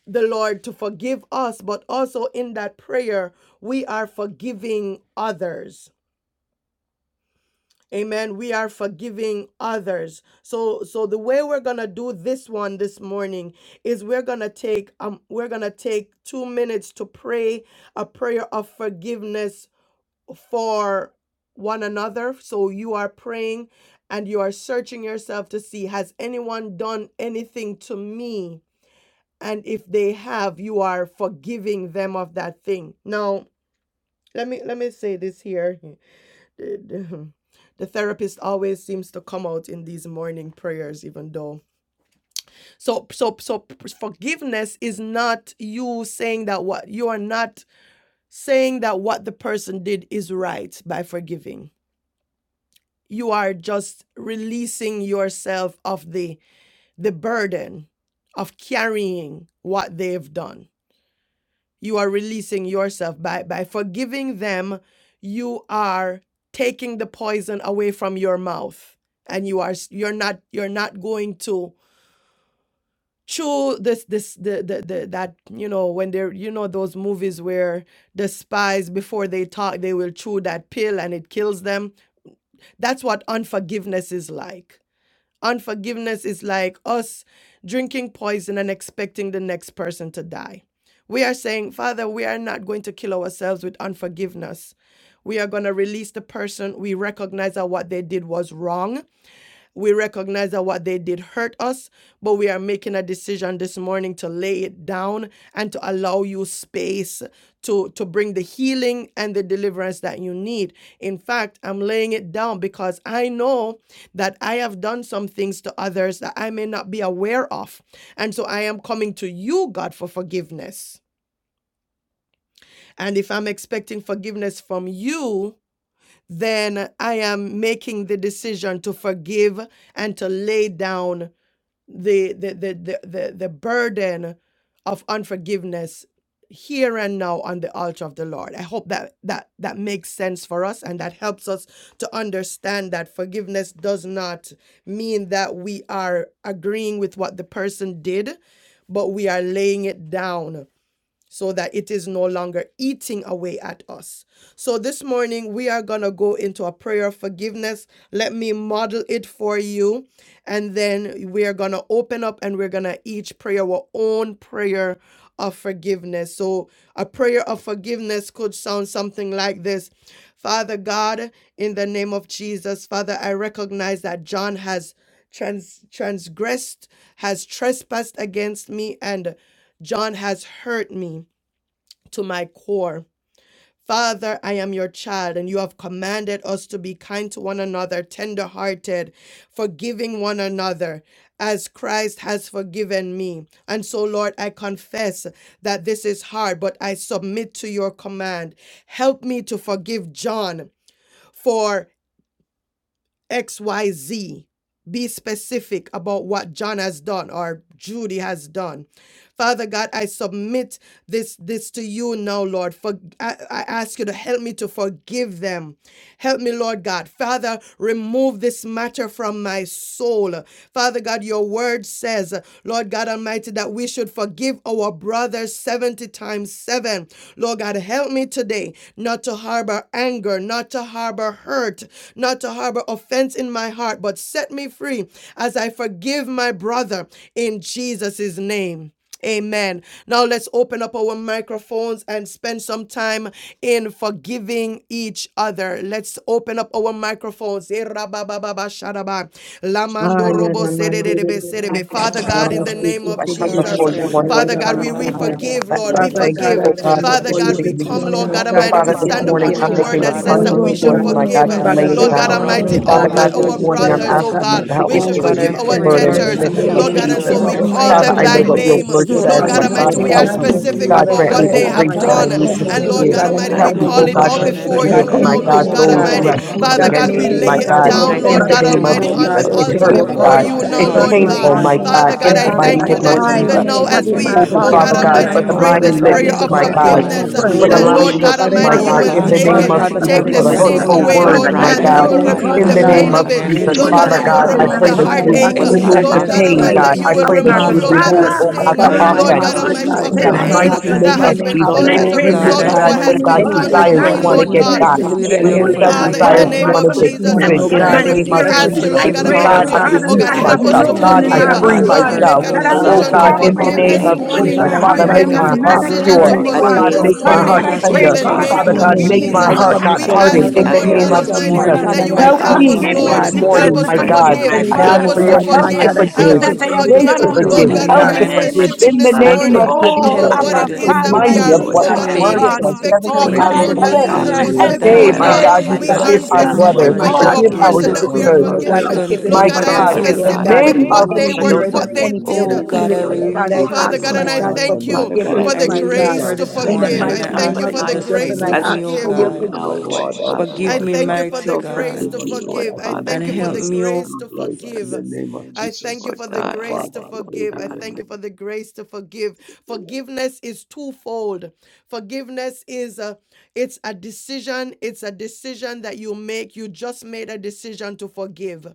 S1: the Lord to forgive us, but also in that prayer, we are forgiving others. Amen. We are forgiving others. So so the way we're going to do this one this morning is we're going to take um we're going to take 2 minutes to pray a prayer of forgiveness for one another. So you are praying and you are searching yourself to see has anyone done anything to me? And if they have, you are forgiving them of that thing. Now, let me let me say this here. [LAUGHS] The, the- therapist always seems to come out in these morning prayers, even though. So so so forgiveness is not you saying that what you are not saying that what the person did is right by forgiving you are just releasing yourself of the the burden of carrying what they've done you are releasing yourself by by forgiving them you are taking the poison away from your mouth and you are you're not you're not going to chew this this the, the the that you know when they're you know those movies where the spies before they talk they will chew that pill and it kills them that's what unforgiveness is like Unforgiveness is like us drinking poison and expecting the next person to die. We are saying, Father, we are not going to kill ourselves with unforgiveness. We are going to release the person. We recognize that what they did was wrong we recognize that what they did hurt us, but we are making a decision this morning to lay it down and to allow you space to, to bring the healing and the deliverance that you need. In fact, I'm laying it down because I know that I have done some things to others that I may not be aware of. And so I am coming to you, God, for forgiveness. And if I'm expecting forgiveness from you, then I am making the decision to forgive and to lay down the the the the the, the burden of unforgiveness here and now on the altar of the lord i hope that that that makes sense for us and that helps us to understand that forgiveness does not mean that we are agreeing with what the person did but we are laying it down so that it is no longer eating away at us. So this morning we are going to go into a prayer of forgiveness. Let me model it for you and then we are going to open up and we're going to each pray our own prayer of forgiveness. So a prayer of forgiveness could sound something like this. Father God, in the name of Jesus, Father, I recognize that John has trans- transgressed, has trespassed against me, and John has hurt me to my core. Father, I am your child, and you have commanded us to be kind to one another, tender-hearted, forgiving one another, as Christ has forgiven me. And so, Lord, I confess that this is hard, but I submit to your command. Help me to forgive John for XYZ. Be specific about what John has done or Judy has done. Father God, I submit this this to you now, Lord. For I, I ask you to help me to forgive them. Help me, Lord God. Father, remove this matter from my soul. Father God, your word says, Lord God Almighty, that we should forgive our brothers 70 times 7. Lord God, help me today not to harbor anger, not to harbor hurt, not to harbor offense in my heart, but set me free as I forgive my brother in Jesus' name. Amen. Now let's open up our microphones and spend some time in forgiving each other. Let's open up our microphones. Eh,
S2: Ah, yeah, the man did
S7: Oh
S3: I
S1: Father God, in
S7: God,
S1: the name
S3: I
S1: of
S3: come
S7: Lord,
S1: Jesus.
S7: I
S3: before
S7: pray
S3: you
S1: Jesus.
S7: you
S3: one
S7: help
S3: more
S1: Father
S7: me to
S1: God,
S3: time,
S1: we,
S7: have a
S1: we
S3: oh
S2: it.
S3: God.
S7: heart of
S1: forgive,
S3: Father,
S1: Lord.
S3: and
S1: We
S3: I
S2: Father
S3: thank
S7: forgiveness,
S2: God,
S3: you,
S1: forgive.
S7: oh
S2: I
S3: oh God,
S2: come
S3: for
S1: Father
S7: God.
S2: before
S1: God,
S2: you
S1: we
S3: forgiving
S2: this
S3: me.
S1: come,
S7: To
S2: morning,
S1: Lord
S2: oh
S1: God
S7: have a
S3: So,
S2: God,
S1: Almighty.
S7: heart
S1: We
S3: Father,
S7: of
S3: this
S2: seeking
S1: stand upon
S3: morning
S5: Almighty
S3: I'm
S1: your
S7: compassion,
S2: forgiveness
S5: God,
S7: oh
S1: word
S3: making
S12: Lord
S2: this
S3: a
S1: that
S7: God,
S12: God,
S1: says that
S3: conscious
S7: even
S2: morning, oh
S7: to
S11: Amen.
S1: we
S3: choice,
S1: will
S2: God.
S12: Lord,
S3: my
S7: those
S1: forgive.
S7: who
S3: God,
S7: I
S3: to
S5: help
S3: lay
S2: Father,
S7: feel
S3: it
S2: this
S1: Lord God,
S7: have
S5: us.
S3: down.
S2: morning,
S11: God,
S1: Almighty,
S2: oh
S7: wronged
S12: please
S7: me,
S1: oh
S3: Father
S1: God,
S2: God,
S12: forgive
S7: Lord
S2: your
S3: God,
S1: our
S3: this
S2: word
S3: morning
S2: declares,
S3: I'm
S7: Jesus.
S5: Help
S1: brothers,
S11: in
S2: oh
S5: me,
S1: oh
S2: God,
S5: oh
S3: asking you
S2: that
S1: God,
S5: God,
S3: to
S1: we
S5: I
S1: you
S3: help me
S5: pray
S7: Oh
S3: to
S2: forgiveness
S5: to
S7: God,
S2: is
S7: I
S3: release
S5: forgive.
S1: forgive
S3: the
S1: our
S7: pray,
S2: essential,
S3: burden
S7: Lord
S2: oh
S3: in the
S12: Oh
S2: God, that
S1: debtors,
S3: name
S8: Thank
S2: we
S8: you
S3: of
S5: Help
S1: Lord
S2: should
S5: me,
S1: God,
S12: Lord,
S5: oh
S1: and
S3: Jesus.
S2: forgive
S1: so
S15: In
S5: God,
S7: Jesus.
S1: we
S15: the
S5: I pray
S1: call
S15: mighty
S5: to
S3: Father,
S8: for
S2: ourselves
S1: them
S3: I
S5: let
S2: and
S1: thy
S3: know
S2: we
S15: name
S3: what
S15: of
S5: go
S2: should
S3: your
S12: I
S2: give,
S1: name. Lord
S3: word
S2: forgive
S5: of
S7: That
S12: forgive
S3: says,
S8: the
S12: my
S15: Jesus
S1: God oh
S3: but
S2: others,
S7: That
S3: God,
S12: uncle.
S2: Lord
S1: Almighty,
S15: Christ of
S5: the
S1: we
S7: is
S1: are
S2: God.
S7: to
S3: help me.
S11: the
S15: Nazareth.
S8: blessings
S5: past,
S1: specific
S11: name
S3: God,
S7: forgive
S8: and
S5: Father.
S1: about
S2: Father, if
S12: I
S3: grant
S11: of
S2: I
S1: what
S3: me
S7: us.
S15: Oh,
S1: they
S3: the
S2: search
S11: Jesus
S15: Abba
S1: have
S12: Lord
S7: And
S8: the
S3: grace that
S11: Christ
S15: Father,
S3: I
S15: I
S1: done.
S2: myself
S12: God,
S7: forgive
S3: need
S11: of
S5: Help
S2: this
S7: me
S15: come
S3: to
S11: Nazareth,
S1: And
S5: us
S7: for
S2: morning,
S15: before
S2: oh
S7: this
S1: Lord
S12: he
S15: you
S1: God,
S3: forgive.
S8: praise.
S12: has
S5: to
S2: God,
S15: this
S11: Father,
S2: and
S7: morning,
S5: let
S2: if
S7: oh
S2: I
S3: Help
S12: died,
S15: morning,
S3: me,
S2: may
S7: God,
S5: go,
S12: Lord
S7: for
S2: be
S1: call
S15: God.
S3: oh
S11: we
S7: the
S1: it Oh up
S12: Father.
S3: God,
S11: want
S7: times
S3: to
S7: that
S8: Lord,
S2: harboring,
S5: Jesus,
S7: I
S2: oh
S12: I
S1: for
S15: I
S7: felt
S1: you,
S3: forgive,
S2: God,
S12: don't know
S8: forgive
S5: of
S7: that
S15: come
S3: my
S7: He
S12: where
S2: anything,
S8: us
S7: has
S3: God,
S15: before
S1: God
S2: oh
S12: his
S15: you,
S7: hurt
S9: So,
S3: those
S7: me
S1: Almighty.
S2: God,
S12: soul
S8: for
S3: who
S9: it's
S15: Father.
S12: is,
S3: have
S7: and
S5: everything,
S15: I
S12: Lord
S3: sinned
S7: wronged
S1: Father
S2: that
S15: pick
S12: God,
S11: to
S8: others
S9: a
S3: against
S1: God,
S7: me
S8: that
S1: we
S9: good
S5: everything
S2: may,
S3: me,
S8: we
S2: O
S1: lay
S3: my
S15: every
S8: have
S1: it
S2: God,
S3: God,
S2: be
S7: in
S12: but
S8: harbored
S15: single
S1: down,
S12: I
S7: His
S11: Praise
S1: Lord
S3: in
S5: that
S3: the
S1: God
S2: offensive
S8: them.
S12: forgive
S15: person,
S2: to
S3: name
S11: Father
S3: of
S2: you,
S1: Almighty, on
S2: O
S7: approach,
S12: him,
S15: Father
S7: in
S11: God,
S9: thing
S12: Lord
S7: His
S3: Jesus.
S2: God,
S11: we
S9: this
S1: the
S12: Father.
S11: are
S2: or
S3: It
S1: altar
S2: to
S9: morning.
S2: be
S12: God.
S3: hurts,
S15: oh
S7: delivery,
S11: praying
S7: in
S1: before
S8: Lord,
S3: God.
S15: God,
S1: you
S2: offensive
S7: His
S15: that
S2: to
S11: and
S8: I
S15: has
S12: I
S1: now,
S8: beg
S9: a
S1: Lord.
S3: It's
S8: in
S11: the
S1: forgive
S15: done
S8: the
S2: others,
S9: thing.
S12: forgive
S15: me
S2: my
S5: has
S7: responses
S12: him,
S5: hurt.
S8: name
S7: to
S3: painful,
S11: healing
S15: wrong,
S8: of
S11: of
S2: God.
S3: my
S12: Lord
S9: Hallelujah.
S15: and
S7: me,
S8: Jesus,
S11: God.
S1: Father
S3: God,
S1: God,
S12: Father
S2: I
S3: in
S1: I
S12: God.
S3: the
S2: ask,
S15: Father,
S11: We
S2: O
S1: thank
S11: are
S3: mighty
S7: in
S9: And
S15: that
S1: you
S7: the
S2: God,
S3: name
S9: God,
S8: help
S2: in
S11: Father
S3: of
S1: that
S7: ways
S9: We
S12: What
S2: the
S8: us
S7: that
S12: he
S15: I
S11: God,
S7: I
S2: name
S1: even
S3: Jesus.
S8: to
S2: of
S12: did
S15: may
S7: felt
S11: people
S1: now,
S12: to
S8: be
S15: have
S7: like
S2: Jesus,
S1: as
S11: we
S12: me
S9: say,
S7: He
S15: in
S2: that
S12: was
S11: know
S7: has
S1: we,
S2: you
S15: my
S11: we
S7: not
S8: forgiven
S11: are
S3: Oh,
S1: oh
S15: heart
S12: hurt,
S7: cared
S9: Thank
S2: forgive
S1: God
S3: Father
S11: alive,
S9: you.
S2: me
S15: known
S7: about
S15: and
S3: God,
S7: what
S12: Lord
S2: this
S11: Father
S3: for
S1: Almighty,
S3: the
S7: I
S15: unknown,
S12: Father
S1: pray
S11: God,
S15: but
S2: morning,
S8: for
S7: have
S2: O
S1: this
S15: I
S11: that
S7: to
S3: lying
S12: God.
S7: do
S3: lips,
S2: God,
S1: prayer
S8: renouncing,
S11: day
S15: pray,
S2: in
S1: of
S2: the
S11: and
S7: because He
S3: my
S15: God,
S11: the
S2: mighty
S3: God
S8: for
S12: What
S7: wanted
S11: late
S1: forgiveness,
S2: name
S7: to
S2: of
S8: letting
S11: noon
S15: for
S8: it
S12: he
S7: talk.
S3: for
S12: did,
S3: the
S11: night
S1: that
S8: go,
S2: Jesus.
S11: of
S12: Lord
S3: lying
S11: God.
S1: Lord
S8: Lord
S15: release,
S1: God
S3: lips,
S12: Father
S2: Father, if
S15: my
S1: Almighty,
S3: my
S2: you
S12: God,
S8: Jesus,
S1: you
S7: Oh
S11: I
S3: God,
S11: are
S12: was
S1: will
S2: search
S3: in
S11: not
S2: me
S7: God,
S15: mighty
S3: the
S1: take
S7: so
S1: it,
S11: sure
S2: now,
S7: I
S3: name
S15: God,
S8: putting it
S3: of
S15: that
S11: that
S7: let
S2: Father
S7: it
S11: they,
S7: go
S1: take
S3: Jesus,
S2: God,
S8: before
S1: the
S2: and
S3: for
S2: if
S7: this
S3: the
S11: Father
S15: forgiveness.
S8: you,
S2: I
S12: was
S2: may
S1: sting
S15: uh,
S8: Lord
S11: God,
S2: be
S12: was
S3: hurtful
S7: morning.
S1: away,
S8: God,
S11: in
S12: not
S2: harboring
S3: words,
S1: Lord
S15: Father,
S8: and
S15: God,
S3: my
S1: God,
S11: Jesus'
S12: right,
S7: I
S2: anything
S1: that
S8: leaving
S15: allow
S3: God,
S8: it
S11: name,
S12: Lord
S15: me,
S7: forgive
S1: you
S12: Father
S2: against,
S8: there,
S7: him
S15: God,
S11: I
S2: my
S1: remove
S3: in
S1: the pain.
S15: to
S1: Lord
S12: God.
S3: the
S8: Lord
S7: this
S11: come
S2: God,
S11: to
S3: name
S12: Father
S15: release
S11: you
S3: of
S8: God,
S12: God,
S7: morning.
S12: what
S7: I
S11: right
S7: lay it at
S3: Jesus.
S1: God,
S7: the
S11: now,
S2: Sister
S12: he
S15: anyone
S12: did,
S7: foot
S1: that
S15: that
S3: Father
S11: Father
S7: of
S12: Lord
S15: I
S7: your
S1: you'll
S11: God,
S3: God,
S8: for
S15: have
S2: Marisa,
S11: and
S12: Father
S1: remove
S3: I
S15: in
S11: I
S1: the
S2: this
S15: my
S12: God,
S3: pray
S7: cross.
S3: that
S2: morning,
S15: heart
S11: reflect
S15: in
S3: you
S15: the
S3: would
S11: the
S2: I
S1: heartache,
S2: ask,
S8: understanding
S15: name
S12: was
S2: O
S15: of
S7: Anything
S12: not
S3: remove
S2: God,
S7: that he
S11: situation.
S2: that
S3: the
S1: Lord
S12: of
S2: you
S7: has
S15: Jesus
S1: God
S8: what
S12: you,
S3: pain,
S1: Almighty,
S2: forgive
S15: Christ
S12: Lord
S7: done
S11: This
S1: that
S3: God.
S8: was
S2: me
S1: you
S3: I
S12: God.
S1: will
S2: this
S7: in
S8: this
S7: the
S15: of
S11: Father
S3: pray that
S11: God,
S3: you
S1: remove,
S12: Lord
S8: all
S2: morning,
S15: Nazareth.
S3: would
S7: past,
S2: O
S1: Lord
S7: oh
S11: take
S1: God,
S12: God,
S11: my
S3: remove,
S8: about
S2: God.
S15: Father,
S7: God, to
S3: oh
S11: hand,
S3: God,
S1: sting,
S7: hurt
S3: the
S12: I
S2: Father,
S7: me,
S11: Father
S7: to
S15: my
S2: my
S7: make
S3: offense
S7: me
S1: Lord
S11: God,
S2: heart,
S1: God
S12: release
S7: feel
S2: O
S15: God,
S11: Lord
S12: him,
S15: you
S2: God,
S8: in
S12: Lord
S11: God,
S3: in
S11: and
S7: disrespected
S15: said
S3: the
S2: search
S8: the
S15: I
S11: may
S7: or
S12: Father
S2: my
S8: name
S11: you
S1: pain
S8: of
S3: mighty
S7: less
S15: should
S12: God,
S2: heart to see
S7: than.
S1: that
S3: name
S2: if
S11: become
S8: Jesus.
S2: I
S3: of
S1: has
S15: forgive.
S1: been
S2: may
S12: so
S8: Christ.
S3: Jesus.
S15: And
S2: harbor
S11: the
S12: that
S15: I
S1: as
S12: I
S1: a
S7: Oh
S11: Lord
S8: Thank
S15: pray
S12: can
S2: anything,
S12: live
S2: O
S8: you,
S15: that
S7: God,
S3: Remove
S1: result
S12: in
S7: I
S11: God,
S8: Lord.
S1: of
S15: this
S2: God
S3: that,
S1: what has
S12: peace,
S3: oh
S11: may
S15: morning,
S3: God,
S12: Lord
S11: you
S7: forgive
S2: any
S15: God,
S7: this
S2: ill
S15: that
S11: do
S12: Father
S3: desire to
S15: my
S2: thought
S12: God.
S1: been,
S3: want
S2: or
S3: to
S1: Lord
S7: morning
S2: any
S11: something
S3: get
S11: for
S15: forgiveness
S1: God.
S3: back.
S7: the
S11: me,
S12: Father
S15: is
S7: way
S11: I
S2: negativity
S7: that
S12: God,
S7: you
S12: I
S7: have
S12: just
S3: Remove
S2: against
S11: believe.
S15: truly,
S3: that
S2: them,
S12: ask,
S2: my
S1: Father, in
S12: Lord
S7: forgiven
S3: desire
S2: God.
S1: the
S2: I
S3: to
S15: oh
S12: Father
S1: name
S7: me.
S15: God,
S3: want
S1: of
S3: to
S2: ask
S12: God,
S15: from
S1: Jesus,
S2: this
S11: Lord
S3: get
S15: the
S8: We
S12: to
S2: morning,
S8: are
S3: even
S15: depths
S2: oh
S11: God,
S12: remove,
S15: of
S7: That
S3: in
S11: for
S8: so
S7: I
S3: the
S2: God,
S15: my
S8: grateful,
S12: remove.
S3: name
S1: we
S3: of
S7: forgive,
S15: spirit.
S2: that
S11: magnifying
S2: you
S7: Lord
S1: ask
S11: our
S1: you,
S3: Jesus.
S7: Jesus,
S15: I
S12: the
S1: Lord
S7: even
S2: forgive
S1: God
S7: my
S11: birth
S2: me,
S15: pray,
S1: Almighty,
S2: Lord
S3: God,
S15: Abba
S11: rate
S12: thoughts of
S3: I
S2: God.
S7: fiance,
S15: Father,
S1: oh
S12: this
S3: release
S11: and
S1: God,
S15: that
S2: Search
S15: I
S12: act
S1: help
S11: cause
S15: have
S2: me
S7: for
S2: this
S7: the
S3: myself.
S15: no
S1: to
S12: on
S11: pain,
S12: me,
S3: God,
S15: one
S2: morning,
S15: in
S2: oh
S7: times
S12: Lord
S3: I
S1: forgive.
S11: Father
S7: when
S15: my
S2: God.
S7: he
S15: heart,
S3: free
S12: Father
S11: God,
S7: has
S2: Search
S1: Lord, we
S15: God,
S12: God.
S11: hallelujah.
S2: me,
S7: hurt
S1: make
S3: myself.
S1: a
S7: me,
S2: oh
S15: that
S7: oh
S15: I'm
S2: God,
S11: And
S15: not
S12: Allow
S3: Oh
S7: God.
S12: me
S11: cause
S2: within
S3: God,
S12: to
S2: my
S11: you,
S12: live
S3: in the
S15: harboring
S12: my
S2: heart.
S11: Father
S8: Lord
S7: I
S3: name
S11: God,
S12: life,
S3: of
S11: to
S15: anyone
S2: Oh
S8: Jesus,
S15: in
S1: morning,
S15: my
S3: Jesus.
S2: God,
S8: help
S7: forgive
S2: I
S11: use
S12: Father
S15: heart.
S2: see
S3: Father,
S12: God,
S8: us
S2: that
S7: Dane
S15: I
S2: I
S3: make
S15: am
S2: may
S8: in
S15: not
S11: your
S7: for
S8: the
S2: be
S3: my
S12: with
S15: mad
S3: heart
S8: name of
S12: me
S11: name,
S2: harboring
S15: against
S3: pure.
S2: any
S11: God,
S12: a
S8: Jesus.
S7: hurts
S2: ill
S1: this
S15: anyone.
S3: God,
S12: daily
S11: Almighty,
S2: thought,
S3: make
S2: any
S3: my
S15: Father
S7: from
S12: struggle,
S1: morning,
S15: God,
S3: heart
S15: I
S7: past
S8: Help
S11: Lord
S1: in
S12: Lord
S15: pray,
S3: tender.
S8: us,
S2: negativity
S1: the
S12: Father
S15: God,
S2: this
S8: Lord.
S11: God,
S15: that
S7: relationship
S1: name
S3: Father
S15: you
S12: God.
S3: God,
S1: of
S2: morning.
S11: Almighty,
S15: give
S3: make
S11: in
S15: me
S11: the
S15: the
S3: my
S2: I
S1: Jesus.
S3: heart
S11: name
S7: wounds.
S12: Father
S2: come
S3: not
S11: of
S1: We
S12: God,
S2: before
S12: I
S15: capacity
S2: you
S7: I
S2: and
S1: ask
S12: lay
S3: hardened
S15: in
S12: it
S2: I
S15: the
S3: in
S11: Jesus
S3: the
S12: at
S2: empty
S8: Your
S12: your
S7: forgive
S15: name
S3: name
S1: God
S12: feet,
S15: of
S3: of
S11: Christ
S7: this
S1: Almighty
S8: way.
S11: of
S2: myself, my
S12: Lord
S3: Jesus.
S7: morning
S11: Nazareth,
S15: Jesus
S7: in
S2: God,
S1: that
S7: the
S2: and
S1: you,
S3: Help
S15: to
S2: I
S7: mighty
S12: God,
S7: name
S2: ask,
S3: me
S1: will,
S7: of
S2: my
S15: forgive
S12: and
S15: my
S11: as
S3: this
S1: Lord,
S12: give
S2: God,
S11: you
S12: me the
S7: Jesus.
S1: help
S11: said
S15: sisters,
S2: if
S3: morning,
S15: to
S3: my
S11: in
S2: you
S11: your
S12: strength
S2: see
S3: God.
S15: forgive
S12: not
S11: word,
S7: I
S15: my
S12: to
S1: us,
S3: I
S11: Lord
S2: anything,
S1: help
S3: ask
S12: take it
S1: us
S15: brothers
S2: oh
S7: forgive
S3: for
S7: Lord
S3: your
S11: God,
S12: back
S2: God,
S12: up.
S1: to
S15: of
S7: Jesus,
S3: help
S2: my
S8: Your
S7: my
S3: to
S1: forgive,
S2: God, I
S11: Almighty,
S12: God.
S2: pray
S3: forgive
S2: that
S1: help
S15: everything
S7: sister,
S1: us
S2: you
S15: that
S1: to
S15: they
S2: bring it
S15: have
S2: to
S11: forgive
S3: grace
S1: forgive,
S15: done
S3: to
S11: us,
S12: So
S2: surface,
S7: who
S15: unto
S1: Lord
S3: forgive,
S1: God,
S12: God,
S2: my
S11: Lord
S7: in
S12: I
S15: me
S7: my
S15: in
S3: help
S12: just
S2: God.
S15: the
S3: to
S7: mind
S15: name
S11: uh,
S3: forgive
S15: of
S12: thank you,
S7: has
S11: in
S12: Lord
S3: in the
S11: our
S15: Jesus.
S12: Father
S2: And
S3: name
S12: God,
S3: of
S2: forgive
S11: trespasses
S2: me,
S15: Oh,
S11: as
S1: about
S3: Jesus.
S2: Lord
S1: what
S11: we
S12: for
S15: Abba
S2: God.
S7: attempted
S11: forgive
S12: releasing
S15: Father,
S2: Forgive
S11: those
S1: we
S15: I
S12: me,
S2: me,
S11: that
S3: Remind me
S1: are,
S3: of
S2: Lord
S15: need
S12: Lord
S3: what
S1: oh
S15: your
S7: to
S2: God.
S3: the
S11: trespass
S12: Father.
S1: God
S15: help,
S7: make
S3: word
S1: Almighty,
S2: Forgive
S11: against
S15: God.
S11: us.
S2: me
S3: says,
S2: this
S3: seven
S15: Oh,
S1: of
S2: morning
S1: you,
S15: God,
S3: times
S2: in
S12: Release
S15: I
S11: Mighty
S2: the
S1: Lord,
S7: people
S12: the
S11: God,
S2: name
S7: feel
S15: need
S2: of
S3: seven
S11: in
S12: back
S11: the
S1: help
S15: your
S1: us
S3: a
S7: less
S11: name
S1: with,
S2: Jesus,
S12: of the
S15: help
S11: of
S15: in
S2: my
S3: day,
S15: the
S7: than
S1: Lord
S12: child,
S7: or
S3: my
S2: God.
S1: God,
S11: Jesus
S7: not
S3: God,
S7: to
S15: name
S3: we
S15: of
S11: Christ,
S7: feel
S2: But
S7: as
S12: Father.
S2: I
S3: forgive our
S15: Jesus.
S11: things,
S2: submit,
S11: my
S7: spiritual
S3: brothers,
S7: as
S3: we
S2: my
S1: with
S15: Oh.
S11: God,
S2: God,
S12: Lord,
S1: our
S7: she
S3: forgive
S2: to
S11: that
S12: I
S11: you
S2: you
S3: our
S7: is
S12: pray
S11: have
S2: this
S7: or
S11: done,
S3: sisters,
S2: morning, oh
S11: Father,
S12: and
S7: who
S12: I
S2: God.
S7: has
S12: repent,
S2: I
S7: done
S11: that
S2: give it
S11: I
S1: Lord
S3: my
S7: things
S1: God,
S2: over
S12: Lord
S7: that
S1: I
S7: I
S11: feel,
S2: to
S1: am
S7: have
S3: God,
S12: Father
S2: you,
S3: in
S11: Father
S7: felt
S2: Lord
S3: the
S7: that
S12: God,
S11: God,
S2: God.
S7: were
S11: my
S3: name
S11: Lord,
S3: of
S11: my
S1: they
S2: Any
S12: for
S1: were
S7: rude.
S3: Jesus.
S11: Lord,
S12: those
S11: God,
S1: what
S2: burden,
S11: I
S1: they
S12: abortions
S2: any
S11: am
S2: ill
S1: did.
S7: Oh
S12: that
S1: Oh
S12: I
S11: thankful
S7: God,
S2: feeling,
S11: for
S7: I
S12: had,
S2: oh
S11: what I
S1: Oh,
S2: God,
S7: release
S2: I
S1: Father
S11: did,
S7: her
S11: for
S1: God,
S2: ask,
S12: Father.
S7: this
S11: Lord
S2: my
S1: and I
S2: God,
S11: God,
S2: for
S1: thank
S7: morning.
S1: you
S11: Almighty
S12: Father
S1: for
S12: God, I
S2: forgiveness,
S11: Father,
S7: I
S1: the
S2: my
S12: knew
S11: the
S7: release
S2: God,
S1: grace
S7: her
S11: time
S1: to
S12: you
S7: this
S11: I
S2: in
S12: then
S2: the
S7: morning
S1: forgive.
S12: as I uh,
S11: spent,
S1: I
S2: mighty
S7: and I
S12: no,
S1: thank
S2: name
S7: ask
S11: Lord
S12: but
S1: you
S7: that
S2: of
S1: for
S7: you
S1: the
S12: not
S11: God,
S7: just
S2: Jesus.
S1: grace
S2: And
S1: to
S2: I
S7: forgive
S11: Almighty,
S12: as I
S2: ask
S7: me, oh
S2: for
S12: know
S1: give.
S2: your
S12: you
S7: God.
S2: forgiveness.
S11: working
S12: now,
S11: my
S8: Oh,
S12: Lord
S11: heart
S8: Jesus.
S11: out
S12: Father.
S11: for
S1: I
S7: Forgive
S11: Lord
S1: forgive
S7: me,
S1: thank
S11: God.
S1: you for the
S7: mighty
S12: So
S1: grace
S11: And
S7: God,
S1: to
S12: forgive
S11: Lord
S12: me,
S11: God,
S1: forgive.
S12: Lord
S11: I
S1: I
S11: didn't
S12: Father
S7: and
S1: thank
S12: God,
S1: you for
S11: feel
S7: help
S1: the
S11: like
S12: in the
S11: it
S12: name
S7: me,
S11: was
S7: oh.
S1: grace
S12: of
S1: to oh
S11: right
S1: forgive.
S11: in
S12: Jesus,
S11: the name of
S1: I thank
S11: Jesus.
S1: you
S12: Lord
S1: for the
S11: Now,
S12: God.
S1: grace
S12: Thank
S11: Father,
S1: to
S11: I
S12: you,
S11: pray
S1: forgive.
S12: Lord
S1: I
S11: in
S12: God.
S11: the name.
S1: thank you for the grace to forgive. Forgiveness is twofold. Forgiveness is a it's a decision. It's a decision that you make. You just made a decision to forgive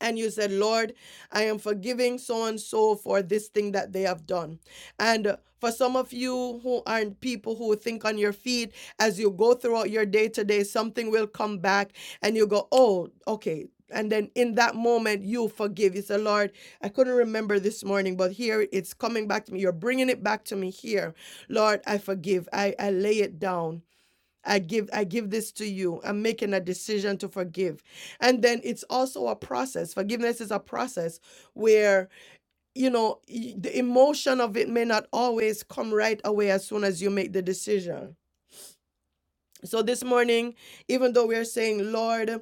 S1: and you said, Lord, I am forgiving so and so for this thing that they have done. And uh, for some of you who aren't people who think on your feet, as you go throughout your day to day, something will come back and you go, oh, okay. And then in that moment, you forgive. You say, Lord, I couldn't remember this morning, but here it's coming back to me. You're bringing it back to me here. Lord, I forgive. I, I lay it down. I give I give this to you. I'm making a decision to forgive. And then it's also a process. Forgiveness is a process where you know y- the emotion of it may not always come right away as soon as you make the decision. So this morning, even though we are saying, Lord,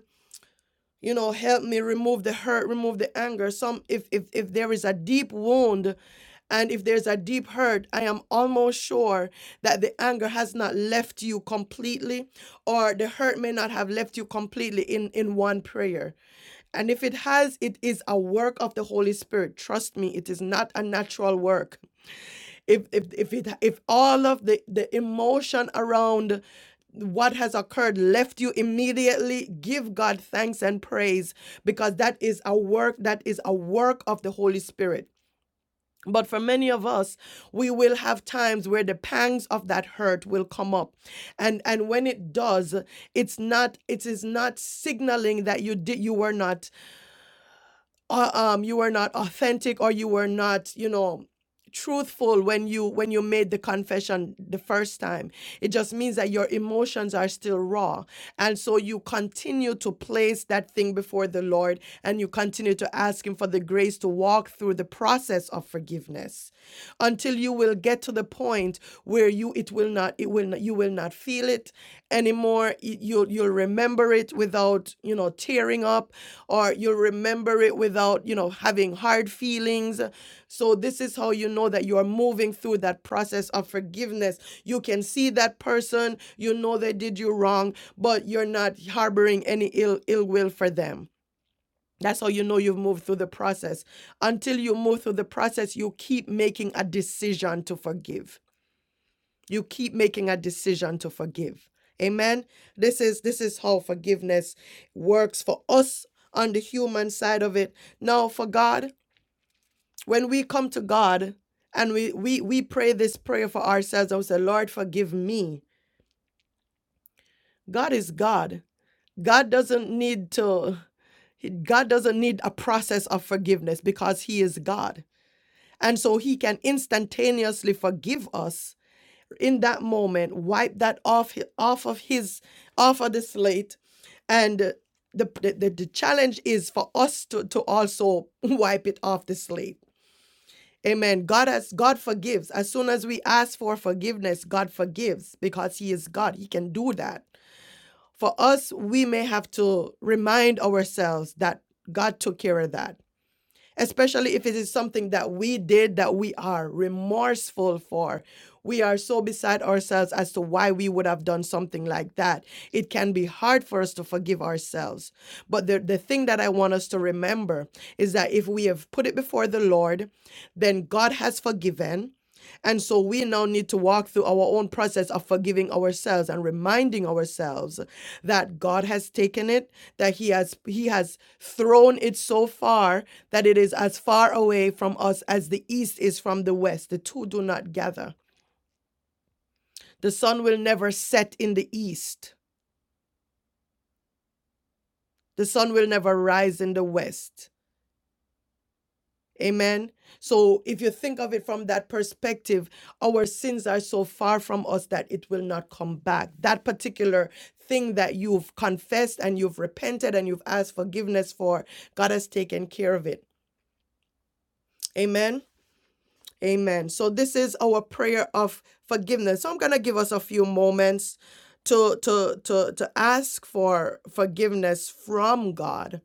S1: you know help me remove the hurt remove the anger some if if if there is a deep wound and if there's a deep hurt i am almost sure that the anger has not left you completely or the hurt may not have left you completely in in one prayer and if it has it is a work of the holy spirit trust me it is not a natural work if if if it if all of the the emotion around what has occurred left you immediately give god thanks and praise because that is a work that is a work of the holy spirit but for many of us we will have times where the pangs of that hurt will come up and and when it does it's not it is not signaling that you did you were not uh, um you were not authentic or you were not you know truthful when you when you made the confession the first time it just means that your emotions are still raw and so you continue to place that thing before the lord and you continue to ask him for the grace to walk through the process of forgiveness until you will get to the point where you it will not it will not you will not feel it anymore you'll you'll remember it without you know tearing up or you'll remember it without, you know, having hard feelings. So this is how you know that you are moving through that process of forgiveness. You can see that person, you know they did you wrong, but you're not harboring any ill ill will for them. That's how you know you've moved through the process. Until you move through the process, you keep making a decision to forgive you keep making a decision to forgive amen this is this is how forgiveness works for us on the human side of it now for god when we come to god and we we we pray this prayer for ourselves I say lord forgive me god is god god doesn't need to god doesn't need a process of forgiveness because he is god and so he can instantaneously forgive us in that moment wipe that off off of his off of the slate and uh, the the, the, the challenge is for us to, to also [LAUGHS] wipe it off the slate amen god has god forgives as soon as we ask for forgiveness god forgives because he is god he can do that for us we may have to remind ourselves that god took care of that especially if it is something that we did that we are remorseful for. We are so beside ourselves as to why we would have done something like that. It can be hard for us to forgive ourselves. But the, the thing that I want us to remember is that if we have put it before the Lord, then God has forgiven. And so we now need to walk through our own process of forgiving ourselves and reminding ourselves that God has taken it, that He has He has thrown it so far that it is as far away from us as the east is from the west. The two do not gather. The sun will never set in the east, the sun will never rise in the west. Amen. So, if you think of it from that perspective, our sins are so far from us that it will not come back. That particular thing that you've confessed and you've repented and you've asked forgiveness for, God has taken care of it. Amen. Amen. So this is our prayer of forgiveness. So I'm going to give us a few moments to to to to ask for forgiveness from God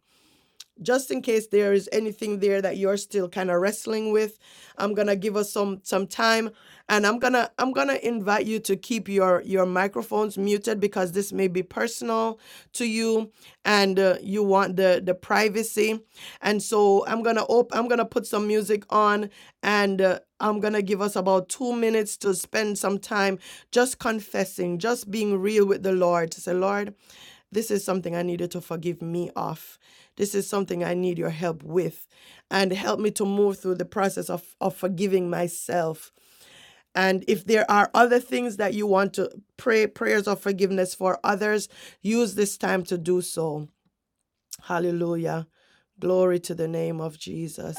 S1: just in case there is anything there that you're still kind of wrestling with i'm gonna give us some some time and i'm gonna i'm gonna invite you to keep your your microphones muted because this may be personal to you and uh, you want the the privacy and so i'm gonna op- i'm gonna put some music on and uh, i'm gonna give us about two minutes to spend some time just confessing just being real with the lord to say lord this is something I needed to forgive me of. This is something I need your help with. And help me to move through the process of, of forgiving myself. And if there are other things that you want to pray, prayers of forgiveness for others, use this time to do so. Hallelujah. Glory to the name of Jesus.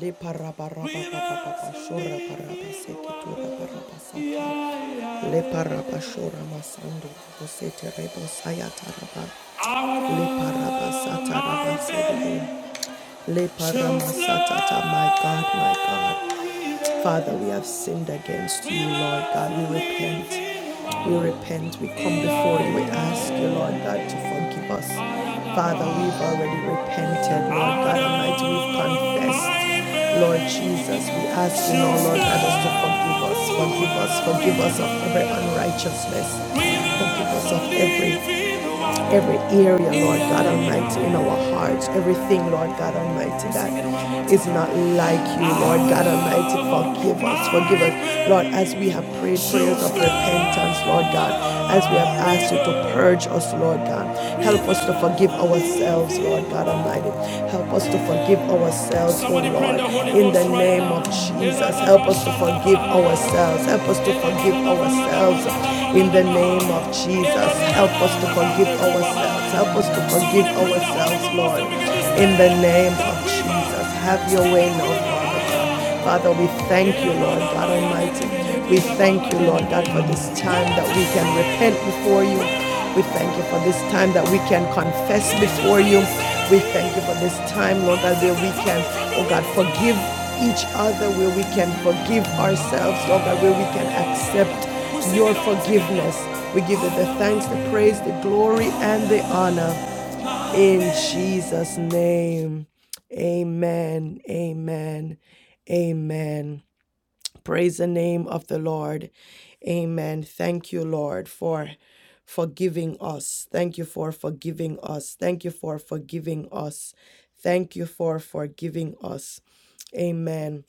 S1: Le para para para shora para le para shora masando osete rebo sayata raba le para basata raba Le paramassatata, my God, my God. Father, we have sinned against you, Lord God. We repent. We repent. We come before you. We ask you, Lord God, to forgive us. Father, we've already repented, Lord God Almighty. We've confessed. Lord Jesus, we ask you now, Lord God, us to forgive us, forgive us, forgive us of every unrighteousness, forgive us of every every area, Lord God Almighty, in our hearts, everything, Lord God Almighty, that is not like you, Lord God Almighty. Forgive us, forgive us, Lord, as we have prayed prayers of repentance, Lord God, as we have asked you to purge us, Lord God. Help us to forgive ourselves, Lord God Almighty. Help us to forgive ourselves, oh Lord, in the name of Jesus. Help us to forgive ourselves. Help us to forgive ourselves in the name of Jesus. Help us to forgive ourselves. Help us to forgive ourselves, Lord, in the name of Jesus. Have your way now, Father. Father, we thank you, Lord God Almighty. We thank you, Lord God, for this time that we can repent before you. We thank you for this time that we can confess before you. We thank you for this time, Lord God, where we can, oh God, forgive each other, where we can forgive ourselves, Lord God, where we can accept your forgiveness. We give you the thanks, the praise, the glory, and the honor. In Jesus' name, amen, amen, amen. Praise the name of the Lord. Amen. Thank you, Lord, for forgiving us. Thank you for forgiving us. Thank you for forgiving us. Thank you for forgiving us. Amen.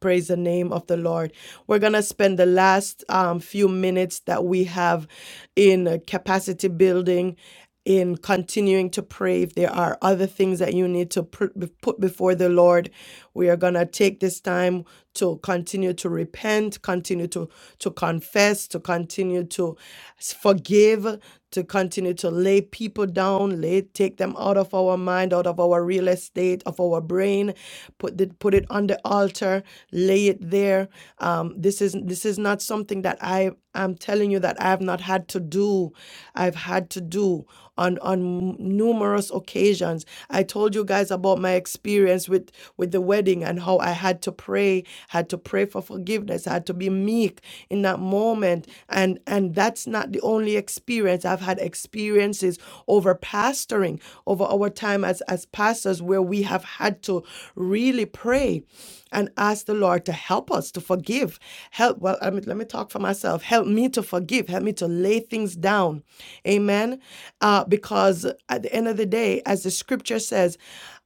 S1: Praise the name of the Lord. We're going to spend the last um, few minutes that we have in uh, capacity building. In continuing to pray, if there are other things that you need to pr- be- put before the Lord, we are going to take this time to continue to repent, continue to, to confess, to continue to s- forgive, to continue to lay people down, lay, take them out of our mind, out out of our real estate, of our brain, put it put it on the altar, lay it there. Um, this is this is not something that I am telling you that I have not had to do. I've had to do on on numerous occasions. I told you guys about my experience with with the wedding and how I had to pray, had to pray for forgiveness, had to be meek in that moment, and and that's not the only experience experience. I've had experiences over pastoring, over our time as, as pastors, where we have had to really pray and ask the Lord to help us to forgive. Help, well, I mean, let me talk for myself. Help me to forgive. Help me to lay things down. Amen. Uh, because at the end of the day, as the scripture says,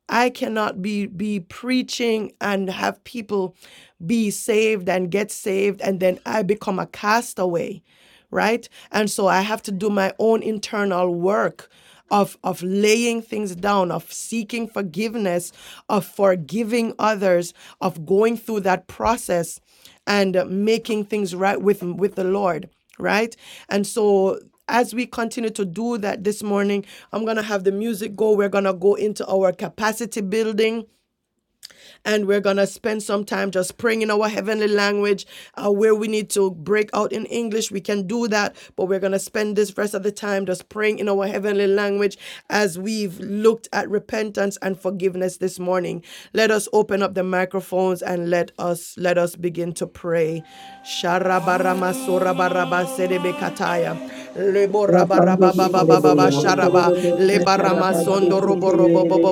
S1: I cannot be be preaching and have people be saved and get saved and then I become a castaway right? And so I have to do my own internal work of of laying things down of seeking forgiveness of forgiving others of going through that process and uh, making things right with with the lord right and so as we continue to do that this morning i'm going to have the music go we're going to go into our capacity building and we're going to spend some time just praying in our heavenly language. Uh, where we need to break out in English, we can do that, but we're going to spend this rest of the time just praying in our heavenly language as we've looked at repentance and forgiveness this morning. Let us open up the microphones and let us let us begin to pray. Sharabaramasorabarabasede kataya.
S2: Lapandiri,
S3: Hallelujah.
S11: Thank